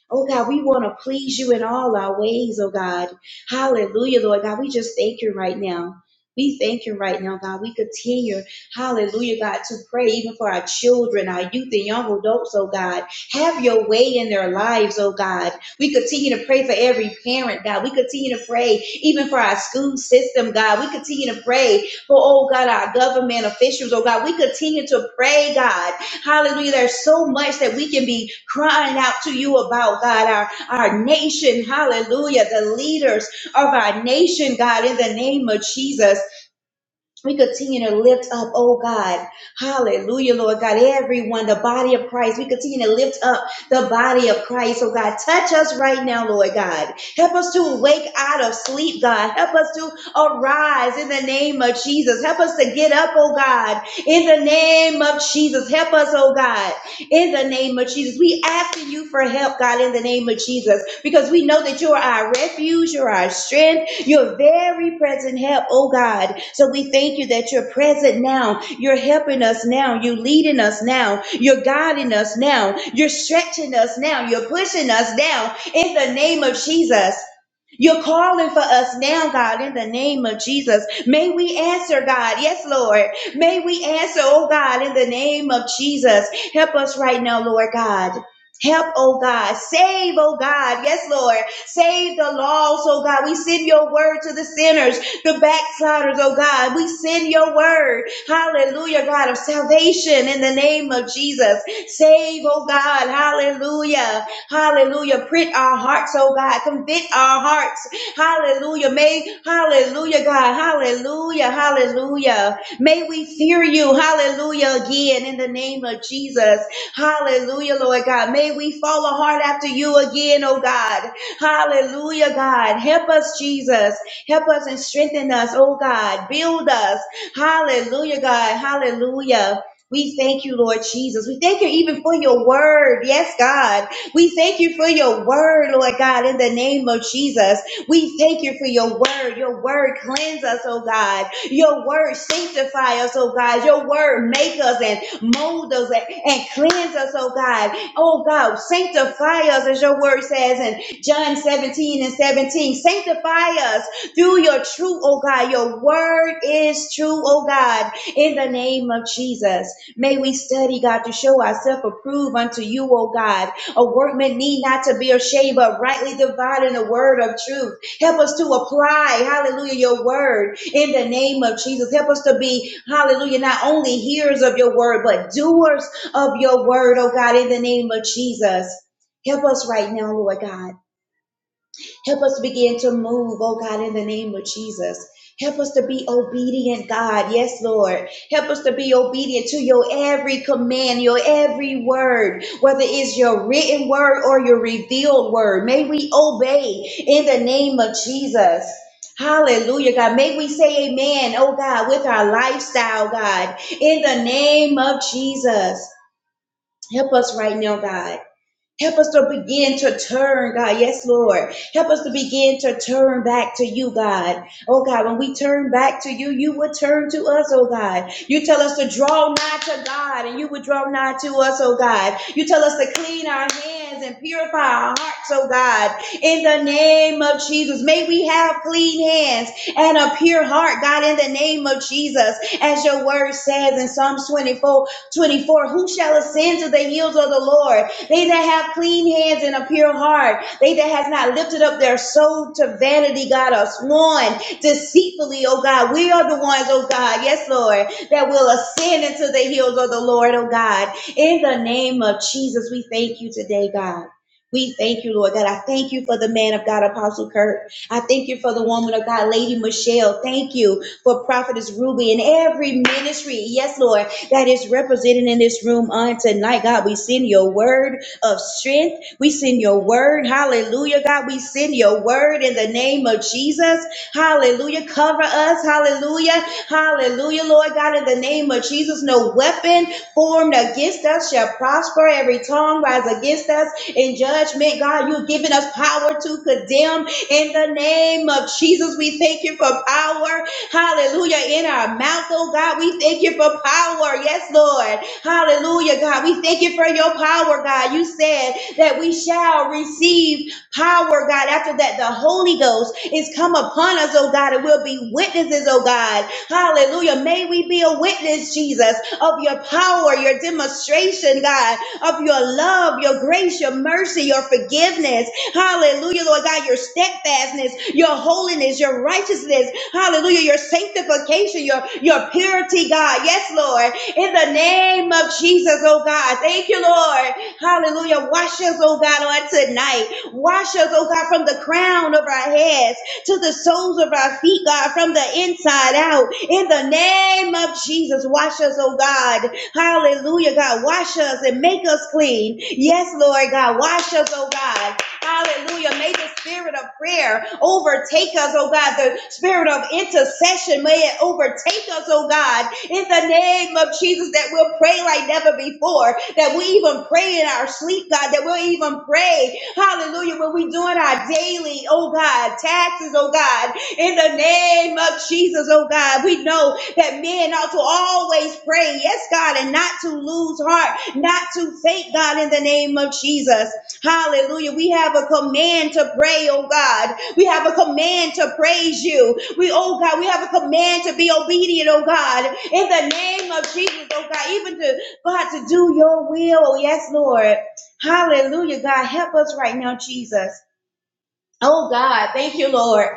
F: Oh God, we want to please you in all our ways, oh God. Hallelujah, Lord God. We just thank you right now. We thank you right now, God. We continue, hallelujah, God, to pray even for our children, our youth, and young adults, oh God. Have your way in their lives, oh God. We continue to pray for every parent, God. We continue to pray even for our school system, God. We continue to pray for, oh God, our government officials, oh God. We continue to pray, God, Hallelujah. There's so much that we can be crying out to you about, God, our, our nation. Hallelujah. The leaders of our nation, God, in the name of Jesus. We continue to lift up, oh God. Hallelujah, Lord God. Everyone, the body of Christ. We continue to lift up the body of Christ, oh God. Touch us right now, Lord God. Help us to wake out of sleep, God. Help us to arise in the name of Jesus. Help us to get up, oh God. In the name of Jesus. Help us, oh God. In the name of Jesus. We asking you for help, God, in the name of Jesus, because we know that you are our refuge, you're our strength. Your very present help, oh God. So we thank you that you're present now. You're helping us now. You're leading us now. You're guiding us now. You're stretching us now. You're pushing us now in the name of Jesus. You're calling for us now, God, in the name of Jesus. May we answer, God. Yes, Lord. May we answer, oh God, in the name of Jesus. Help us right now, Lord God. Help, oh God. Save, oh God. Yes, Lord. Save the lost, oh God. We send your word to the sinners, the backsliders, oh God. We send your word. Hallelujah, God, of salvation in the name of Jesus. Save, oh God. Hallelujah. Hallelujah. Prick our hearts, oh God. Convict our hearts. Hallelujah. May, hallelujah, God. Hallelujah. Hallelujah. May we fear you. Hallelujah. Again, in the name of Jesus. Hallelujah, Lord God. May we follow hard after you again, oh God. Hallelujah, God. Help us, Jesus. Help us and strengthen us, oh God. Build us. Hallelujah, God. Hallelujah. We thank you, Lord Jesus. We thank you even for your word. Yes, God. We thank you for your word, Lord God, in the name of Jesus. We thank you for your word. Your word cleanse us, oh God. Your word sanctify us, oh God. Your word make us and mold us and, and cleanse us, oh God. Oh God, sanctify us as your word says in John 17 and 17. Sanctify us through your truth, oh God. Your word is true, oh God, in the name of Jesus. May we study, God, to show ourselves approved unto you, O God a workman need not to be ashamed, but rightly dividing the word of truth. Help us to apply, hallelujah, your word in the name of Jesus. Help us to be, hallelujah, not only hearers of your word, but doers of your word, oh God, in the name of Jesus. Help us right now, Lord God. Help us begin to move, oh God, in the name of Jesus. Help us to be obedient, God. Yes, Lord. Help us to be obedient to your every command, your every word, whether it's your written word or your revealed word. May we obey in the name of Jesus. Hallelujah, God. May we say amen, oh God, with our lifestyle, God, in the name of Jesus. Help us right now, God. Help us to begin to turn, God. Yes, Lord. Help us to begin to turn back to you, God. Oh, God, when we turn back to you, you will turn to us, oh, God. You tell us to draw nigh to God, and you will draw nigh to us, oh, God. You tell us to clean our hands and purify our hearts, oh, God. In the name of Jesus, may we have clean hands and a pure heart, God, in the name of Jesus. As your word says in Psalms 24, 24: who shall ascend to the hills of the Lord? They that have clean hands and a pure heart. They that has not lifted up their soul to vanity, God, or sworn deceitfully, oh God. We are the ones, oh God, yes, Lord, that will ascend into the hills of the Lord, oh God. In the name of Jesus, we thank you today, God. We thank you, Lord God. I thank you for the man of God, Apostle Kirk. I thank you for the woman of God, Lady Michelle. Thank you for Prophetess Ruby and every ministry, yes, Lord, that is represented in this room on tonight. God, we send your word of strength. We send your word. Hallelujah, God. We send your word in the name of Jesus. Hallelujah. Cover us. Hallelujah. Hallelujah, Lord God. In the name of Jesus, no weapon formed against us shall prosper. Every tongue rise against us in judgment. God, you've given us power to condemn. In the name of Jesus, we thank you for power. Hallelujah. In our mouth, oh God, we thank you for power. Yes, Lord. Hallelujah, God. We thank you for your power, God. You said that we shall receive power, God. After that, the Holy Ghost is come upon us, oh God, and we'll be witnesses, oh God. Hallelujah. May we be a witness, Jesus, of your power, your demonstration, God, of your love, your grace, your mercy, your forgiveness. Hallelujah, Lord God, your steadfastness, your holiness, your righteousness. Hallelujah, your sanctification, your, your purity, God. Yes, Lord in the name of Jesus, oh God. Thank you, Lord. Hallelujah. Wash us, oh God, on tonight. Wash us, oh God, from the crown of our heads to the soles of our feet, God, from the inside out. In the name of Jesus, wash us, oh God. Hallelujah, God. Wash us and make us clean. Yes, Lord God. Wash us, oh God. Hallelujah. May the spirit of prayer overtake us, oh God. The spirit of intercession may it overtake us, oh God in the name of Jesus that we'll pray like never before, that we even pray in our sleep, God, that we'll even pray, hallelujah, when we're doing our daily, oh God, taxes, oh God, in the name of Jesus, oh God, we know that men ought to always pray, yes, God, and not to lose heart, not to faint, God, in the name of Jesus. Hallelujah. We have a command to pray, oh God. We have a command to praise you. We, oh God, we have a command to be obedient, oh God, in the name of Jesus, oh God, even to God to do your will. Yes, Lord. Hallelujah, God. Help us right now, Jesus. Oh God, thank you, Lord.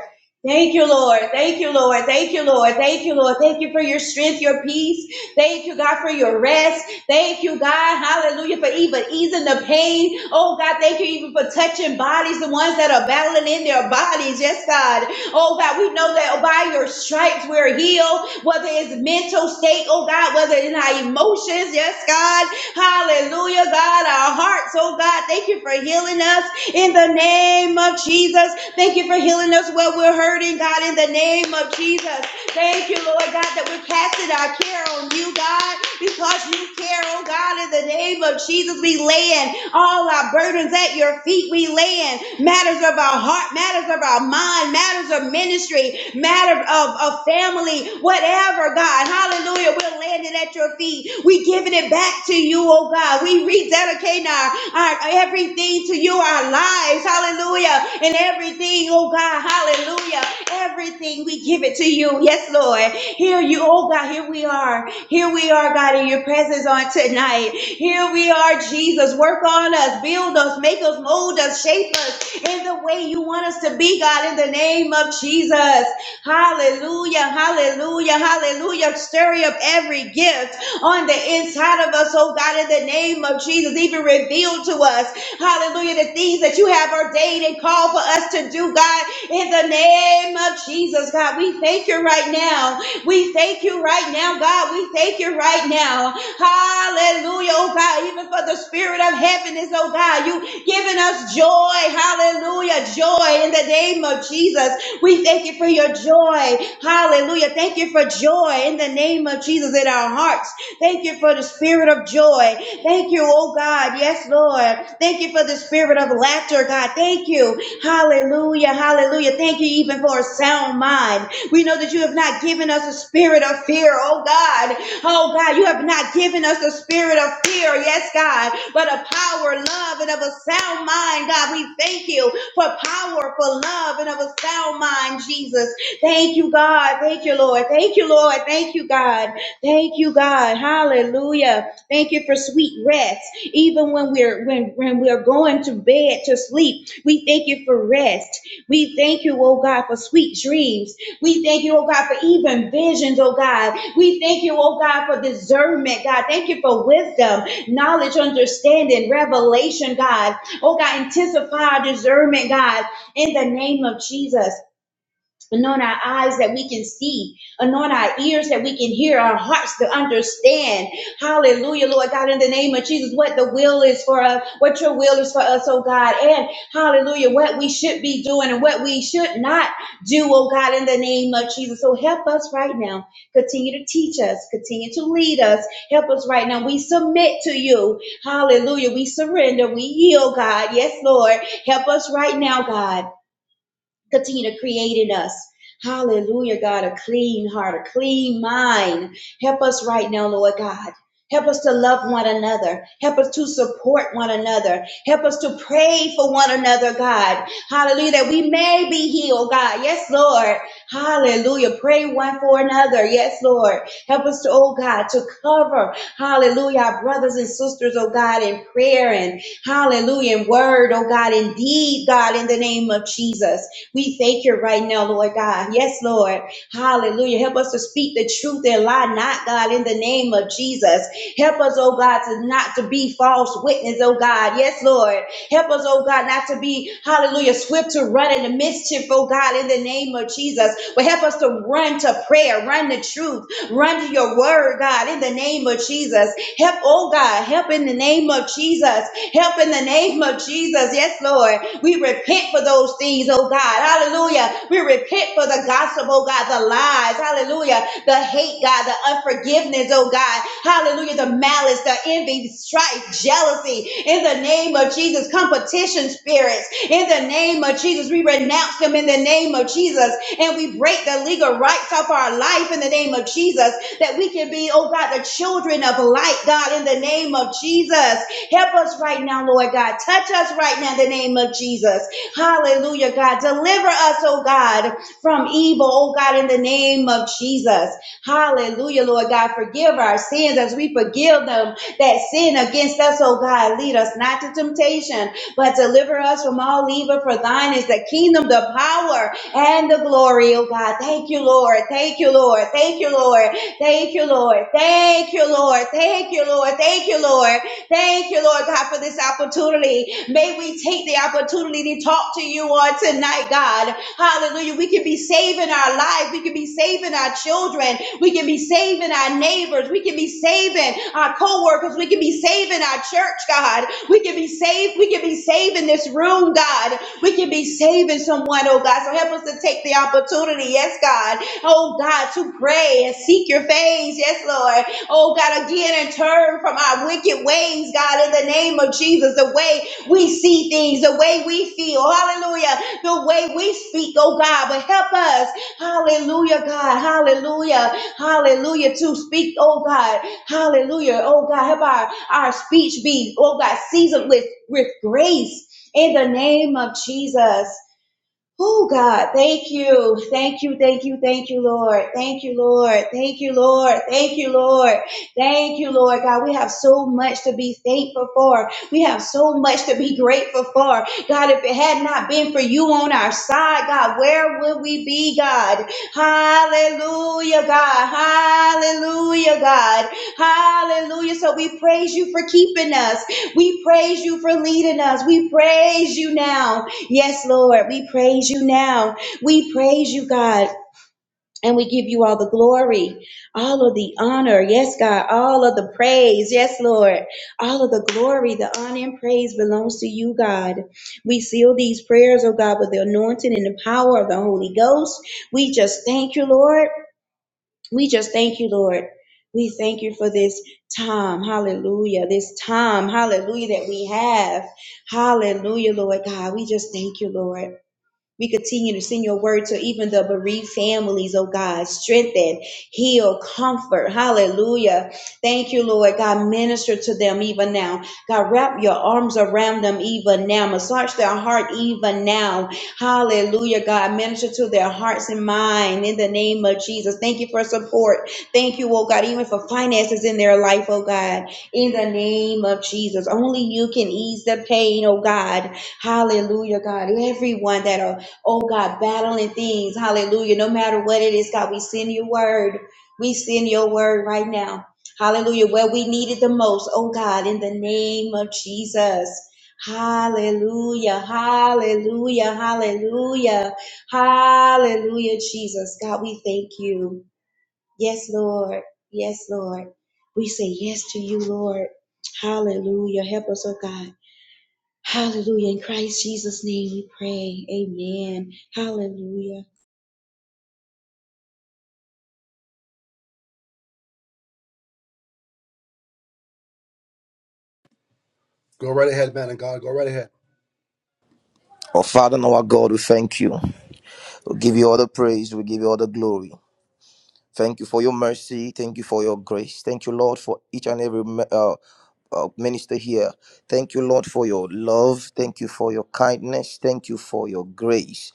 F: Thank you, Lord. Thank you, Lord. Thank you, Lord. Thank you, Lord. Thank you for your strength, your peace. Thank you, God, for your rest. Thank you, God. Hallelujah. For even easing the pain. Oh, God, thank you even for touching bodies, the ones that are battling in their bodies. Yes, God. Oh, God, we know that by your stripes we're healed, whether it's mental state, oh, God, whether it's in our emotions. Yes, God. Hallelujah, God. Our hearts, oh, God. Thank you for healing us in the name of Jesus. Thank you for healing us where we're hurting, God, in the name of Jesus. Thank you, Lord God, that we're casting our care on you, God, because you care, oh God, in the name of Jesus. We laying all our burdens at your feet. We laying matters of our heart, matters of our mind, matters of ministry, matters of, of family, whatever, God. Hallelujah. We're laying it at your feet. We giving it back to you, oh God. We rededicating our our everything to you, our lives, hallelujah, and everything, oh God, hallelujah, everything we give it to you, yes, Lord. Here you, oh God, here we are, here we are, God, in your presence on tonight. Here we are, Jesus, work on us, build us, make us, mold us, shape us in the way you want us to be, God, in the name of Jesus. Hallelujah, hallelujah, hallelujah. Stir up every gift on the inside of us, oh God, in the name of Jesus, even reveal to us, hallelujah, the things that you have ordained and called for us to do, God, in the name of Jesus, God. We thank you right now. We thank you right now, God. We thank you right now. Hallelujah, oh God, even for the spirit of heaviness, oh God, you giving us joy, hallelujah, joy in the name of Jesus. We thank you for your joy, hallelujah. Thank you for joy in the name of Jesus in our hearts. Thank you for the spirit of joy. Thank you, oh God. Yes, Lord. Thank you for the spirit of laughter, God. Thank you. Hallelujah. Hallelujah. Thank you even for a sound mind. We know that you have not given us a spirit of fear, oh God. Oh God, you have not given us a spirit of fear, yes, God, but a power, love, and of a sound mind, God. We thank you for power, for love, and of a sound mind, Jesus. Thank you, God. Thank you, Lord. Thank you, Lord. Thank you, God. Thank you, God. Hallelujah. Thank you for sweet rest. Even when we're when, when we're going to bed to sleep, we thank you for rest. We thank you, oh God, for sweet dreams. We thank you, oh God, for even visions, oh God. We thank you, oh God, for discernment, God. Thank you for wisdom, knowledge, understanding, revelation, God. Oh God, intensify our discernment, God, in the name of Jesus. Anoint our eyes that we can see. Anoint our ears that we can hear. Our hearts to understand. Hallelujah, Lord God, in the name of Jesus, what the will is for us, what your will is for us, oh God. And hallelujah, what we should be doing and what we should not do, oh God, in the name of Jesus. So help us right now. Continue to teach us. Continue to lead us. Help us right now. We submit to you. Hallelujah. We surrender. We yield, God. Yes, Lord. Help us right now, God continue to create in us. Hallelujah, God, a clean heart, a clean mind. Help us right now, Lord God. Help us to love one another. Help us to support one another. Help us to pray for one another, God. Hallelujah, that we may be healed, God. Yes, Lord. Hallelujah. Pray one for another. Yes, Lord. Help us to, oh God, to cover, hallelujah, our brothers and sisters, oh God, in prayer and hallelujah, in word, oh God, in deed, God, in the name of Jesus. We thank you right now, Lord God. Yes, Lord. Hallelujah. Help us to speak the truth and lie not, God, in the name of Jesus. Help us, oh God, to not to be false witness, oh God. Yes, Lord. Help us, oh God, not to be, hallelujah, swift to run into mischief, oh God, in the name of Jesus. But help us to run to prayer, run to truth, run to your word, God, in the name of Jesus. Help, oh God, help in the name of Jesus. Help in the name of Jesus. Yes, Lord. We repent for those things, oh God. Hallelujah. We repent for the gossip, oh God, the lies. Hallelujah. The hate, God, the unforgiveness, oh God. Hallelujah. The malice, the envy, strife, jealousy. In the name of Jesus, competition spirits. In the name of Jesus, we renounce them in the name of Jesus. And we break the legal rights of our life in the name of Jesus that we can be, oh God, the children of light, God, in the name of Jesus. Help us right now, Lord God. Touch us right now in the name of Jesus. Hallelujah, God. Deliver us, oh God, from evil, oh God, in the name of Jesus. Hallelujah, Lord God. Forgive our sins as we forgive them that sin against us, oh God. Lead us not to temptation, but deliver us from all evil. For thine is the kingdom, the power, and the glory, oh God. Thank you, Lord. Thank you, Lord. Thank you, Lord. Thank you, Lord. Thank you, Lord. Thank you, Lord. Thank you, Lord. Thank you, Lord God, for this opportunity. May we take the opportunity to talk to you on tonight, God. Hallelujah. We can be saving our lives. We can be saving our children. We can be saving our neighbors. We can be saving our co-workers. We can be saving our church, God. We can be saved. We can be saving this room, God. We can be saving someone, oh God. So help us to take the opportunity, yes, God. Oh God, to pray and seek your face. Yes, Lord oh God, again and turn from our wicked ways, God, in the name of Jesus, the way we see things, the way we feel, hallelujah, the way we speak, oh God, but help us, hallelujah, God, hallelujah, hallelujah, to speak, oh God, hallelujah, oh God, help our, our speech be, oh God, seasoned with, with grace in the name of Jesus. Oh God, thank you, thank you, thank you, thank you, Lord, thank you, Lord, thank you, Lord, thank you, Lord, thank you, Lord God. We have so much to be thankful for. We have so much to be grateful for. God, if it had not been for you on our side, God, where would we be, God? Hallelujah, God. Hallelujah, God. Hallelujah. So we praise you for keeping us. We praise you for leading us. We praise you now. Yes, Lord, we praise you now. We praise you, God. And we give you all the glory, all of the honor. Yes, God, all of the praise. Yes, Lord, all of the glory, the honor and praise belongs to you, God. We seal these prayers, oh God, with the anointing and the power of the Holy Ghost. We just thank you, Lord. We just thank you, Lord. We thank you for this time. Hallelujah. This time. Hallelujah that we have. Hallelujah, Lord God. We just thank you, Lord. We continue to send your word to even the bereaved families, oh God. Strengthen, heal, comfort. Hallelujah. Thank you, Lord God. Minister to them even now. God, wrap your arms around them even now. Massage their heart even now. Hallelujah, God. Minister to their hearts and mind in the name of Jesus. Thank you for support. Thank you, oh God, even for finances in their life, oh God. In the name of Jesus. Only you can ease the pain, oh God. Hallelujah, God. Everyone that are oh God, battling things. Hallelujah. No matter what it is, God, we send your word. We send your word right now. Hallelujah. Where we need it the most, oh God, in the name of Jesus. Hallelujah. Hallelujah. Hallelujah. Hallelujah, Jesus. God, we thank you. Yes, Lord. Yes, Lord. We say yes to you, Lord. Hallelujah. Help us, oh God. Hallelujah. In Christ Jesus' name we pray. Amen. Hallelujah.
A: Go right ahead, man of God. Go right ahead.
G: Our Father and our God, we thank you. We give you all the praise. We give you all the glory. Thank you for your mercy. Thank you for your grace. Thank you, Lord, for each and every me- uh, uh, minister here. Thank you, Lord, for your love. Thank you for your kindness. Thank you for your grace.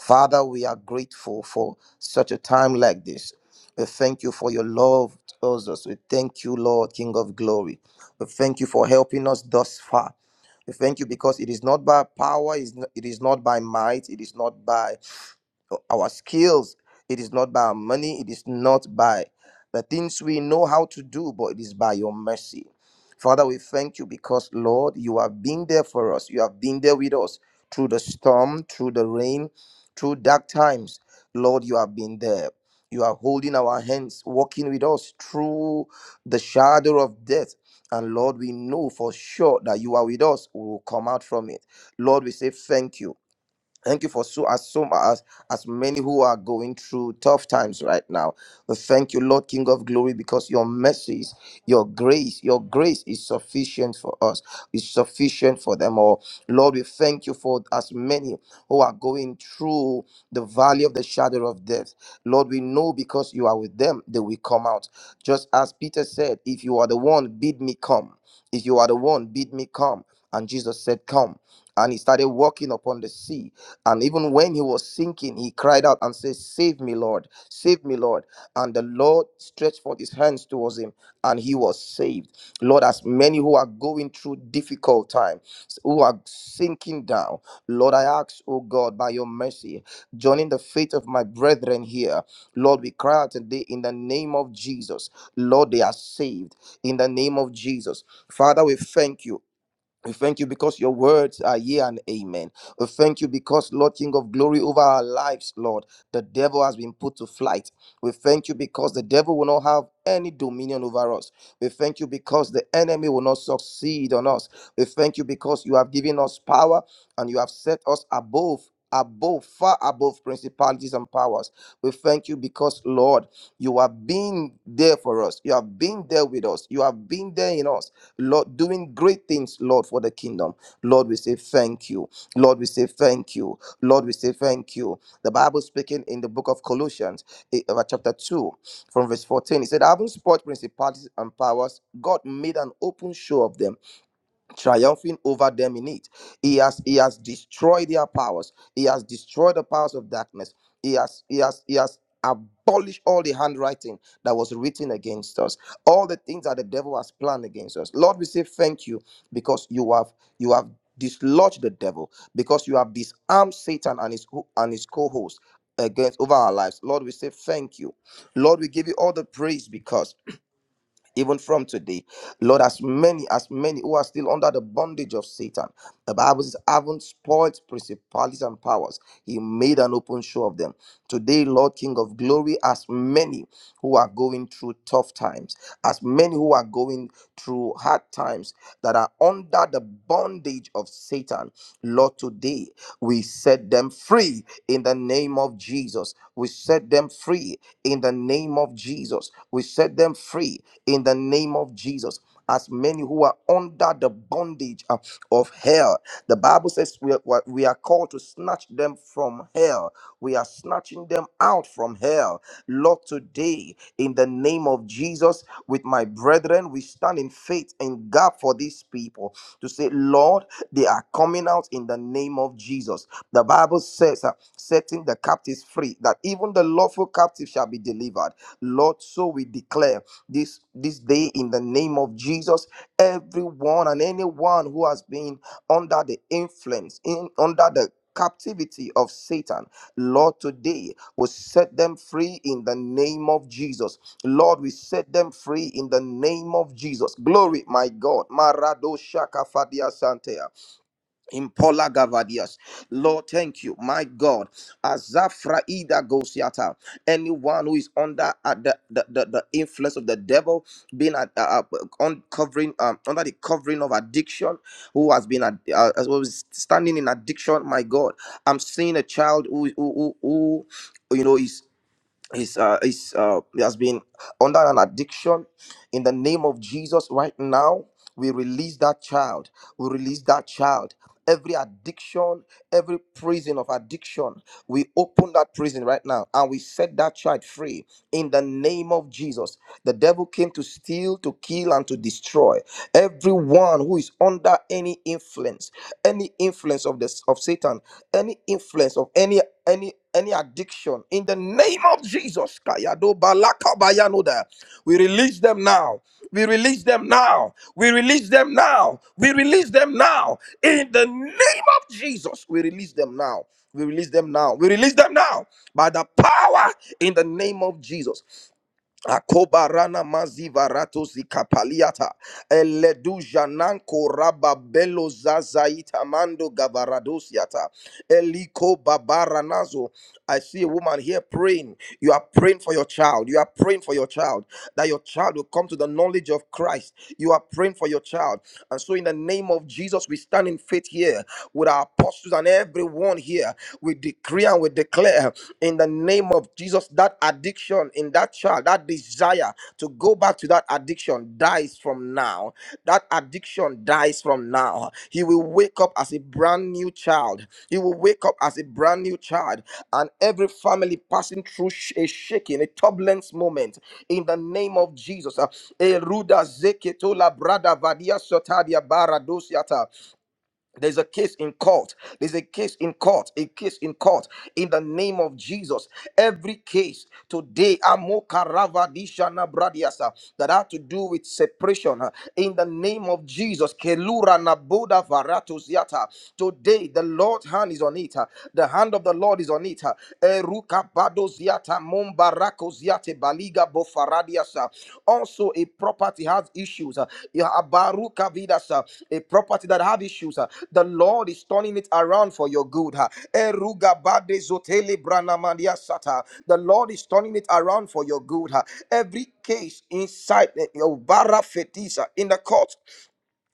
G: Father, we are grateful for such a time like this. We thank you for your love towards us. We thank you, Lord, King of glory. We thank you for helping us thus far. We thank you because it is not by power, it is not it is not by might, it is not by our skills. It is not by our money. It is not by the things we know how to do, but it is by your mercy. Father, we thank you because, Lord, you have been there for us. You have been there with us through the storm, through the rain, through dark times. Lord, you have been there. You are holding our hands, walking with us through the shadow of death. And Lord, we know for sure that you are with us. We will come out from it. Lord, we say thank you. Thank you for so as so as as many who are going through tough times right now. We thank you, Lord King of Glory, because your mercies, your grace, your grace is sufficient for us, is sufficient for them all. Lord, we thank you for as many who are going through the valley of the shadow of death. Lord, we know because you are with them, they will come out. Just as Peter said, if you are the one, bid me come. If you are the one, bid me come. And Jesus said, Come. And he started walking upon the sea and even when he was sinking, he cried out and said, Save me, Lord, save me, Lord. And the Lord stretched forth his hands towards him, and he was saved. Lord, as many who are going through difficult times, who are sinking down, Lord, I ask, oh God, by your mercy, joining the faith of my brethren here, Lord, we cry out today in the name of Jesus. Lord, they are saved in the name of Jesus. Father, we thank you. We thank you because your words are yea and amen. We thank you because, Lord King of glory, over our lives, Lord, the devil has been put to flight. We thank you because the devil will not have any dominion over us. We thank you because the enemy will not succeed on us. We thank you because you have given us power and you have set us above. Above, far above principalities and powers. We thank you because, Lord, you have been there for us. You have been there with us. You have been there in us. Lord, doing great things, Lord, for the kingdom. Lord, we say thank you. Lord, we say thank you. Lord, we say thank you. The Bible speaking in the book of Colossians, eh, uh, chapter 2, from verse 14, it said, Having spoiled principalities and powers, God made an open show of them triumphing over them in it. He has he has destroyed their powers. He has destroyed the powers of darkness. He has he has he has abolished all the handwriting that was written against us. All the things that the devil has planned against us. Lord, we say thank you because you have you have dislodged the devil because you have disarmed Satan and his co- and his co-host against over our lives. Lord, we say thank you. Lord, we give you all the praise because even from today. Lord, as many, as many who are still under the bondage of Satan, the Bible says, haven't spoiled principalities and powers. He made an open show of them. Today, Lord King of glory, as many who are going through tough times, as many who are going through hard times that are under the bondage of Satan, Lord, today we set them free in the name of Jesus. We set them free in the name of Jesus. We set them free in the name of Jesus. As many who are under the bondage uh, of hell, the Bible says we are, we are called to snatch them from hell. We are snatching them out from hell. Lord, today, in the name of Jesus, with my brethren, we stand in faith and God for these people to say, Lord. They are coming out in the name of Jesus. The Bible says, uh, setting the captives free, that even the lawful captive shall be delivered. Lord, so we declare this, this day in the name of Jesus, everyone and anyone who has been under the influence, in under the captivity of Satan, Lord, today will set them free in the name of Jesus. Lord, we set them free in the name of Jesus. Glory, my God. Marado Shaka Fadia Sante. Impola Gavadias. Lord, thank you, my God. Azafraida Gosiata. Anyone who is under uh, the, the, the, the influence of the devil, being at, uh, uh, uncovering um, under the covering of addiction, who has been ad- uh, as well as standing in addiction, my God. I'm seeing a child who who who, who you know is. Is uh, he's, uh, has been under an addiction. In the name of Jesus, right now, we release that child. We release that child. Every addiction, every prison of addiction, we open that prison right now and we set that child free in the name of Jesus. The devil came to steal, to kill, and to destroy. Everyone who is under any influence, any influence of this of Satan, any influence of any any any addiction in the name of Jesus. Kayado balaka bayanoda. We release them now. We release them now. We release them now. We release them now. In the name of Jesus, we release them now. We release them now. We release them now by the power in the name of Jesus. Akobarana rana maziva rato zikapaliata eledu jananko rababelo zazaita mando gabaradosiata eliko babaranazo I see a woman here praying. You are praying for your child. You are praying for your child that your child will come to the knowledge of Christ. You are praying for your child. And so, in the name of Jesus, we stand in faith here with our apostles and everyone here. We decree and we declare in the name of Jesus that addiction in that child, that desire to go back to that addiction dies from now. That addiction dies from now. He will wake up as a brand new child. He will wake up as a brand new child and every family passing through sh- a shaking, a turbulence moment in the name of Jesus. Uh, Eruda zeketo la brada vadia sotadia bara there's a case in court. There's a case in court. A case in court. In the name of Jesus. Every case today, Amokaravadishana Bradiasa, that have to do with separation. uh, In the name of Jesus. Kelura Naboda Varatusiata. Today, the Lord's hand is on it. uh, The hand of the Lord is on it. uh, Eruka Tamon Barakos Yate Baliga Bofaradiasa. Also, a property has issues. uh, yeah, Abaru Kavidas, uh, A property that have issues. uh, The Lord is turning it around for your good. uh. Eruga Bade Zotele Branamandia Sata. The Lord is turning it around for your good. uh. Every case inside uh, your Bara Fetisa in the court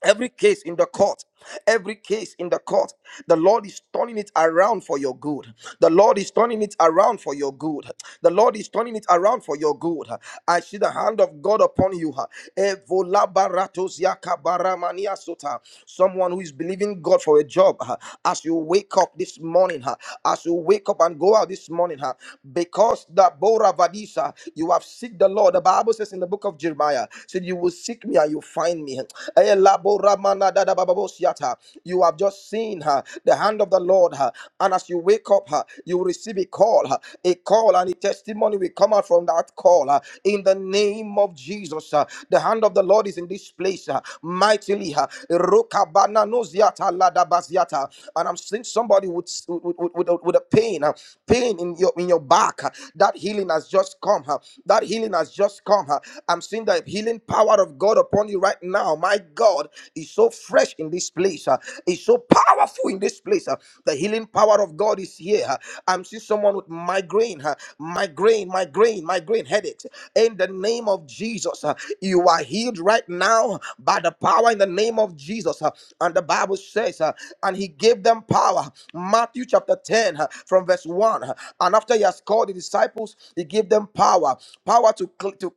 G: Every case in the court, every case in the court, the Lord is turning it around for your good. The Lord is turning it around for your good. The Lord is turning it around for your good. I see the hand of God upon you. Evolabaratos yakabaramania sota. Someone who is believing God for a job, as you wake up this morning, as you wake up and go out this morning, because the Bora Vadisa, you have seek the Lord. The Bible says in the book of Jeremiah, said, You will seek me and you find me. Eh, labo ramana dada bababosiata. You have just seen her, the hand of the Lord, her, and as you wake up, her, you will receive a call, her, a call, and a testimony will come out from that call. her. In the name of Jesus, her. the hand of the Lord is in this place her, mightily. her. Rokabana noziata ladabaziata. And I'm seeing somebody with with, with, with a with a pain, her, pain in your in your back. her. That healing has just come. her. That healing has just come. her. I'm seeing that healing healing power of God upon you right now. My God is so fresh in this place, uh, is so powerful in this place. uh, the healing power of God is here. uh, I'm seeing someone with migraine, uh, migraine, migraine, migraine headaches. In the name of Jesus, uh, you are healed right now by the power in the name of Jesus. uh, and the Bible says, uh, and he gave them power. Matthew chapter 10, uh, from verse 1. uh, and after he has called the disciples, he gave them power, power to, cl- to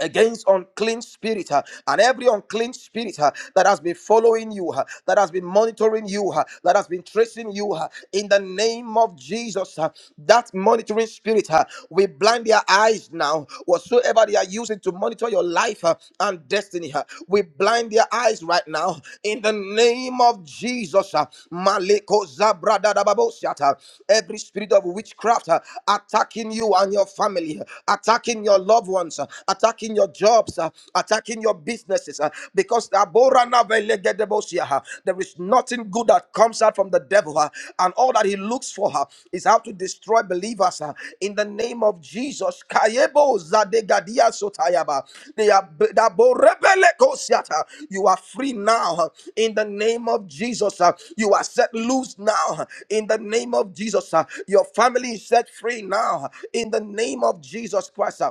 G: against unclean spirit uh, and every unclean spirit uh, that has been following you uh, that has been monitoring you uh, that has been tracing you uh, in the name of jesus uh, that monitoring spirit uh, we blind their eyes now whatsoever they are using to monitor your life uh, and destiny uh, we blind their eyes right now in the name of jesus uh, Maleko Zabradadababosiata. every spirit of witchcraft uh, attacking you and your family huh, attacking your loved ones situations, uh, attacking your jobs, uh, attacking your businesses. uh, Because uh, there is nothing good that comes out from the devil, uh, and all that he looks for uh, is how to destroy believers uh, in the name of Jesus. Kayebo zadegadia sotayaba. They are b- the borebelekosiata. You are free now uh, in the name of Jesus. uh, You are set loose now uh, in the name of Jesus. uh, Your family is set free now uh, in the name of Jesus Christ. uh,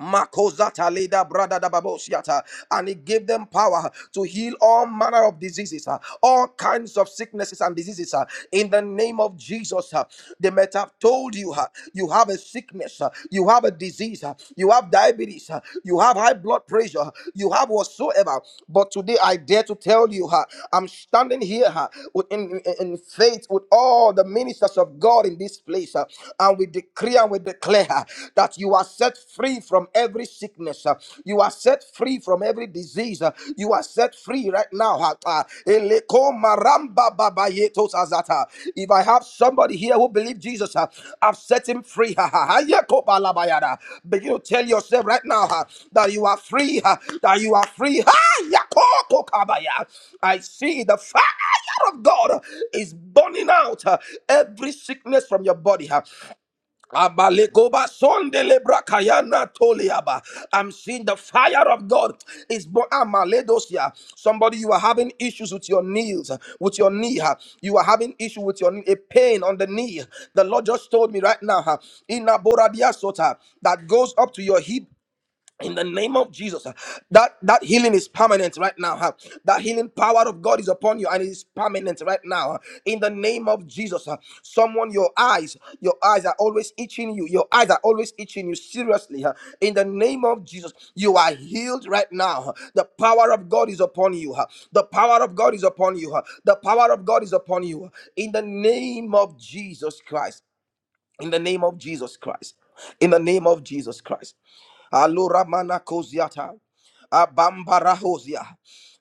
G: Makozata leda brada da babosiata, and he gave them power to heal all manner of diseases, uh, all kinds of sicknesses and diseases. uh, In the name of Jesus, uh, they might have told you uh, you have a sickness, uh, you have a disease, uh, you have diabetes, uh, you have high blood pressure, uh, you have whatsoever. But today I dare to tell you, uh, I'm standing here uh, with- in, in, in faith with all the ministers of God in this place, uh, and we decree and we declare. uh, that you are set free from every sickness. uh, You are set free from every disease. uh, You are set free right now. uh, uh, Eleko maramba babayeto sazata. If I have somebody here who believes Jesus, uh, I've set him free. [laughs] ha, ha, balabayada. Begin to tell yourself right now uh, that you are free, uh, that you are free. Ha, kokabaya. I see the fire of God is burning out uh, every sickness from your body. uh, Abalegoba sondele brakayana toliaba. I'm seeing the fire of God is born. Amaledosia. Somebody, you are having issues with your knees, with your knee. huh? You are having issue with your knee, a pain on the knee. The Lord just told me right now, huh, in Aboradia Sota, that goes up to your hip in the name of Jesus, uh, that that healing is permanent right now. huh? That healing power of God is upon you and it is permanent right now. huh? In the name of Jesus, uh, someone, your eyes, your eyes are always itching you. Your eyes are always itching you. Seriously, huh? in the name of Jesus, you are healed right now. huh? The power of God is upon you. huh? The power of God is upon you. huh? The power of God is upon you. uh, In the name of Jesus Christ. In the name of Jesus Christ. In the name of Jesus Christ. Alura mana koziata. Abambarahozia.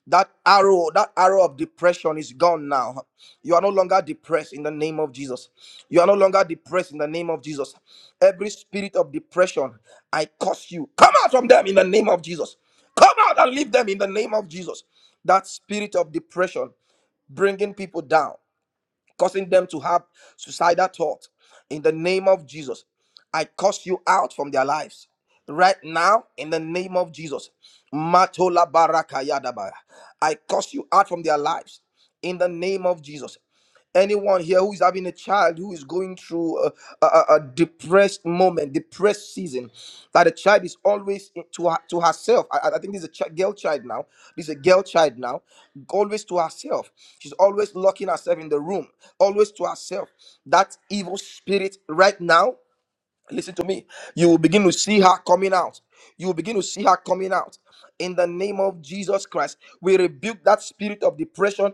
G: That arrow, that arrow of depression is gone now. You are no longer depressed in the name of Jesus. You are no longer depressed in the name of Jesus. Every spirit of depression, I curse you. Come out from them in the name of Jesus. Come out and leave them in the name of Jesus. That spirit of depression bringing people down causing them to have suicidal thoughts. In the name of Jesus, I curse you out from their lives. Right now, in the name of Jesus, Matola Baraka Yadabaya. I curse you out from their lives. In the name of Jesus anyone here who is having a child who is going through a, a, a a depressed moment, depressed season, that the child is always in- to her, to herself. I, I I think this is a chi- girl child now. This is a girl child now, always to herself. She's always locking herself in the room, always to herself. That evil spirit right now. Listen to me. You will begin to see her coming out. You will begin to see her coming out. In the name of Jesus Christ, we rebuke that spirit of depression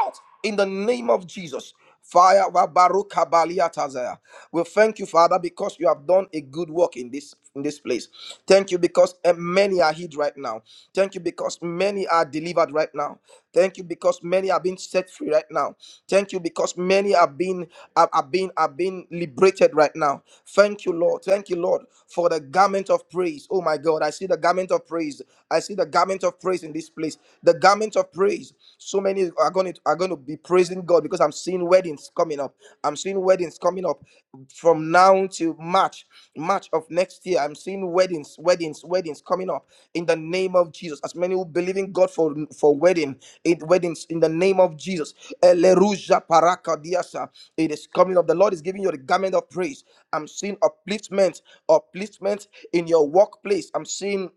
G: out in the name of Jesus. Fire wa baruka balia tazaya. We thank you, Father, because you have done a good work in this in this place. Thank you because eh, many are hid right now. Thank you because many many are delivered right now. Thank you because many are being set free right now. Thank you because many are being are, are being are being liberated right now. Thank you, Lord. Thank you, Lord, for the garment of praise. Oh my God, I see the garment of praise. I see the garment of praise in this place. The garment of praise. So many are going to are going to be praising God because I'm seeing weddings coming up. I'm seeing seeing weddings coming up from now to March, March of next year. I'm seeing weddings, weddings, weddings coming up in the name of Jesus. As many who believe in God for for wedding, it, weddings in the name of Jesus. Eleruja paraka diasa. It is coming up. The Lord is giving you the garment of praise. I'm seeing upliftment, upliftment in your workplace. I'm seeing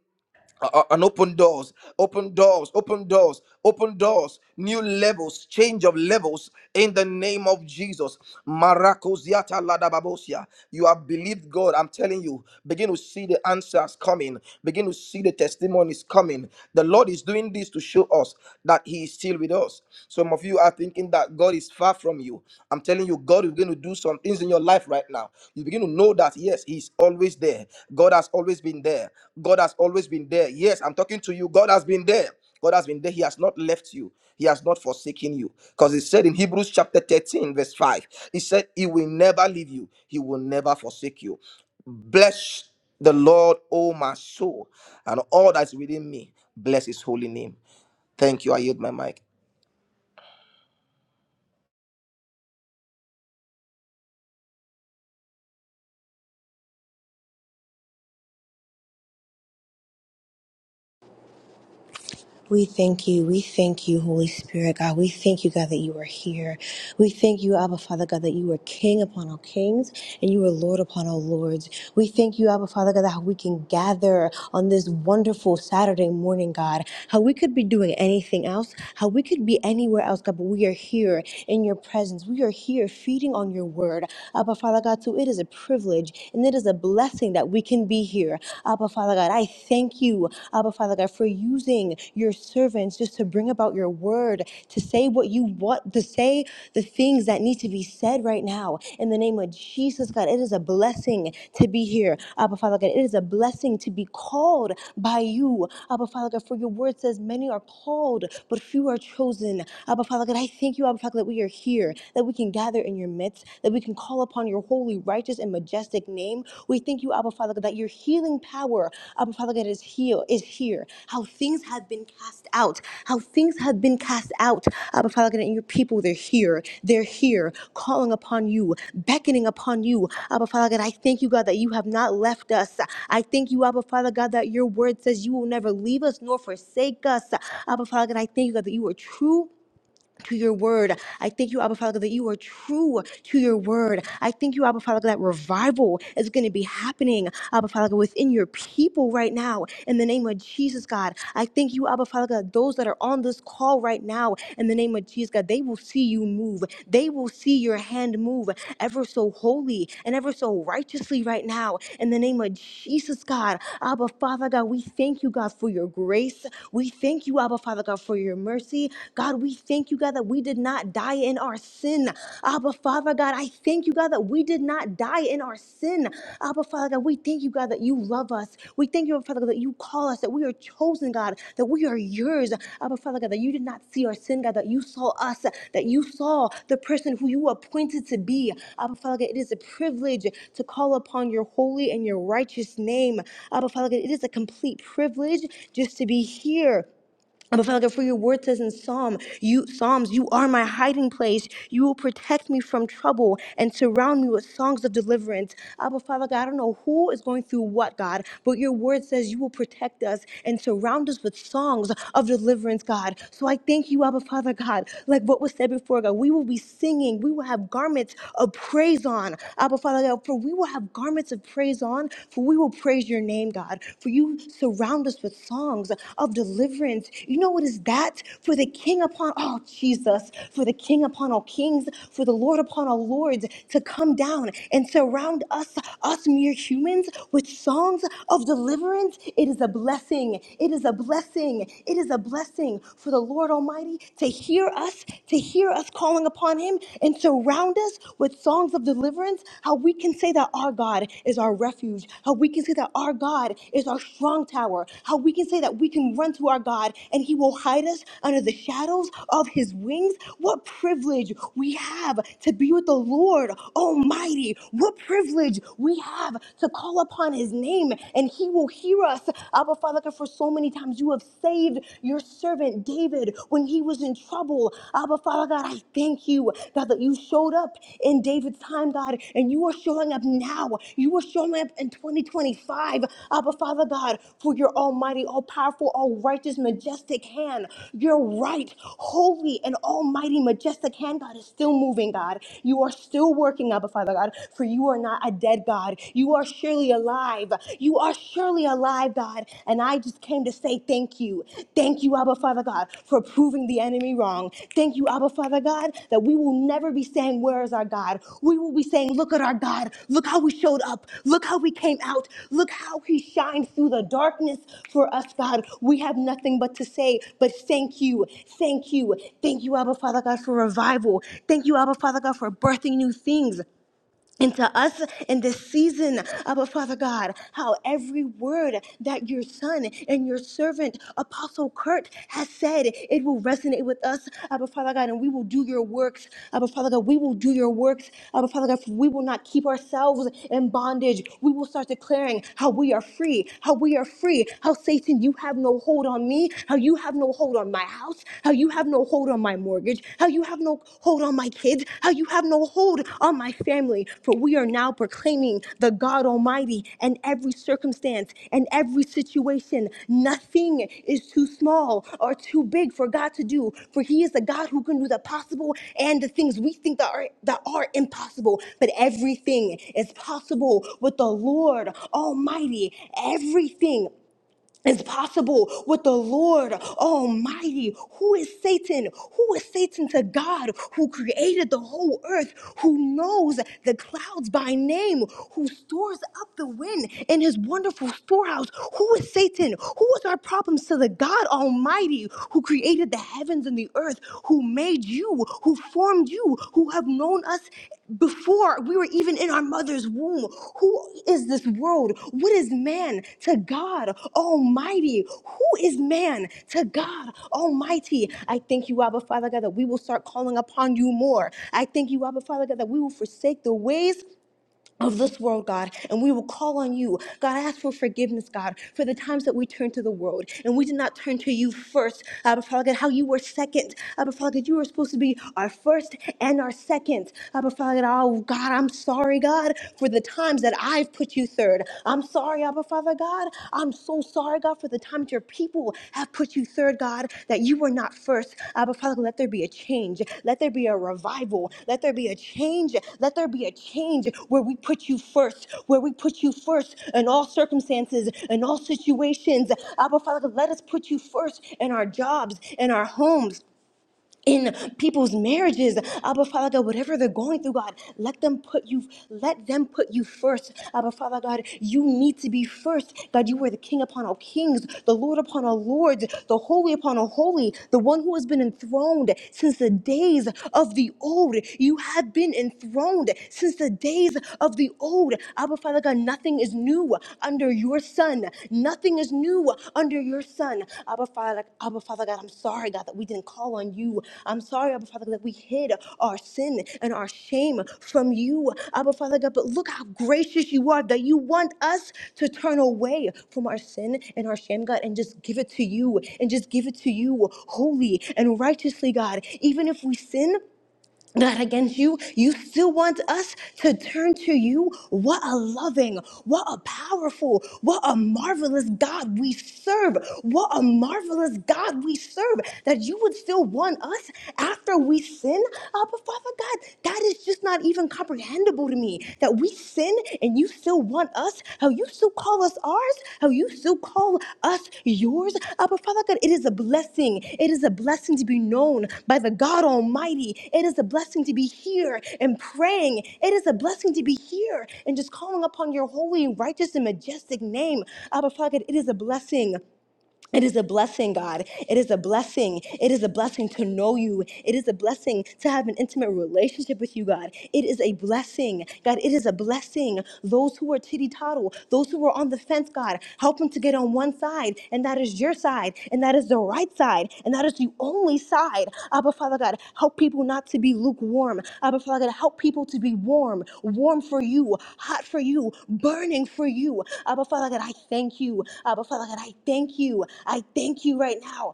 G: uh, and open doors, open doors, open doors, open doors, new levels, change of levels in the name of Jesus. Marakoziata ladababosia. You have believed God. I'm telling you, begin to see the answers coming, begin to see the testimonies coming. The Lord is doing this to show us that He is still with us. Some of you are thinking that God is far from you. I'm telling you, God is going to do some things in your life right now. You begin to know that, yes, He's always there. God has always been there. God has always been there. Yes, I'm talking to you. God has been there. God has been there. He has not left you. He has not forsaken you. Because he said in Hebrews chapter 13, verse 5, he said, He will never leave you. He will never forsake you. Bless the Lord, O my soul, and all that's within me. Bless his holy name. Thank you. I yield my mic.
H: We thank you. We thank you, Holy Spirit, God. We thank you, God, that you are here. We thank you, Abba Father, God, that you are King upon all kings and you are Lord upon all lords. We thank you, Abba Father, God, that how we can gather on this wonderful Saturday morning, God. How we could be doing anything else, how we could be anywhere else, God, but we are here in your presence. We are here feeding on your word, Abba Father, God. So it is a privilege and it is a blessing that we can be here here. Abba, Father God, I thank you, Abba, Father God, for using your servants just to bring about your word, to say what you want, to say the things that need to be said right now. In the name of Jesus, God, it is a blessing to be here. Abba, Father God, it is a blessing to be called by you. Abba, Father God, for your word says many are called, but few are chosen. Abba, Father God, I thank you, Abba, Father God, that we are here, that we can gather in your midst, that we we can call upon your holy, righteous, and majestic name. We thank you, Abba Father, God, that your healing power, Abba Father, God, is here, is here. How things have been cast out, how things have been cast out, Abba Father, God, and your people, they're here, they're here, calling upon you, beckoning upon you, Abba Father, God. I thank you, God, that you have not left us. I thank you, Abba Father, God, that your word says you will never leave us nor forsake us. Abba Father, God, I thank you, God, that you are true to your word. I thank you, Abba Father, God, that you are true to your word. I thank you, Abba Father, God, that revival is going to be happening, Abba Father, God, within your people right now. In the name of Jesus, God, I thank you, Abba Father, God, those that are on this call right now, in the name of Jesus, God, they will see you move. They will see your hand move ever so holy and ever so righteously right now. In the name of Jesus, God, Abba Father, God, we thank you, God, for your grace. We thank you, Abba Father, God, for your mercy mercy. God, we thank you, God, that we did not die in our sin. Abba, Father, God, I thank you, God, that we did not die in our sin. Abba, Father, God, we thank you, God, that you love us. We thank you, Abba Father, God, that you call us, that we are chosen, God, that we are yours. Abba, Father, God, that you did not see our sin, God, that you saw us, that you saw the person who you appointed to be. Abba, Father, God, it is a privilege to call upon your holy and your righteous name. Abba, Father, God, it is a complete privilege just to be here but Father God, for your word says in Psalm, you Psalms, you are my hiding place. You will protect me from trouble and surround me with songs of deliverance. Abba Father God, I don't know who is going through what, God, but your word says you will protect us and surround us with songs of deliverance, God. So I thank you, Abba Father God. Like what was said before, God, we will be singing. We will have garments of praise on. Abba Father God, for we will have garments of praise on, for we will will praise your name, God, for you surround us with songs of deliverance. You know what is that? For the King upon all Jesus, for the King upon all kings, for the Lord upon all lords to come down and surround us, us mere humans, with songs of deliverance. It is a blessing. It is a blessing. It is a blessing for the Lord Almighty to hear us, to hear us calling upon Him and surround us others with songs of deliverance, how we can say that our God is our refuge, how we can say that our God is our strong tower, how we can say that we can run to our God and He will hide us under the shadows of His wings. What privilege we have to be with the Lord Almighty. What privilege we have to call upon His name and He will hear us. Abba Father, God, for so many times you have saved your servant David. David when he was in trouble. Abba, Father God, I thank you, God, that you showed up in David's time, God, and you are showing up now. You are showing up in 2025, Abba, Father God, for your almighty, all powerful, all righteous, majestic hand. Your right, holy, and almighty, majestic hand, God, is still moving, God. You are still working, Abba, Father God, for you are not a dead God. You are surely alive. You are surely surely alive, God. And I just came to say thank you. Thank you, Abba Father God, for proving the enemy wrong. Thank you, Abba Father God, that we will never be saying, Where is our God? We will be saying, Look at our God. Look how we showed up. Look how we came out. Look how he shined through the darkness for us, God. We have nothing but to say, but thank you. Thank you. Thank you, Abba Father God, for revival. Thank you, Abba Father God, for birthing new things. And to us in this season, Abba Father God, how every word that your son and your servant, Apostle Kurt, has said, it will resonate with us, Abba Father God, and we will do your works, Abba Father God. We will do your works, Abba Father God. for We will not keep ourselves in bondage. We will start declaring how we are free, how we are free, how Satan, you have no hold on me, how you have no hold on my house, how you have no hold hold on my mortgage, how you have no hold on my kids, how you have no hold on my family. For we are now proclaiming the God Almighty in every circumstance and every situation. Nothing is too small or too big for God to do, for He is the God who can do the possible and the things we think that are that are impossible. But everything is possible with the Lord Almighty. Everything is possible with the Lord Almighty. Who is Satan? Who is Satan to God who created the whole earth, who knows the clouds by name, who stores up the wind in his wonderful storehouse? Who is Satan? Who is our problems to the God Almighty who created the heavens and the earth, Who? who made you, who formed you, who have known us before we were even in our mother's womb. Who is this world? What is man to God Almighty? Who is man to God Almighty? I thank you, Abba Father God, that we will start calling upon you more. I thank you, Abba Father God, that we will forsake the ways of this world, God, and we will call on you. God, I ask for forgiveness, God, for the times that we turn to the world and we did not turn to you first. Abba Father God, how you were second. Abba Father God, you were supposed to be our first and our second. Abba Father God, oh God, I'm sorry, God, for the times that I've put you third. I'm sorry, Abba Father God. I'm so sorry, God, for the times your people have put you third, God, that you were not first. Uh, but Father, let there be a change. Let there be a revival. Let there be a change. Let there be a change where we put you first, where we put you first in all circumstances, in all situations. Abba, Father, let us put you first in our jobs, in our homes, in people's marriages. Abba Father God, whatever they're going through, God, let them put you, let them put you first. Abba Father God, you need to be first. God, you are the King upon all kings, the Lord upon all lords, the holy upon all holy, the one who has been enthroned since the days of the old. You have been enthroned since the days of the old. Abba Father God, nothing is new under your sun. Nothing is new under your sun. Abba Father, Abba Father God, I'm sorry, God, that we didn't call on you. I'm sorry, Abba Father, God, that we hid our sin and our shame from you. Abba Father God, but look how gracious you are that you want us to turn away from our sin and our shame, God, and just give it to you and just give it to you holy and righteously, God. Even if we sin, not against you. You still want us to turn to you. What a loving, what a powerful, what a marvelous God we serve. What a marvelous God we serve that you would still want us after we sin. Uh, but Father God, that is just not even comprehensible to me that we sin and you and you still want us, how you still call us ours, how you still call us yours. Abba Father God, it is a blessing. It is a blessing to be known by the God Almighty. It is a blessing to be here and praying. It is a blessing to be here and just calling upon your holy, righteous, and majestic name. Abba Father God, it is a blessing. It is a blessing, God. It is a blessing. It is a blessing to know you. It is a blessing to have an intimate relationship with you, God. It is a blessing, God. It is a blessing. Those who are titty toddle, those who are on the fence, God, help them to get on one side, and that is your side and that is the right side, and that is the only side. Abba, Father God, help people not to be lukewarm. Abba, Father God, help people to be warm, warm for you, hot for you, burning for you. Abba, Father God, I thank you. Abba, Father God, I thank you. I thank you right now.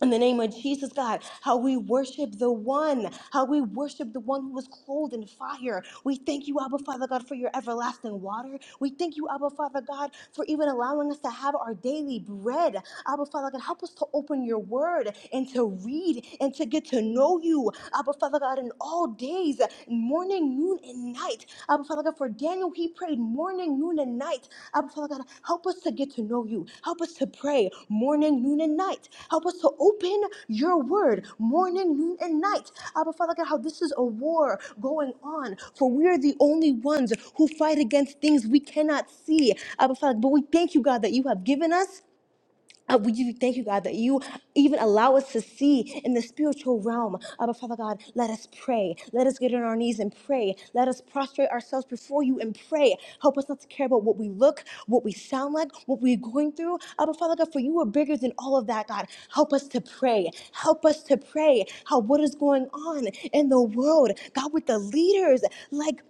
H: In the name of Jesus, God, how we worship the one, how we worship the one who was clothed in fire. We thank you, Abba Father God, for your everlasting water. We thank you, Abba Father God, for even allowing us to have our daily bread. Abba Father God, help us to open your word and to read and to get to know you, Abba Father God, in all days, morning, noon, and and night. Abba Father God, for Daniel, he prayed morning, noon, and night. Abba Father God, help us to get to know you. Help us to pray morning, noon, and night. Help us to open your word morning, noon, and night. Abba Father God, how this is a war going on, for we are the only ones who fight against things we cannot see. Abba Father, but we thank you, God, that you have given us. Uh, we give you thank you, God, that you even allow us to see in the spiritual realm. Abba, Father God, let us pray. Let us get on our knees and pray. Let us prostrate ourselves before you and pray. Help us not to care about what we look, what we sound like, what we're going through. Abba, Father God, for you are bigger than all of that, God. Help us to pray. Help us to pray how what is going on in the world, God, with the leaders. Like,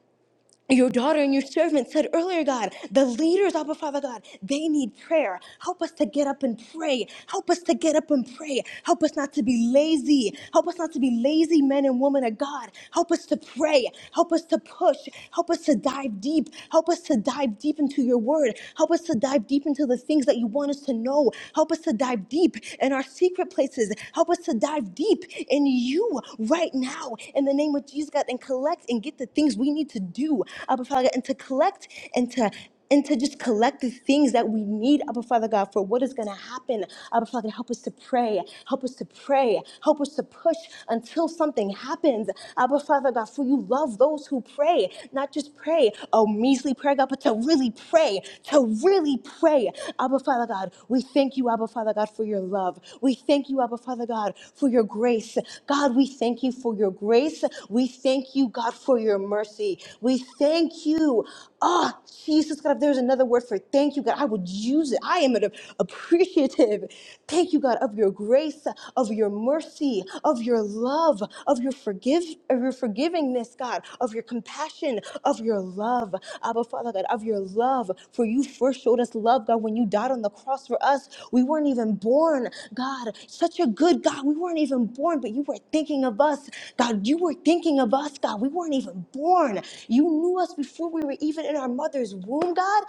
H: your daughter and your servant said earlier, God, the leaders, Abba Father God, they need prayer. Help us to get up and pray. Help us to get up and pray. Help us not to be lazy. Help us not to be lazy men and women of God. Help us to pray. Help us to push. Help us to dive deep. Help us to dive deep into your word. Help us to dive deep into the things that you want us to know. Help us to dive deep in our secret places. Help us to dive dive deep in you right now in the name of Jesus, God, and collect and get the things we need to do, Abba Father, God, and to collect and to and to just collect the things that we need, Abba Father God, for what is going to happen. Abba Father, help us to pray. Help us to pray. Help us to push until something happens. Abba Father God, for you love those who pray, not just pray a measly prayer, God, but to really pray, to really really pray, Abba Father God, we thank you, Abba Father God, for your love. We thank you, Abba Father God, for your grace. God, we thank you for your grace. We thank you, God, for your mercy. We thank you. Ah, Jesus, God, if there's another word for thank you, God, I would use it. I am an appreciative. Thank you, God, of your grace, of your mercy, of your love, of your forgive, of your forgiveness forgivingness, God, of your compassion, of your love, Abba Father God, of your love. For you first showed us love, God, when you died on the cross for us. We weren't even born, God. Such a good God. We weren't even born, but you were thinking of us. God, you were thinking of us, God. We weren't even born. You knew us before we were even in our mother's womb, God.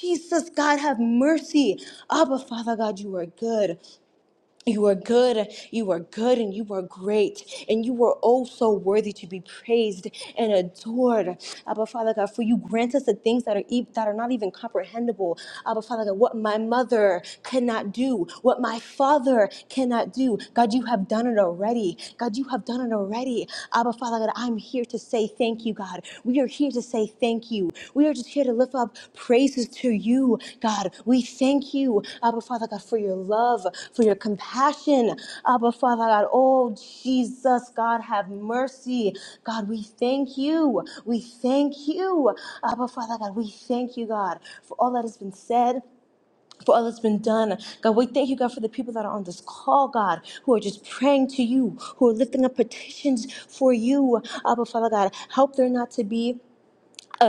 H: Jesus, God, have mercy. Abba Father God, you are good. You are good, you are good, and you are great, and you are oh so worthy to be praised and adored. Abba Father God, for you grant us the things that are e- that are not even comprehensible. Abba Father God, what my mother cannot do, what my father cannot do. God, you have done it already. God, you have done it already. Abba Father God, I'm here to say say thank you, God. We are here to say thank you. We are just here to lift up praises to you, God. We thank you, Abba Father God, for your love, for your compassion, Abba Father God. Oh, Jesus, God, have mercy. God, we thank you. We thank you, Abba Father God. We thank you, God, for all that has been said for all that's been done. God, we thank you, God, for the people that are on this call, God, who are just praying to you, who are lifting up petitions for you. Abba, Father God, help there not to be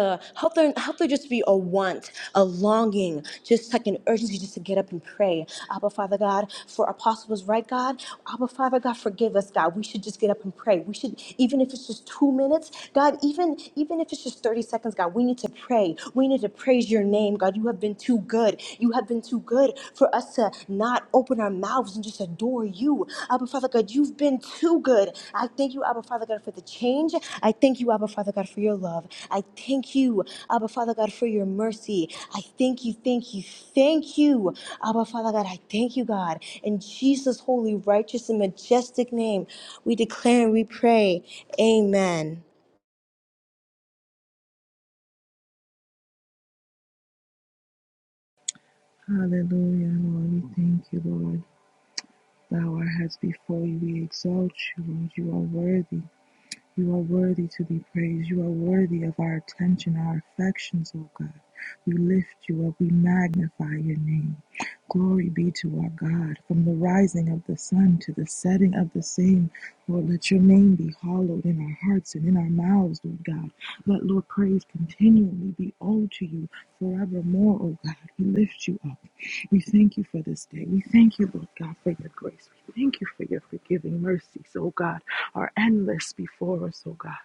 H: uh, help there help there just be a want, a longing, just like an urgency just to get up and pray. Abba Father God, for Apostle was right, God. Abba Father God, forgive us, God. We should just get up and pray. We should, even if it's just two minutes, God, even even if it's just 30 seconds, God, we need to pray. We need to praise your name, God. You have been too good. You have been too good for us to not open open our mouths and just adore you. Abba Father God, you've been too good. I thank you, Abba Father God, for the change. I thank you, Abba Father God, for your love. I thank you, Abba Father God, for your mercy. I thank you, thank you, thank you, Abba Father God. I thank you, God. In Jesus' holy, righteous, and majestic name, we declare and we pray. Amen.
I: Hallelujah, Lord. We thank you, Lord. Bow our heads before you. We exalt you, Lord. You are worthy. You are worthy to be praised. You are worthy of our attention, our affections, O God. We lift you up. We magnify your name. Glory be to our God. From the rising of the sun to the setting of the same, Lord, let your name be hallowed in our hearts and in our mouths, Lord God. Let, Lord, praise continually be owed to you forevermore, O God. We lift you up. We thank you for this day. We thank you, Lord God, for your grace. We thank you for your forgiving mercies, O God are endless before us, oh God.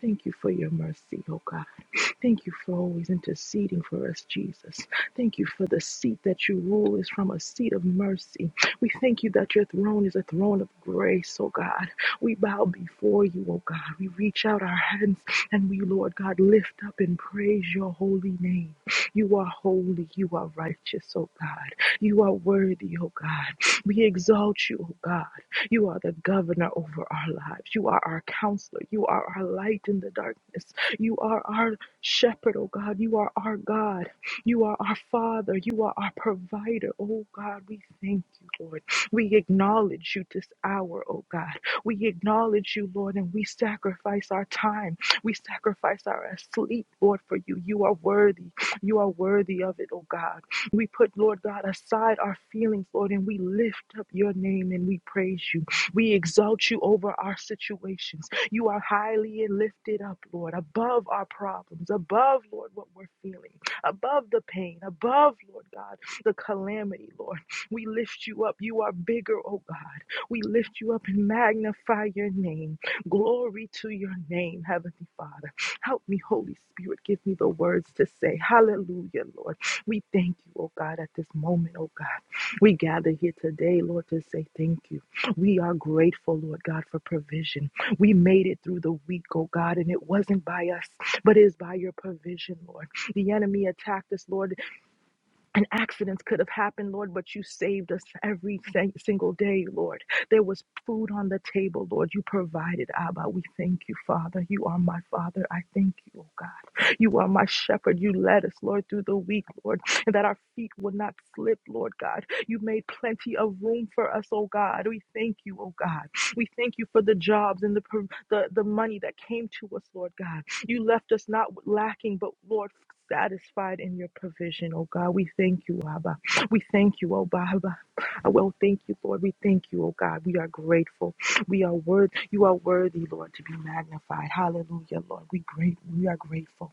I: Thank you for your mercy, oh God. Thank you for always interceding for us, Jesus. Thank you for the seat that you rule is from a seat of mercy. We thank you that your throne is a throne of grace, oh God. We bow before you, oh God. We reach out our hands and we, Lord God, lift up and praise your holy name. You are holy. You are righteous, oh God. You are worthy, oh God. We exalt you, oh God. You are the governor over our lives. You are our counselor. You are our light in the darkness. You are our shepherd, oh God. You are our God. You are our Father. You are our provider. Oh God, we thank you, Lord. We acknowledge you this hour, oh God. We acknowledge you, Lord, and we sacrifice our time. We sacrifice our sleep, Lord, for you. You are worthy. You are worthy of it, oh God. We put, Lord God, aside our feelings, Lord, and we lift up your name and we praise you. We exalt you over our situations. You are highly and lifted up, Lord, above our problems, above, Lord, what we're feeling, above the pain, above, Lord God, the calamity, Lord. We lift you up. You are bigger, oh God. We lift you up and magnify your name. Glory to your name, Heavenly Father. Help me, Holy Spirit. Give me the words to say. Hallelujah, Lord. We thank you, oh God, at this moment, oh God. We gather here today, Lord, to say thank you. We are grateful, Lord God, for provision. We made it through the week, oh God, and it wasn't by us, but it is by your provision, Lord. The enemy attacked us, Lord, and accidents could have happened, Lord, but you saved us every sing- single day, Lord. There was food on the table, Lord. You provided, Abba. We thank you, Father. You are my Father. I thank you, oh God. You are my shepherd. You led us, Lord, through the week, Lord, and that our feet would not slip, Lord God. You made plenty of room for us, oh God. We thank you, oh God. We thank you for the jobs and the, pro- the, the money that came to us, Lord God. You left us not lacking, but Lord, satisfied in your provision, oh God. We thank you, Abba. We thank you, oh Baba. I will thank you, Lord. We thank you, oh God. We are grateful. We are worth you are worthy, Lord, to be magnified. Hallelujah, Lord. We great we are grateful.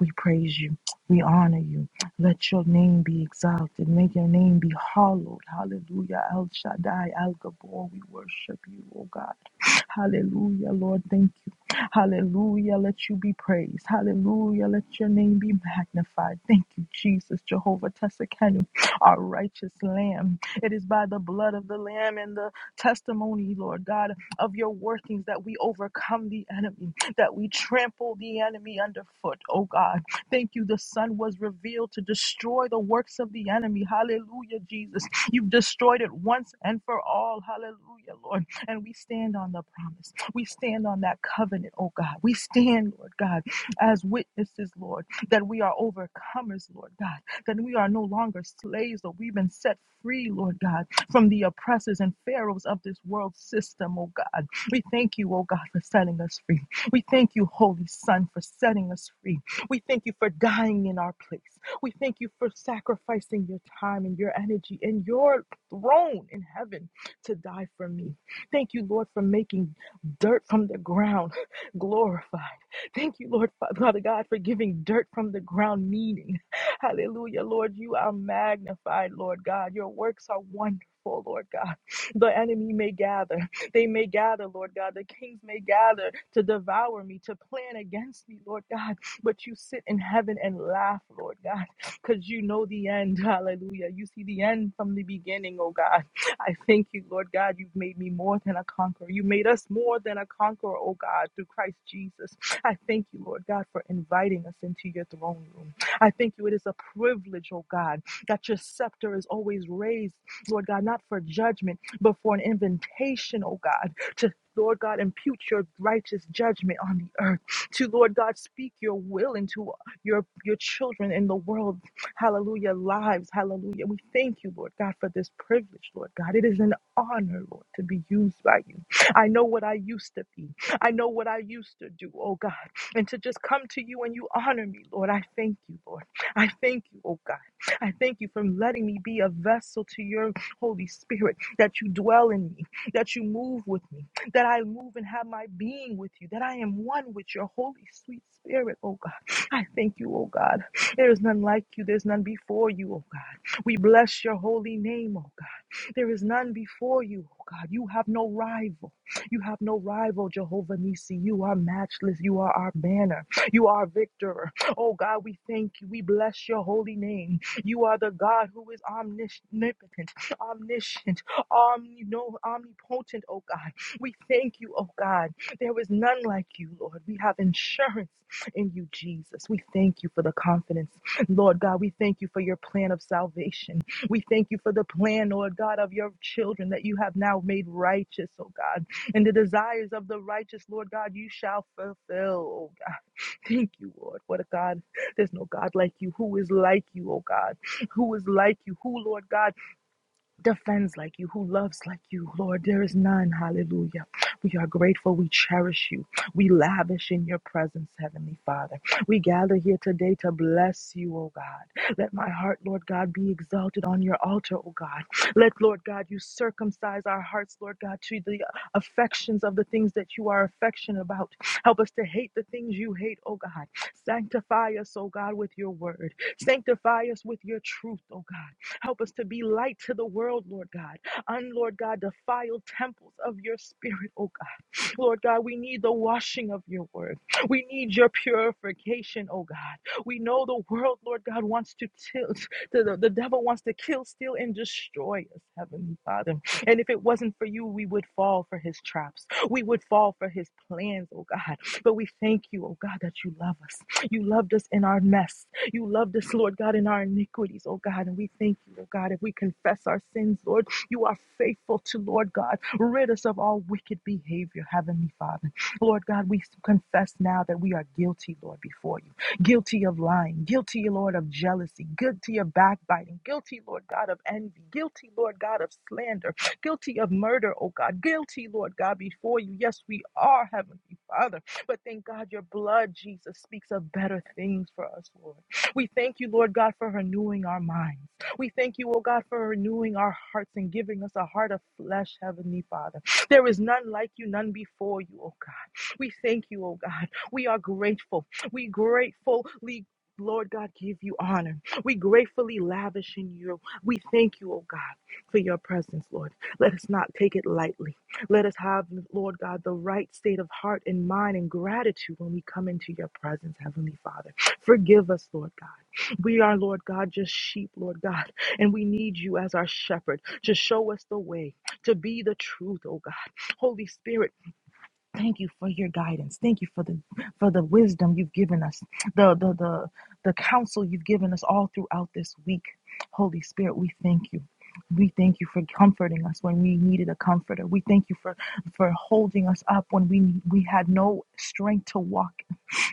I: We praise you. We honor you. Let your name be exalted. May your name be hallowed. Hallelujah. El Shaddai, El Gabor, we worship you, oh God. Hallelujah, Lord. Thank you. Hallelujah. Let you be praised. Hallelujah. Let your name be magnified. Thank you, Jesus, Jehovah Tessakenu, our righteous Lamb. It is by the blood of the Lamb and the testimony, Lord God, of your workings that we overcome the enemy, that we trample the enemy underfoot, oh God. Thank you. The Son was revealed to destroy the works of the enemy. Hallelujah, Jesus. You've destroyed it once and for all. Hallelujah, Lord. And we stand on the promise. We stand on that covenant, oh God. We stand, Lord God, as witnesses, Lord, that we are overcomers, Lord God, that we are no longer slaves, but we've been set free, Lord God, from the oppressors and pharaohs of this world system, oh God. We thank you, oh God, for setting us free. We thank you, Holy Son, for setting us free. We thank you for dying in our place. We thank you for sacrificing your time and your energy and your throne in heaven to die for me. Thank you, Lord, for making dirt from the ground [laughs] glorified. Thank you, Lord Father God, for giving dirt from the ground meaning. [laughs] Hallelujah, Lord. You are magnified, Lord God. Your works are wonderful. Lord God, the enemy may gather, they may gather, Lord God, the kings may gather to devour me, to plan against me, Lord God, but you sit in heaven and laugh, Lord God, because you know the end, hallelujah. You see the end from the beginning, oh God. I thank you, Lord God. You've made me more than a conqueror. You made us more than a conqueror, oh God, through Christ Jesus. I thank you, Lord God, for inviting us into your throne room. I thank you. It is a privilege, oh God, that your scepter is always raised, Lord God, not for judgment, but for an invitation, oh God, to Lord God, impute your righteous judgment on the earth. To Lord God, speak your will into your your children in the world, hallelujah, lives, hallelujah. We thank you, Lord God, for this privilege, Lord God. It is an honor, Lord, to be used by you. I know what I used to be. I know what I used to do, oh God. And to just come to you and you honor me, Lord. I thank you, Lord. I thank you, oh God. I thank you for letting me be a vessel to your Holy Spirit, that you dwell in me, that you move with me, that I move and have my being with you, that I am one with your Holy Sweet Spirit, oh God. I thank you, oh God. There is none like you. There's none before you, oh God. We bless your holy name, oh God. There is none before you, oh God. You have no rival. You have no rival, Jehovah Nisi. You are matchless. You are our banner. You are our victor. Oh God, we thank you. We bless your holy name. You are the God who is omnipotent, omniscient, omni- no, omnipotent, oh God. We thank you, oh God. There is none like you, Lord. We have insurance in you, Jesus. We thank you for the confidence. Lord God, we thank you for your plan of salvation. We thank you for the plan, Lord God, of your children that you have now made righteous, oh God. And the desires of the righteous, Lord God, you shall fulfill, oh God. Thank you, Lord. What a God. There's no God like you. Who is like you, oh God? Who is like you? Who, Lord God? defends like you, who loves like you, Lord. There is none. Hallelujah. We are grateful. We cherish you. We lavish in your presence, Heavenly Father. We gather here today to bless you, O God. Let my heart, Lord God, be exalted on your altar, O God. Let, Lord God, you circumcise our hearts, Lord God, to the affections of the things that you are affectionate about. Help us to hate the things you hate, O God. Sanctify us, O God, with your word. Sanctify us with your truth, O God. Help us to be light to the world, Lord God. Un, Lord God, defiled temples of your spirit, oh God. Lord God, we need the washing of your word. We need your purification, oh God. We know the world, Lord God, wants to tilt. The, the, the devil wants to kill, steal, and destroy us, Heavenly Father. And if it wasn't for you, we would fall for his traps. We would fall for his plans, oh God. But we thank you, oh God, that you love us. You loved us in our mess. You loved us, Lord God, in our iniquities, oh God. And we thank you, oh God, if we confess our sins, Lord, you are faithful to, Lord God, rid us of all wicked behavior, Heavenly Father. Lord God, we confess now that we are guilty, Lord, before you. Guilty of lying, guilty, Lord, of jealousy, guilty of backbiting, guilty, Lord God, of envy, guilty, Lord God, of slander, guilty of murder, oh God, guilty, Lord God, before you. Yes, we are, Heavenly Father. But thank God your blood, Jesus, speaks of better things for us, Lord. We thank you, Lord God, for renewing our minds. We thank you, O God, for renewing our hearts and giving us a heart of flesh, Heavenly Father. There is none like you, none before you, O God. We thank you, O God. We are grateful. We gratefully, Lord God, give you honor. We gratefully lavish in you. We thank you, O God, for your presence, Lord. Let us not take it lightly. Let us have, Lord God, the right state of heart and mind and gratitude when we come into your presence, Heavenly Father. Forgive us, Lord God. We are, Lord God, just sheep, Lord God, and we need you as our shepherd to show us the way, to be the truth, oh God. Holy Spirit, thank you for your guidance. Thank you for the for the wisdom you've given us, the the the, the counsel you've given us all throughout this week. Holy Spirit, we thank you. We thank you for comforting us when we needed a comforter. We thank you for for holding us up when we we had no strength to walk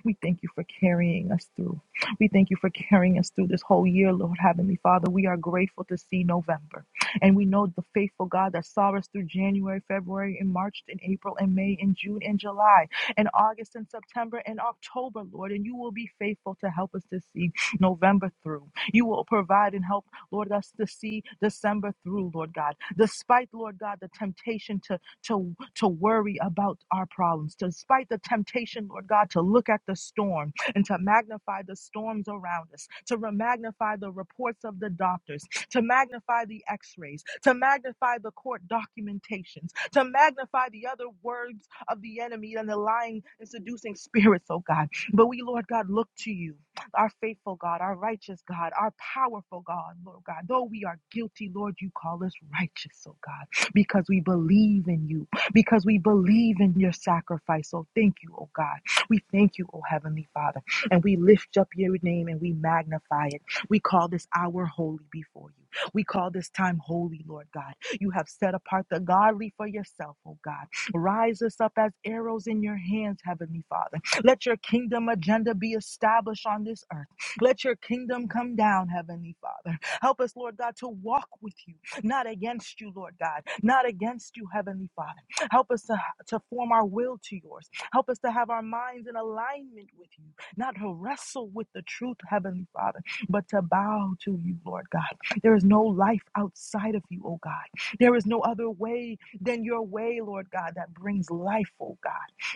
I: we thank you for carrying us through. We thank you for carrying us through this whole year, Lord Heavenly Father. We are grateful to see November. And we know the faithful God that saw us through January, February, and March, and April, and May, and June, and July, and August, and September, and October, Lord. And you will be faithful to help us to see November through. You will provide and help, Lord, us to see December through, Lord God. Despite, Lord God, the temptation to to, to worry about our problems, despite the temptation, Lord God, to look at the storm and to magnify the storms around us, to re- magnify the reports of the doctors, to magnify the x rays, to magnify the court documentations, to magnify the other words of the enemy and the lying and seducing spirits, oh God. But we, Lord God, look to you, our faithful God, our righteous God, our powerful God, Lord God. Though we are guilty, Lord, you call us righteous, oh God because we believe in you, because we believe in your sacrifice. So thank you, oh God. We thank you, oh Heavenly Father, and we lift up your name and we magnify it. We call this hour holy before you. We call this time holy, Lord God. You have set apart the godly for yourself, oh God. Rise us up as arrows in your hands, Heavenly Father. Let your kingdom agenda be established on this earth. Let your kingdom come down, Heavenly Father. Help us, Lord God, to walk with you not against you, Lord God, not against you, Heavenly Father. Help us to, to form our will to yours. Help us to have our minds in alignment with you, not to wrestle with the truth, Heavenly Father, but to bow to you, Lord God. There is no life outside of you, oh God. There is no other way than your way, Lord God, that brings life, oh God.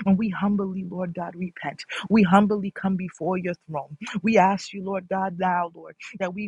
I: And we humbly, Lord God, repent. We humbly come before your throne. We ask you, Lord God, now, Lord, that we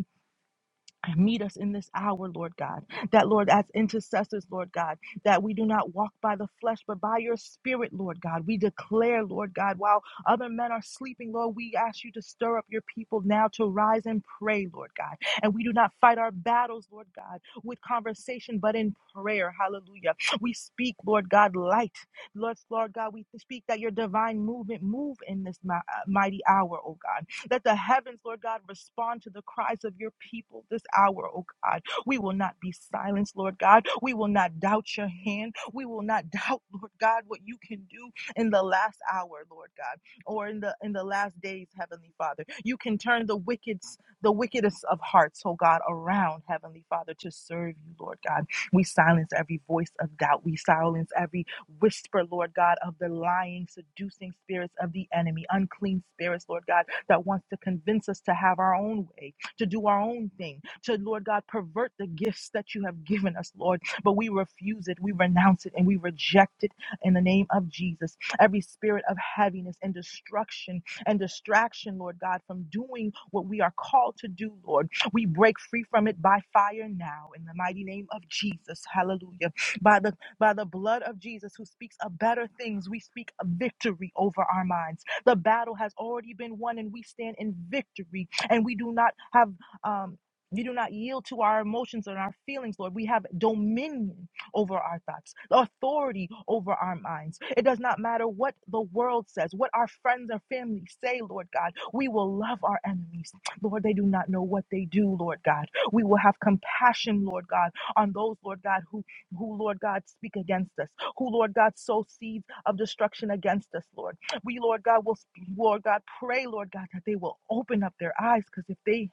I: Meet us in this hour, Lord God. That, Lord, as intercessors, Lord God, that we do not walk by the flesh, but by your spirit, Lord God. We declare, Lord God, while other men are sleeping, Lord, we ask you to stir up your people now to rise and pray, Lord God. And we do not fight our battles, Lord God, with conversation, but in prayer. Hallelujah. We speak, Lord God, light. Lord, Lord God, we speak that your divine movement move in this mi- uh, mighty hour, oh God. That the heavens, Lord God, respond to the cries of your people this hour, oh God. We will not be silenced, Lord God. We will not doubt your hand. We will not [laughs] doubt, Lord God, what you can do in the last hour, Lord God, or in the in the last days, Heavenly Father. You can turn the wicked the wickedest of hearts, oh God, around, Heavenly Father, to serve you, Lord God. We silence every voice of doubt. We silence every Whisper, Lord God, of the lying, seducing spirits of the enemy, unclean spirits, Lord God, that wants to convince us to have our own way, to do our own thing, to, Lord God, pervert the gifts that you have given us, Lord. But we refuse it, we renounce it, and we reject it in the name of Jesus. Every spirit of heaviness and destruction and distraction, Lord God, from doing what we are called to do, Lord. We break free from it by fire now in the mighty name of Jesus. Hallelujah. By the by the blood of Jesus, who speaks of better things, we speak of victory over our minds. The battle has already been won, and we stand in victory. And we do not have. Um, we do not yield to our emotions and our feelings, Lord. We have dominion over our thoughts, authority over our minds. It does not matter what the world says, what our friends or family say, Lord God. We will love our enemies. Lord, they do not know what they do, Lord God. We will have compassion, Lord God, on those, Lord God, who who, Lord God, speak against us, who, Lord God, sow seeds of destruction against us, Lord. We, Lord God, will, Lord God, pray, Lord God, that they will open up their eyes because if they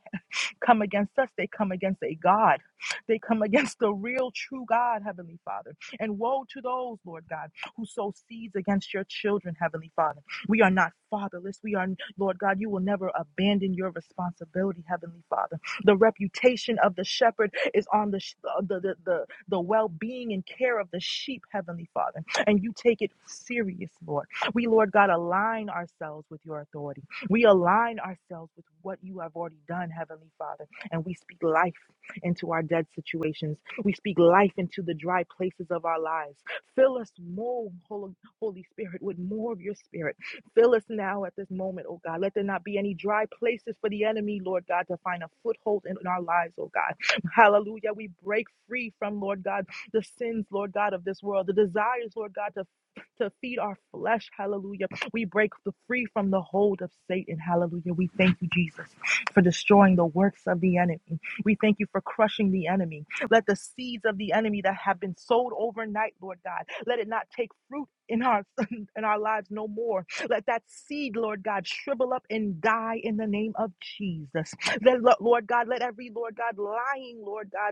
I: come against us, they come against a God. They come against the real, true God, Heavenly Father. And woe to those, Lord God, who sow seeds against your children, Heavenly Father. We are not fatherless. We are, Lord God, you will never abandon your responsibility, Heavenly Father. The reputation of the shepherd is on the, uh, the, the, the, the well being and care of the sheep, Heavenly Father. And you take it serious, Lord. We, Lord God, align ourselves with your authority. We align ourselves with what you have already done, Heavenly Father, and we speak life into our dead situations. We speak life into the dry places of our lives. Fill us more, Hol- Holy Spirit, with more of your spirit. Fill us now at this moment, oh God. Let there not be any dry places for the enemy, Lord God, to find a foothold in our lives, oh God. Hallelujah. We break free from, Lord God, the sins, Lord God, of this world, the desires, Lord God, to to feed our flesh, hallelujah we break the- free from the hold of Satan. Hallelujah. We thank you, Jesus, for destroying the works of the enemy. We thank you for crushing the enemy. Let the seeds of the enemy that have been sowed overnight, Lord God, let it not take fruit in our [laughs] in our lives no more. Let that seed, Lord God, shrivel up and die in the name of Jesus. Let, Lord God, let every Lord God lying, Lord God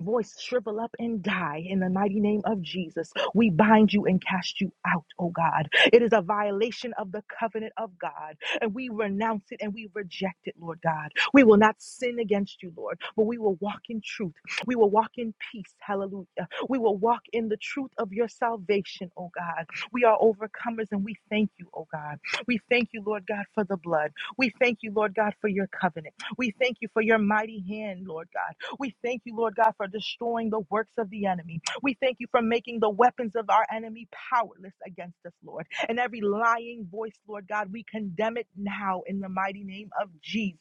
I: voice shrivel up and die in the mighty name of Jesus. We bind you and cast you out, oh God. It is a violation of the covenant of God, and we renounce it and we reject it, Lord God. We will not sin against you, Lord, but we will walk in truth. We will walk in peace, hallelujah. We will walk in the truth of your salvation, oh God. We are overcomers and we thank you, oh God. We thank you, Lord God, for the blood. We thank you, Lord God, for your covenant. We thank you for your mighty hand, Lord God. We thank you, Lord God, for destroying the works of the enemy. We thank you for making the weapons of our enemy powerless against us, Lord. And every lying voice, Lord God, we condemn it now in the mighty name of Jesus.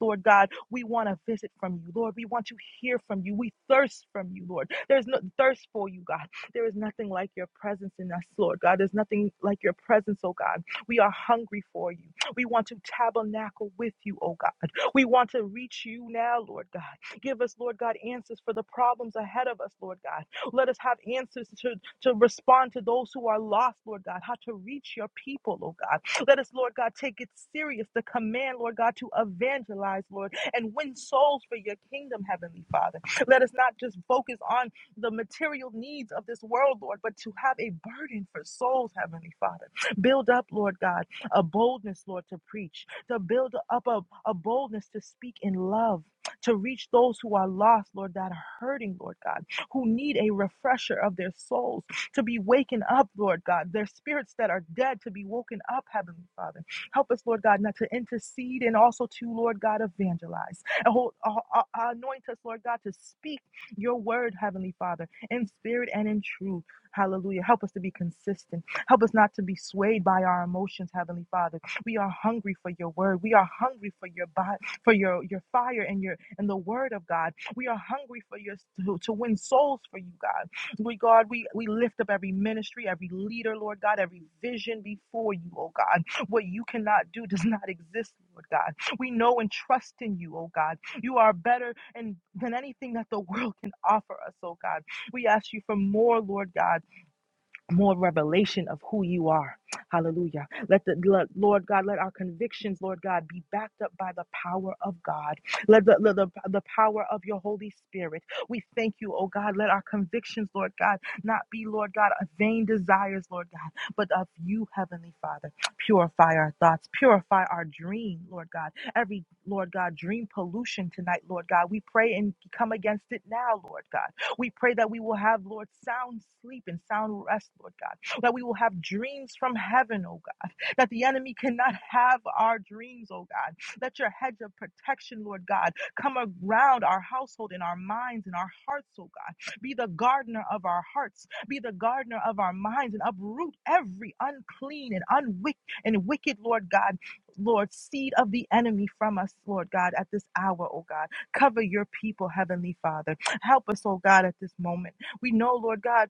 I: Lord God, we want to visit from you, Lord. We want to hear from you. We thirst from you, Lord. There's no thirst for you, God. There is nothing like your presence in us, Lord God. There's nothing like your presence, oh God. We are hungry for you. We want to tabernacle with you, oh God. We want to reach you now, Lord God. Give us, Lord God, answers for the problems ahead of us, Lord God. Let us have answers to, to respond to those who are lost, Lord God, how to reach your people, oh God. Let us, Lord God, take it serious, the command, Lord God, to evangelize, Lord, and win souls for your kingdom, Heavenly Father. Let us not just focus on the material needs of this world, Lord, but to have a burden for souls, Heavenly Father. Build up, Lord God, a boldness, Lord, to preach, to build up a, a boldness to speak in love to reach those who are lost, Lord that are hurting, Lord God, who need a refresher of their souls to be wakened up, Lord God, their spirits that are dead to be woken up, Heavenly Father. Help us, Lord God, not to intercede and also to, Lord God, evangelize. And hold, uh, uh, anoint us, Lord God, to speak your word, Heavenly Father, in spirit and in truth. Hallelujah. Help us to be consistent. Help us not to be swayed by our emotions, Heavenly Father. We are hungry for your word. We are hungry for your body, for your, your fire and your and the word of God. We are hungry for your to, to win souls for you, God. We God, we, we lift up every ministry, every leader, Lord God, every vision before you, oh God. What you cannot do does [laughs] not exist, Lord God. We know and trust in you, oh God. You are better and than anything that the world can offer us, oh God. We ask you for more, Lord God more revelation of who you are. Hallelujah. Let the let- Lord God, let our convictions, Lord God, be backed up by the power of God. Let the, let the, the power of your Holy Spirit. We thank you, oh God. Let our convictions, Lord God, not be, Lord God, of vain desires, Lord God, but of you, Heavenly Father. Purify our thoughts, purify our dream, Lord God. Every, Lord God, dream pollution tonight, Lord God. We pray and come against it now, Lord God. We pray that we will have, Lord, sound sleep and sound rest, Lord God, that we will have dreams from heaven, oh God, that the enemy cannot have our dreams, oh God. Let your hedge of protection, Lord God, come around our household and our minds and our hearts, oh God. Be the gardener of our hearts, be the gardener of our minds, and uproot every unclean and unwick and wicked, Lord God. Lord, seed of the enemy from us, Lord God, at this hour, oh God. Cover your people, Heavenly Father. Help us, oh God, at this moment. We know, Lord God,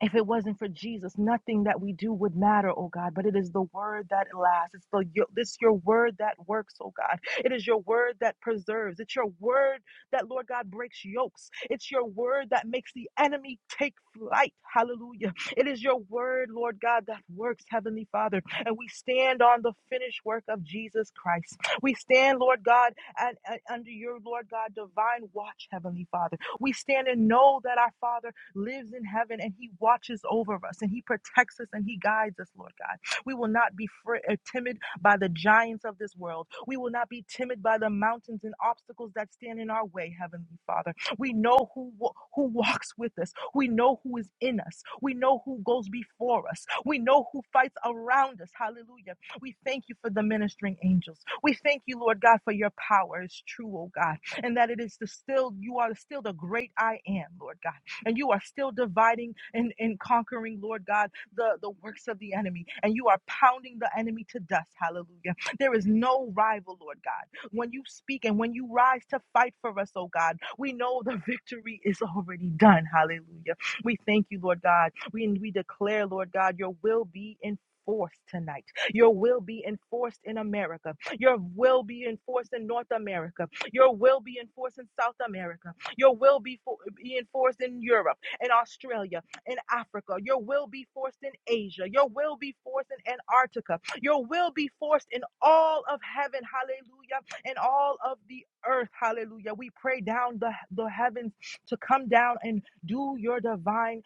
I: if it wasn't for Jesus, nothing that we do would matter, oh God. But it is the word that lasts. It's the your, this your word that works, oh God. It is your word that preserves. It's your word that, Lord God, breaks yokes. It's your word that makes the enemy take flight. Hallelujah. It is your word, Lord God, that works, Heavenly Father. And we stand on the finished work of Jesus Christ. We stand, Lord God, and, and under your Lord God divine watch, Heavenly Father. We stand and know that our Father lives in heaven and he watches over us and he protects us and he guides us, Lord God. We will not be fr- uh, timid by the giants of this world. We will not be timid by the mountains and obstacles that stand in our way, Heavenly Father. We know who who walks with us. We know who is in us. We know who goes before us. We know who fights around us. Hallelujah. We thank you for the ministering angels. We thank you, Lord God, for your power is true, oh God, and that it is the still you are still the great I am, Lord God and you are still dividing and, and conquering, Lord God, the, the works of the enemy, and you are pounding the enemy to dust. Hallelujah. There is no rival, Lord God. When you speak and when you rise to fight for us, oh God, we know the victory is already done. Hallelujah. We thank you, Lord God. We, we declare, Lord God, your will be in enforced tonight. Your will be enforced in America. Your will be enforced in North America. Your will be enforced in South America. Your will be for, be enforced in Europe, in Australia, in Africa. Your will be forced in Asia. Your will be forced in Antarctica. Your will be forced in all of heaven. Hallelujah. And all of the earth. Hallelujah. We pray down the, the heavens to come down and do your divine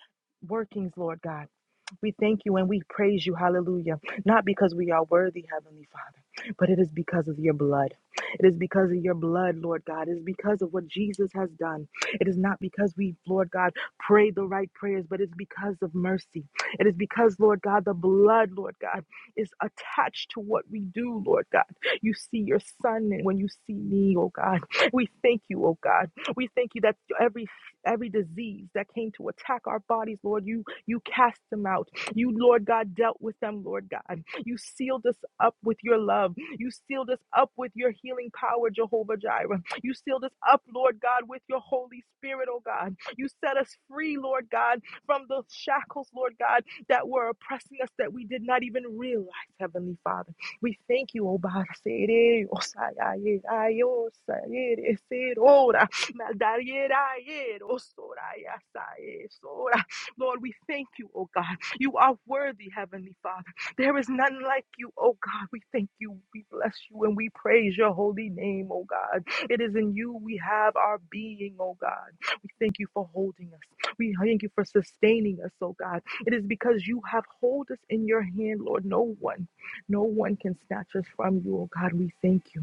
I: workings, Lord God. We thank you and we praise you, hallelujah, not because we are worthy, Heavenly Father, but it is because of your blood. It is because of your blood, Lord God. It is because of what Jesus has done. It is not because we, Lord God, pray the right prayers, but it's because of mercy. It is because, Lord God, the blood, Lord God, is attached to what we do, Lord God. You see your son and when you see me, oh God. We thank you, oh God. We thank you that every every disease that came to attack our bodies, Lord, you you cast them out. You, Lord God, dealt with them, Lord God. You sealed us up with your love. You sealed us up with your healing power, Jehovah Jireh. You sealed us up, Lord God, with your Holy Spirit, oh God. You set us free, Lord God, from the shackles, Lord God, that were oppressing us that we did not even realize, Heavenly Father. We thank you, oh God. Lord, we thank you, oh God. You are worthy, Heavenly Father. There is none like you, oh God. We thank you, we bless you, and we praise your holy name, oh God. It is in you we have our being, oh God. We thank you for holding us. We thank you for sustaining us, oh God. It is because you have hold us in your hand, Lord. No one, no one can snatch us from you, oh God. We thank you.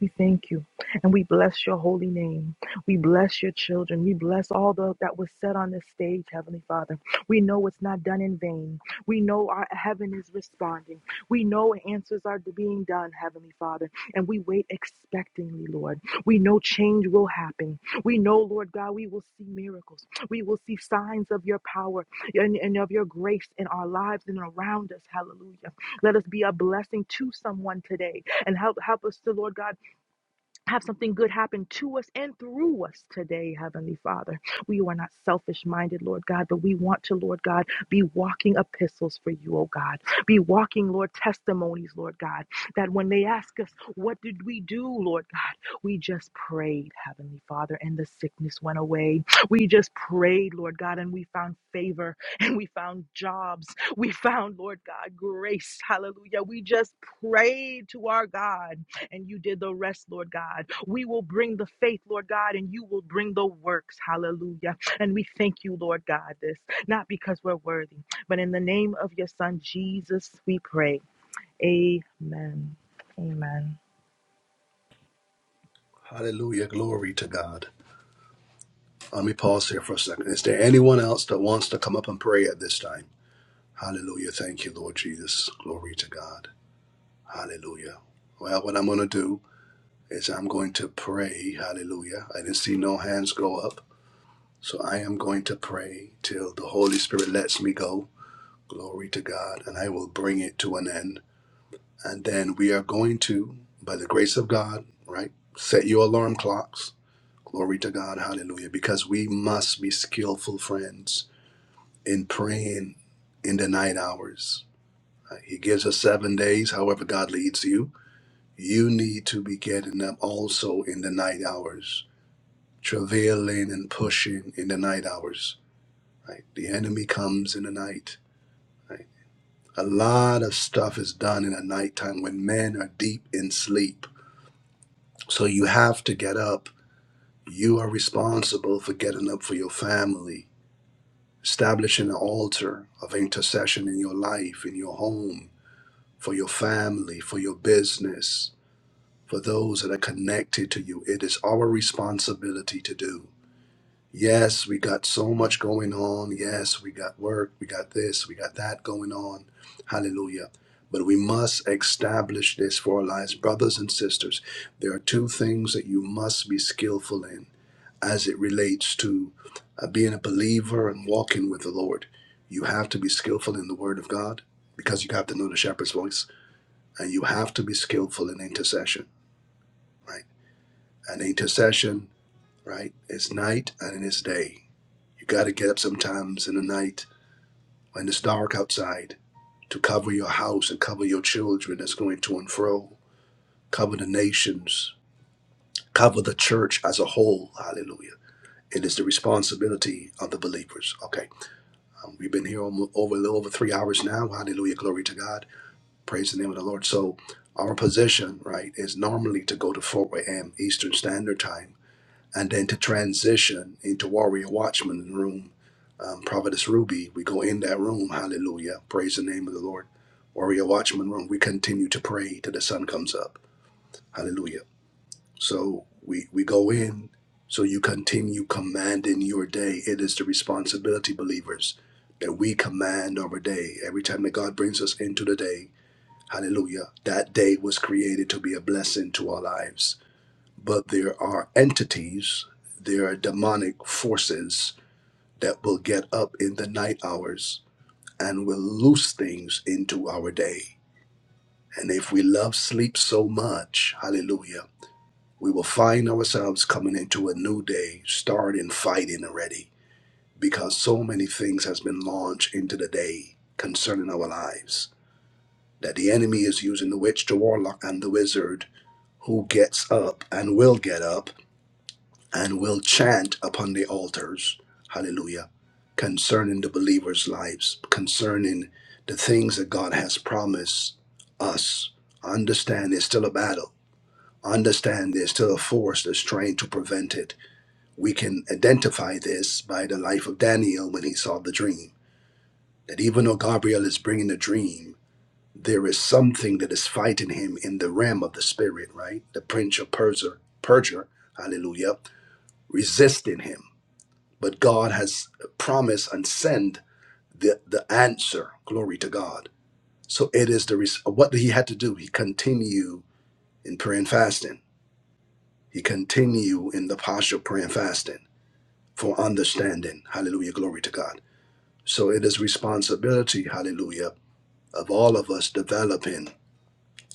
I: We thank you and we bless your holy name. We bless your children. We bless all the, that was said on this stage, Heavenly Father. We know it's not done in vain. We know our heaven is responding. We know answers are being done, Heavenly Father, and we wait expectantly, Lord. We know change will happen. We know, Lord God, we will see miracles. We will see signs of your power and, and of your grace in our lives and around us. Hallelujah. Let us be a blessing to someone today and help help us to Lord God have something good happen to us and through us today, Heavenly Father. We are not selfish minded, Lord God, but we want to, Lord God, be walking epistles for you, oh God. Be walking, Lord, testimonies, Lord God, that when they ask us, what did we do, Lord God? We just prayed, Heavenly Father, and the sickness went away. We just prayed, Lord God, and we found favor and we found jobs. We found, Lord God, grace. Hallelujah. We just prayed to our God and you did the rest, Lord God. We will bring the faith, Lord God, and you will bring the works. Hallelujah. And we thank you, Lord God, this, not because we're worthy, but in the name of your Son, Jesus, we pray. Amen. Amen.
A: Hallelujah. Glory to God. Let me pause here for a second. Is there anyone else that wants to come up and pray at this time? Hallelujah. Thank you, Lord Jesus. Glory to God. Hallelujah. Well, what I'm going to do is I'm going to pray. Hallelujah. I didn't see no hands go up. So I am going to pray till the Holy Spirit lets me go. Glory to God. And I will bring it to an end. And then we are going to, by the grace of God, right, set your alarm clocks. Glory to God. Hallelujah. Because we must be skillful friends in praying in the night hours. Uh, He gives us seven days, however, God leads you. You need to be getting up also in the night hours, travailing and pushing in the night hours. Right? The enemy comes in the night. Right? A lot of stuff is done in the nighttime when men are deep in sleep So you have to get up. You are responsible for getting up for your family, establishing an altar of intercession in your life, in your home, for your family, for your business, for those that are connected to you. It is our responsibility to do. Yes, we got so much going on. Yes, we got work. We got this. We got that going on. Hallelujah. But we must establish this for our lives. Brothers and sisters, there are two things that you must be skillful in as it relates to uh, being a believer and walking with the Lord. You have to be skillful in the Word of God because you have to know the shepherd's voice, and you have to be skillful in intercession, right? And intercession, right, is night and it is day. You got to get up sometimes in the night when it's dark outside to cover your house and cover your children that's going to and fro, cover the nations, cover the church as a whole. Hallelujah. It is the responsibility of the believers. Okay. Um, we've been here almo- over a little over three hours now. Hallelujah. Glory to God. Praise the name of the Lord. So, our position, right, is normally to go to 4 a.m. Eastern Standard Time and then to transition into Warrior Watchman Room. Um, Providence Ruby, we go in that room. Hallelujah. Praise the name of the Lord. Warrior Watchman Room, we continue to pray till the sun comes up. Hallelujah. So we, we go in, so you continue commanding your day. It is the responsibility, believers, that we command our day. Every time that God brings us into the day, hallelujah, that day was created to be a blessing to our lives. But there are entities, there are demonic forces that will get up in the night hours and will loose things into our day. And if we love sleep so much, hallelujah, we will find ourselves coming into a new day starting fighting already because so many things has been launched into the day concerning our lives that the enemy is using the witch the warlock and the wizard who gets up and will get up and will chant upon the altars hallelujah concerning the believers lives concerning the things that god has promised us understand there's still a battle understand there's still a force that's trying to prevent it we can identify this by the life of Daniel when he saw the dream. That even though Gabriel is bringing the dream, there is something that is fighting him in the realm of the spirit, right? The prince of Persia, Persia, hallelujah, resisting him. But God has promised and sent the, the answer. Glory to God. So it is the res- what he had to do. He continue in prayer and fasting. He continue in the posture of prayer and fasting for understanding. Hallelujah. Glory to God. So it is responsibility, hallelujah, of all of us developing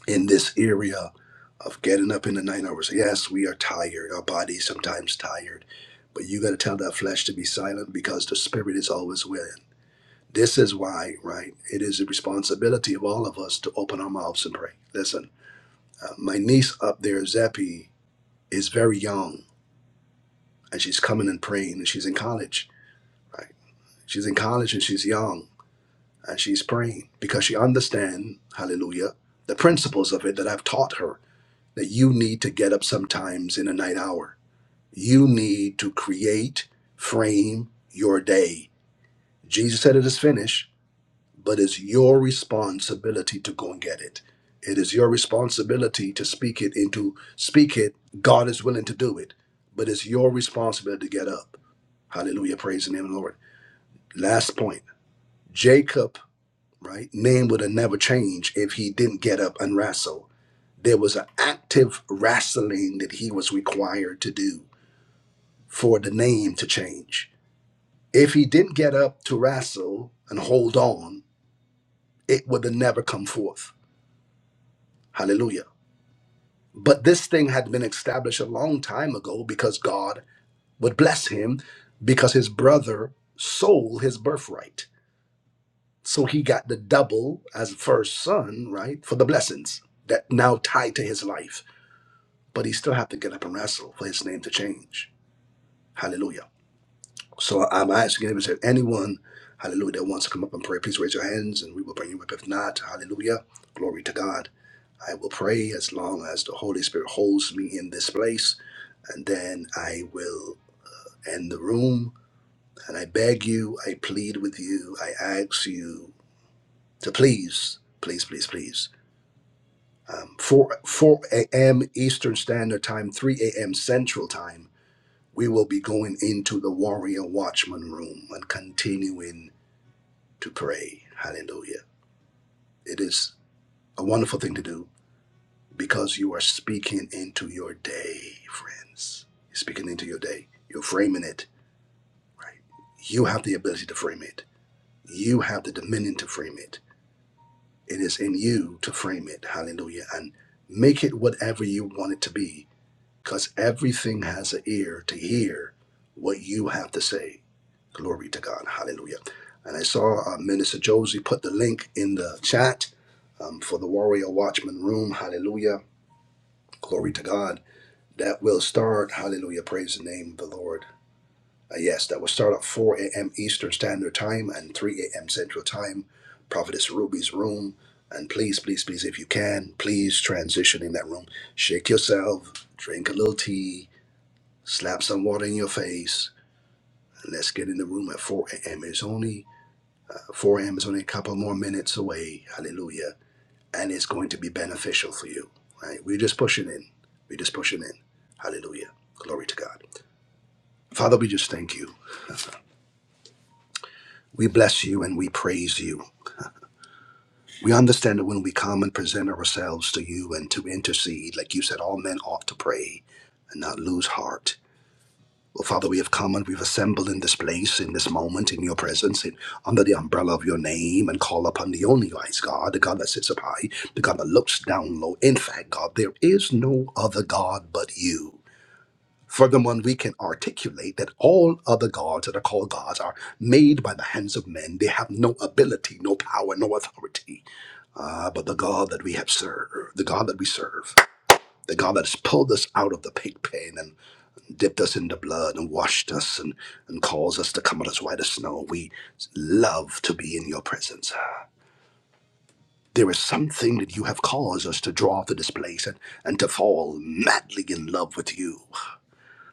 A: in this area of getting up in the night hours. Yes, we are tired. Our body's sometimes tired. But you got to tell that flesh to be silent because the spirit is always willing. This is why, right? It is the responsibility of all of us to open our mouths and pray. Listen, uh, my niece up there, Zeppy, is very young and she's coming and praying and she's in college, right? She's in college and she's young and she's praying because she understands, hallelujah, the principles of it that I've taught her that you need to get up sometimes in a night hour. You need to create, frame your day. Jesus said it is finished, but it's your responsibility to go and get it. It is your responsibility to speak it into speak it. God is willing to do it, but it's your responsibility to get up. Hallelujah. Praise the name of the Lord. Last point. Jacob right? Man would have never changed if he didn't get up and wrestle. There was an active wrestling that he was required to do for the name to change. If he didn't get up to wrestle and hold on, it would have never come forth. Hallelujah. But this thing had been established a long time ago because God would bless him because his brother sold his birthright. So he got the double as first son, right, for the blessings that now tied to his life but he still have to get up and wrestle for his name to change. Hallelujah. So I'm asking if there's anyone, hallelujah, that wants to come up and pray, please raise your hands and we will bring you up. If not, hallelujah, glory to God. I will pray as long as the Holy Spirit holds me in this place, and then I will end the room. And I beg you, I plead with you, I ask you to please, please, please, please. Um, 4, 4 a.m. Eastern Standard Time, 3 a.m. Central Time we will be going into the warrior watchman room and continuing to pray. Hallelujah. It is a wonderful thing to do because you are speaking into your day, friends. You're speaking into your day. You're framing it, right? You have the ability to frame it. You have the dominion to frame it. It is in you to frame it. Hallelujah. And make it whatever you want it to be because everything has an ear to hear what you have to say Glory to God. Hallelujah. And I saw uh, Minister Josie put the link in the chat um, for the Warrior Watchman Room. Hallelujah. Glory to God. That will start. Hallelujah. Praise the name of the Lord. Uh, yes, that will start at 4 a.m. Eastern Standard Time and 3 a.m. Central Time. Prophetess Ruby's room. And please, please, please, if you can, please transition in that room. Shake yourself, drink a little tea, slap some water in your face, and let's get in the room at 4 a.m. It's only Four a.m. is only a couple more minutes away. Hallelujah. And it's going to be beneficial for you. Right? We're just pushing in. We're just pushing in. Hallelujah. Glory to God. Father, we just thank you. [laughs] We bless you and we praise you. We understand that when we come and present ourselves to you and to intercede, like you said, all men ought to pray and not lose heart. Well, Father, we have come and we've assembled in this place, in this moment, in your presence, in, under the umbrella of your name, and call upon the only wise God, the God that sits up high, the God that looks down low. In fact, God, there is no other God but you. Furthermore, we can articulate that all other gods that are called gods are made by the hands of men. They have no ability, no power, no authority. Ah, but the God that we have served, the God that we serve, the God that has pulled us out of the pig pen and dipped us in the blood and washed us and, and caused us to come out as white as snow. We love to be in your presence. There is something that you have caused us to draw to this place and, and to fall madly in love with you,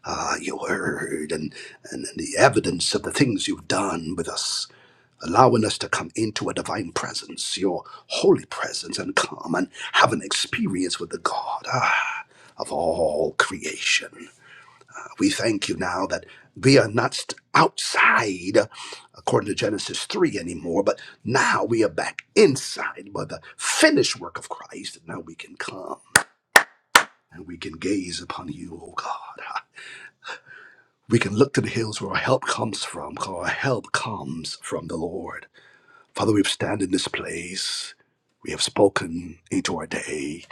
A: ah, your word, and, and the evidence of the things you've done with us allowing us to come into a divine presence, your holy presence, and come and have an experience with the God ah, of all creation. We thank you now that we are not st- outside, according to Genesis 3 anymore, but now we are back inside by the finished work of Christ. and Now we can come and we can gaze upon you, O God. We can look to the hills where our help comes from, for our help comes from the Lord. Father, we've stand in this place. We have spoken into our day,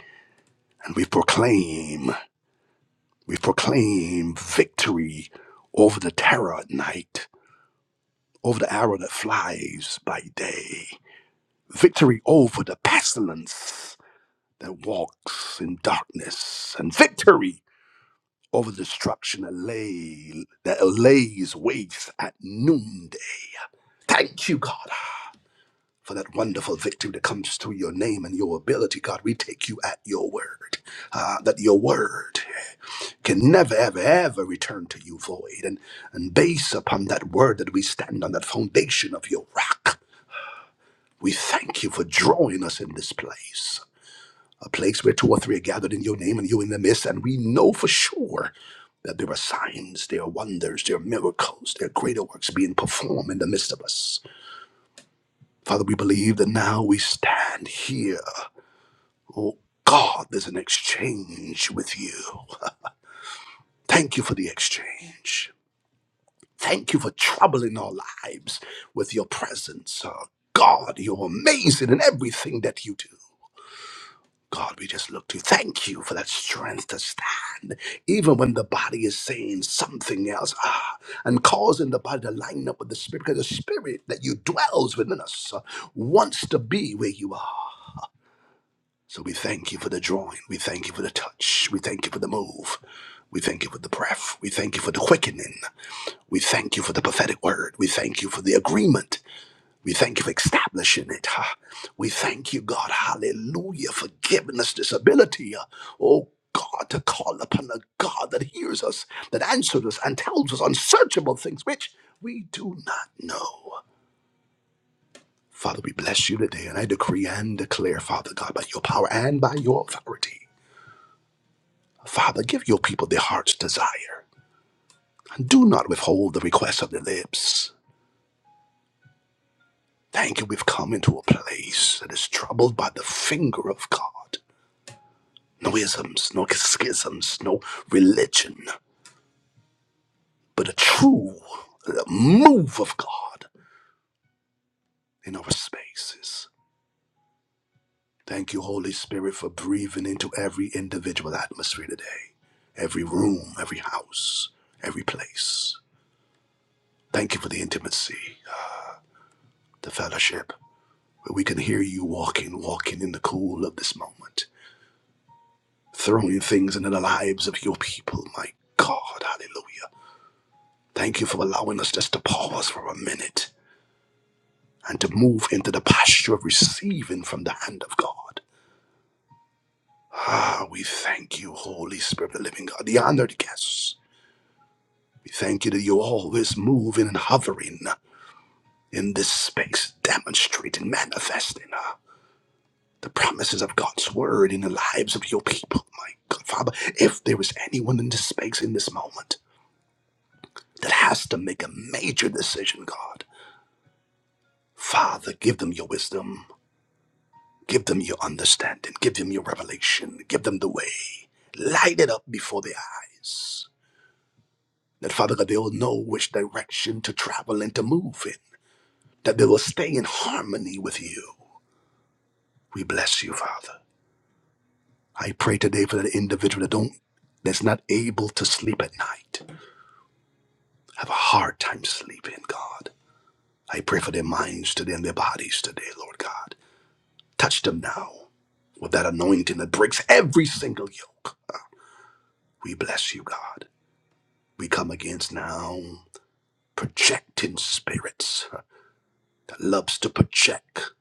A: and we proclaim, we proclaim victory over the terror at night. over the arrow that flies by day, victory over the pestilence that walks in darkness, and victory over destruction that, lay, that lays waste at noonday. Thank you, God, for that wonderful victory that comes through your name and your ability, God. We take you at your word, uh, that your word can never, ever, ever return to you void. And, and based upon that word that we stand on, that foundation of your rock. We thank you for drawing us in this place, a place where two or three are gathered in your name and you in the midst. And we know for sure that there are signs, there are wonders, there are miracles, there are greater works being performed in the midst of us. Father, we believe that now we stand here. Oh God, there's an exchange with you. Thank you for the exchange. Thank you for troubling our lives with your presence. Oh God, you're amazing in everything that you do. God, we just look to you. thank you for that strength to stand, even when the body is saying something else, ah, and causing the body to line up with the spirit, because the spirit that you dwells within us uh, wants to be where you are. So we thank you for the drawing. We thank you for the touch. We thank you for the move. We thank you for the breath. We thank you for the quickening. We thank you for the prophetic word. We thank you for the agreement we thank you for establishing it. huh? We thank you, God, hallelujah, for giving us this ability. uh, Oh, God, to call upon a God that hears us, that answers us, and tells us unsearchable things which we do not know. Father, we bless you today, and I decree and declare, Father God, by your power and by your authority. Father, give your people their heart's desire, and do not withhold the request of their lips. Thank you, we've come into a place that is troubled by the finger of God. no isms, no schisms, no religion, but a true move of God in our spaces. Thank you, Holy Spirit, for breathing into every individual atmosphere today, every room, every house, every place. Thank you for the intimacy, the fellowship, where we can hear you walking, walking in the cool of this moment, throwing things into the lives of your people. My God, hallelujah. Thank you for allowing us just to pause for a minute and to move into the posture of receiving from the hand of God. Ah, we thank you, Holy Spirit of the living God, the honored guests. We thank you that you're always moving and hovering in this space, demonstrating, manifesting ah, the promises of God's word in the lives of your people. My God, Father, if there is anyone in this space in this moment that has to make a major decision, God, Father, give them your wisdom. Give them your understanding. Give them your revelation. Give them the way. Light it up before their eyes. That, Father God, they will know which direction to travel and to move in. That they will stay in harmony with you. We bless you, Father. I pray today for that individual that don't that's not able to sleep at night. Have a hard time sleeping, God. I pray for their minds today and their bodies today, Lord God. Touch them now with that anointing that breaks every single yoke. We bless you, God. We come against now projecting spirits that loves to project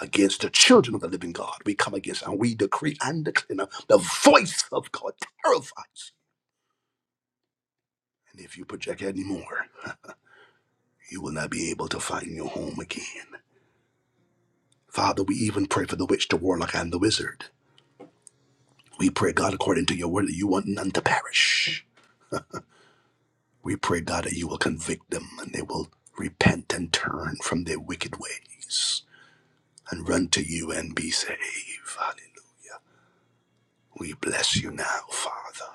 A: against the children of the living God. We come against and we decree and declare now, the voice of God terrifies. And if you project anymore, you will not be able to find your home again. Father, we even pray for the witch, the warlock, and the wizard. We pray, God, according to your word, that you want none to perish. We pray, God, that you will convict them and they will repent and turn from their wicked ways. and run to you and be saved. Hallelujah. We bless you now, Father,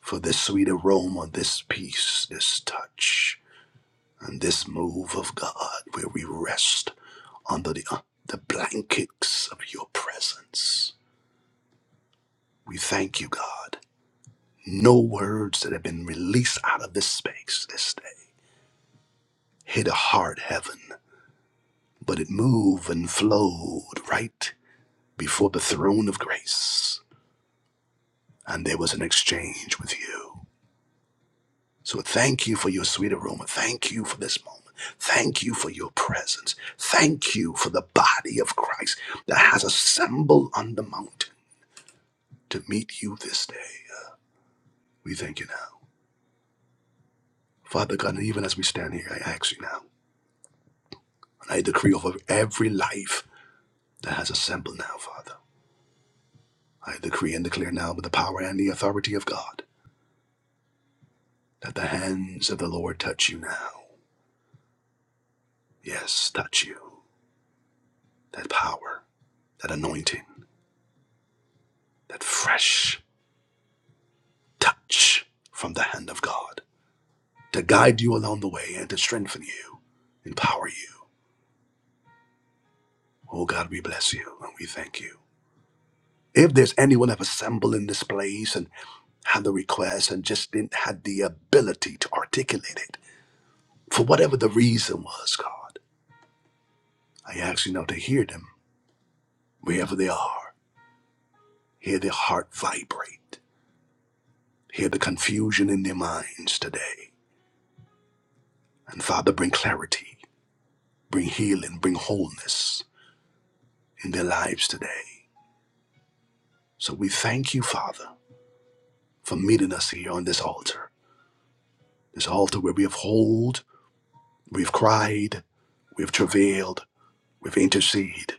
A: for this sweet aroma, this peace, this touch, and this move of God where we rest under the, uh, the blankets of your presence. We thank you, God. No words that have been released out of this space this day hit a hard heaven, but it moved and flowed right before the throne of grace, and there was an exchange with you. So thank you for your sweet aroma. Thank you for this moment. Thank you for your presence. Thank you for the body of Christ that has assembled on the mountain to meet you this day. Uh, We thank you now. Father God, and even as we stand here, I ask you now, and I decree over every life that has assembled now, Father. I decree and declare now with the power and the authority of God that the hands of the Lord touch you now. Yes, touch you. That power, that anointing, that fresh touch from the hand of God to guide you along the way and to strengthen you, empower you. Oh God, we bless you and we thank you. If there's anyone have assembled in this place and had the request and just didn't had the ability to articulate it, for whatever the reason was, God, I ask you now to hear them wherever they are. Hear their heart vibrate. Hear the confusion in their minds today. And Father, bring clarity, bring healing, bring wholeness in their lives today. So we thank you, Father, for meeting us here on this altar, this altar where we have holed, we've cried, we've travailed, we've interceded,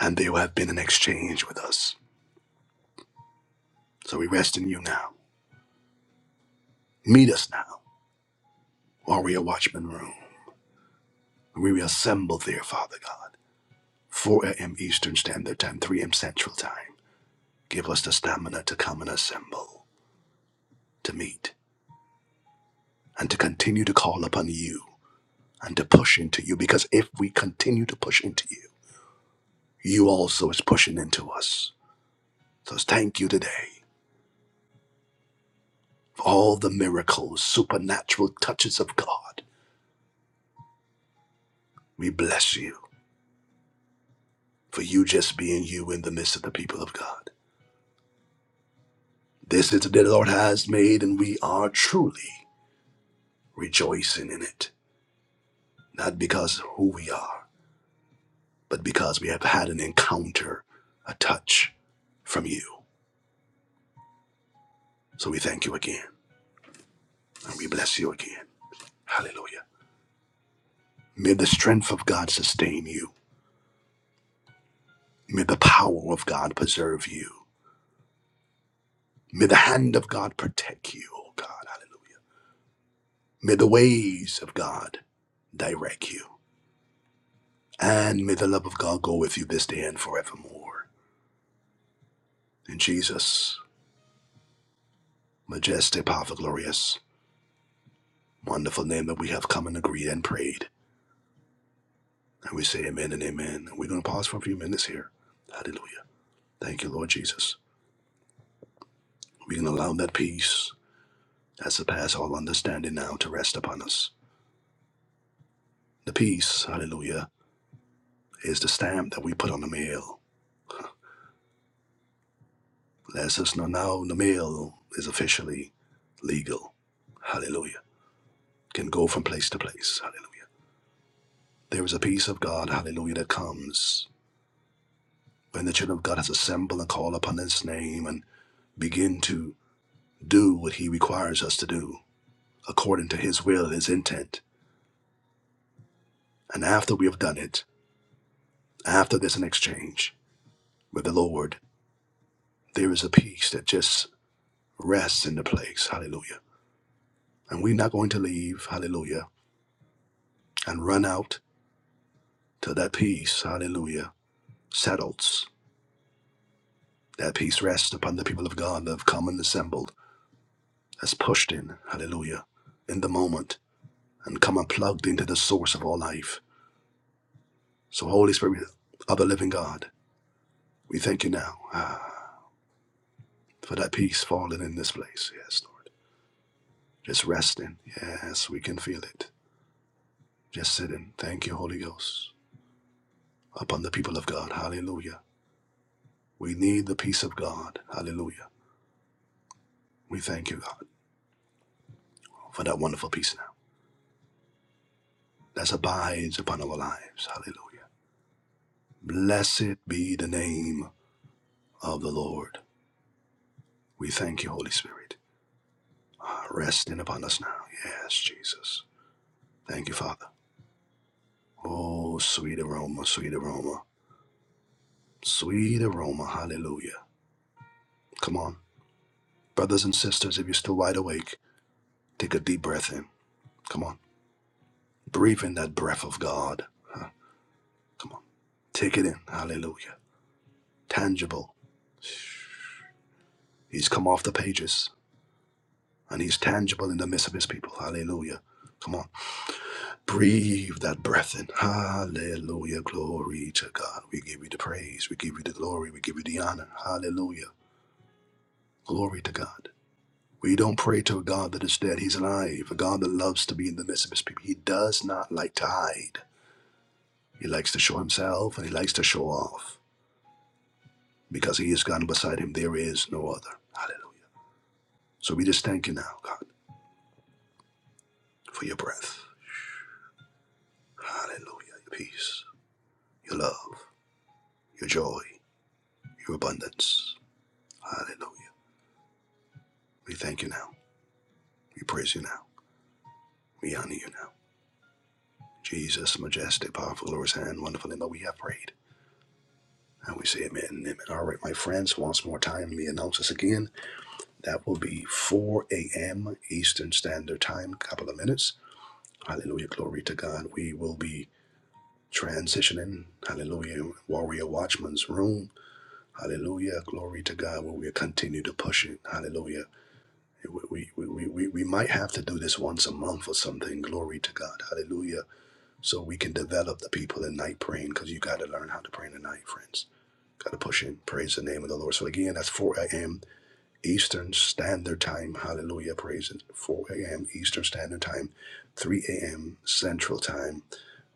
A: and there have been an exchange with us. So we rest in you now. Meet us now, warrior watchman room. We reassemble there, Father God, 4 a.m. Eastern Standard Time, 3 a.m. Central Time. Give us the stamina to come and assemble, to meet, and to continue to call upon you and to push into you, because if we continue to push into you, you also is pushing into us. So thank you today for all the miracles, supernatural touches of God. We bless you for you just being you in the midst of the people of God. This is the day the Lord has made, and we are truly rejoicing in it. Not because who we are, but because we have had an encounter, a touch from you. So we thank you again, and we bless you again. Hallelujah. May the strength of God sustain you. May the power of God preserve you. May the hand of God protect you, oh God. Hallelujah. May the ways of God direct you. And may the love of God go with you this day and forevermore. In Jesus, majestic, powerful, glorious, wonderful name that we have come and agreed and prayed. And we say amen and amen. We're going to pause for a few minutes here. Hallelujah. Thank you, Lord Jesus. We can allow that peace that surpasses all understanding now to rest upon us. The peace, hallelujah is the stamp that we put on the mail. Lets us know now the mail is officially legal. Hallelujah. Can go from place to place. Hallelujah. There is a peace of God, hallelujah, that comes when the children of God has assembled and call upon his name and begin to do what he requires us to do according to his will and his intent. And after we have done it, after there's an exchange with the Lord, there is a peace that just rests in the place. Hallelujah. And we're not going to leave, hallelujah and run out till that peace, hallelujah, settles. That peace rests upon the people of God that have come and assembled, that's pushed in, hallelujah, in the moment and come and plugged into the source of all life. So, Holy Spirit of the living God, we thank you now ah, for that peace falling in this place. Yes, Lord. Just resting. Yes, we can feel it. Just sitting. Thank you, Holy Ghost, upon the people of God. Hallelujah. We need the peace of God. Hallelujah. We thank you, God, for that wonderful peace now. that abides upon our lives. Hallelujah. Blessed be the name of the Lord. We thank you, Holy Spirit. Ah, Resting upon us now. Yes, Jesus. Thank you, Father. Oh, sweet aroma, sweet aroma, sweet aroma. Hallelujah. Come on. Brothers and sisters, if you're still wide awake, take a deep breath in. Come on. Breathe in that breath of God. Huh, Come on. Take it in. Hallelujah. Tangible. He's come off the pages. and he's tangible in the midst of his people. Hallelujah. Come on, breathe that breath in. Hallelujah. Glory to God. We give you the praise. We give you the glory. We give you the honor. Hallelujah. Glory to God. We don't pray to a God that is dead. He's alive. A God that loves to be in the midst of his people. He does not like to hide. He likes to show himself and he likes to show off. Because he is God and beside him, there is no other. Hallelujah. So we just thank you now, God, for your breath. Hallelujah. Your peace, your love. your joy, your abundance. Hallelujah. We thank you now. We praise you now. We honor you now. Jesus, majestic, powerful, glorious, and wonderful in that we have prayed. And we say amen and amen. All right, my friends, once more time, we announce this again. That will be 4 a.m. Eastern Standard Time, couple of minutes. Hallelujah, glory to God. We will be transitioning, hallelujah, Warrior Watchman's Room. Hallelujah, glory to God, where we continue to push it. Hallelujah we, we, we, we, we might have to do this once a month or something. Glory to God. Hallelujah. So we can develop the people in night praying because you got to learn how to pray in the night, friends. Got to push in. Praise the name of the Lord. So again, that's 4 a.m. Eastern Standard Time. Hallelujah. Praise it. 4 a.m. Eastern Standard Time, 3 a.m. Central Time.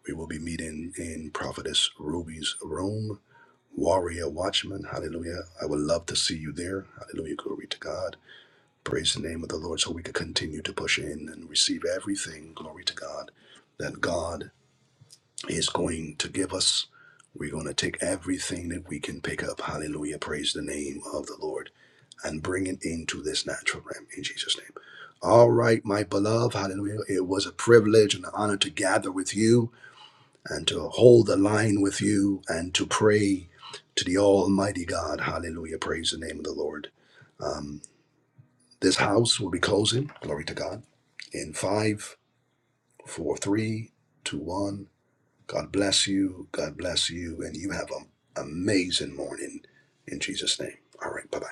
A: We will be meeting in Prophetess Ruby's room. Warrior Watchman. Hallelujah. I would love to see you there. Hallelujah. Glory to God. Praise the name of the Lord so we can continue to push in and receive everything, glory to God, that God is going to give us. We're going to take everything that we can pick up. Hallelujah. Praise the name of the Lord and bring it into this natural realm in Jesus' name. All right, my beloved. Hallelujah. It was a privilege and an honor to gather with you and to hold the line with you and to pray to the Almighty God. Hallelujah. Praise the name of the Lord. This house will be closing. Glory to God. In five, four, three, two, one. God bless you. God bless you. And you have an amazing morning in Jesus' name. All right. Bye bye.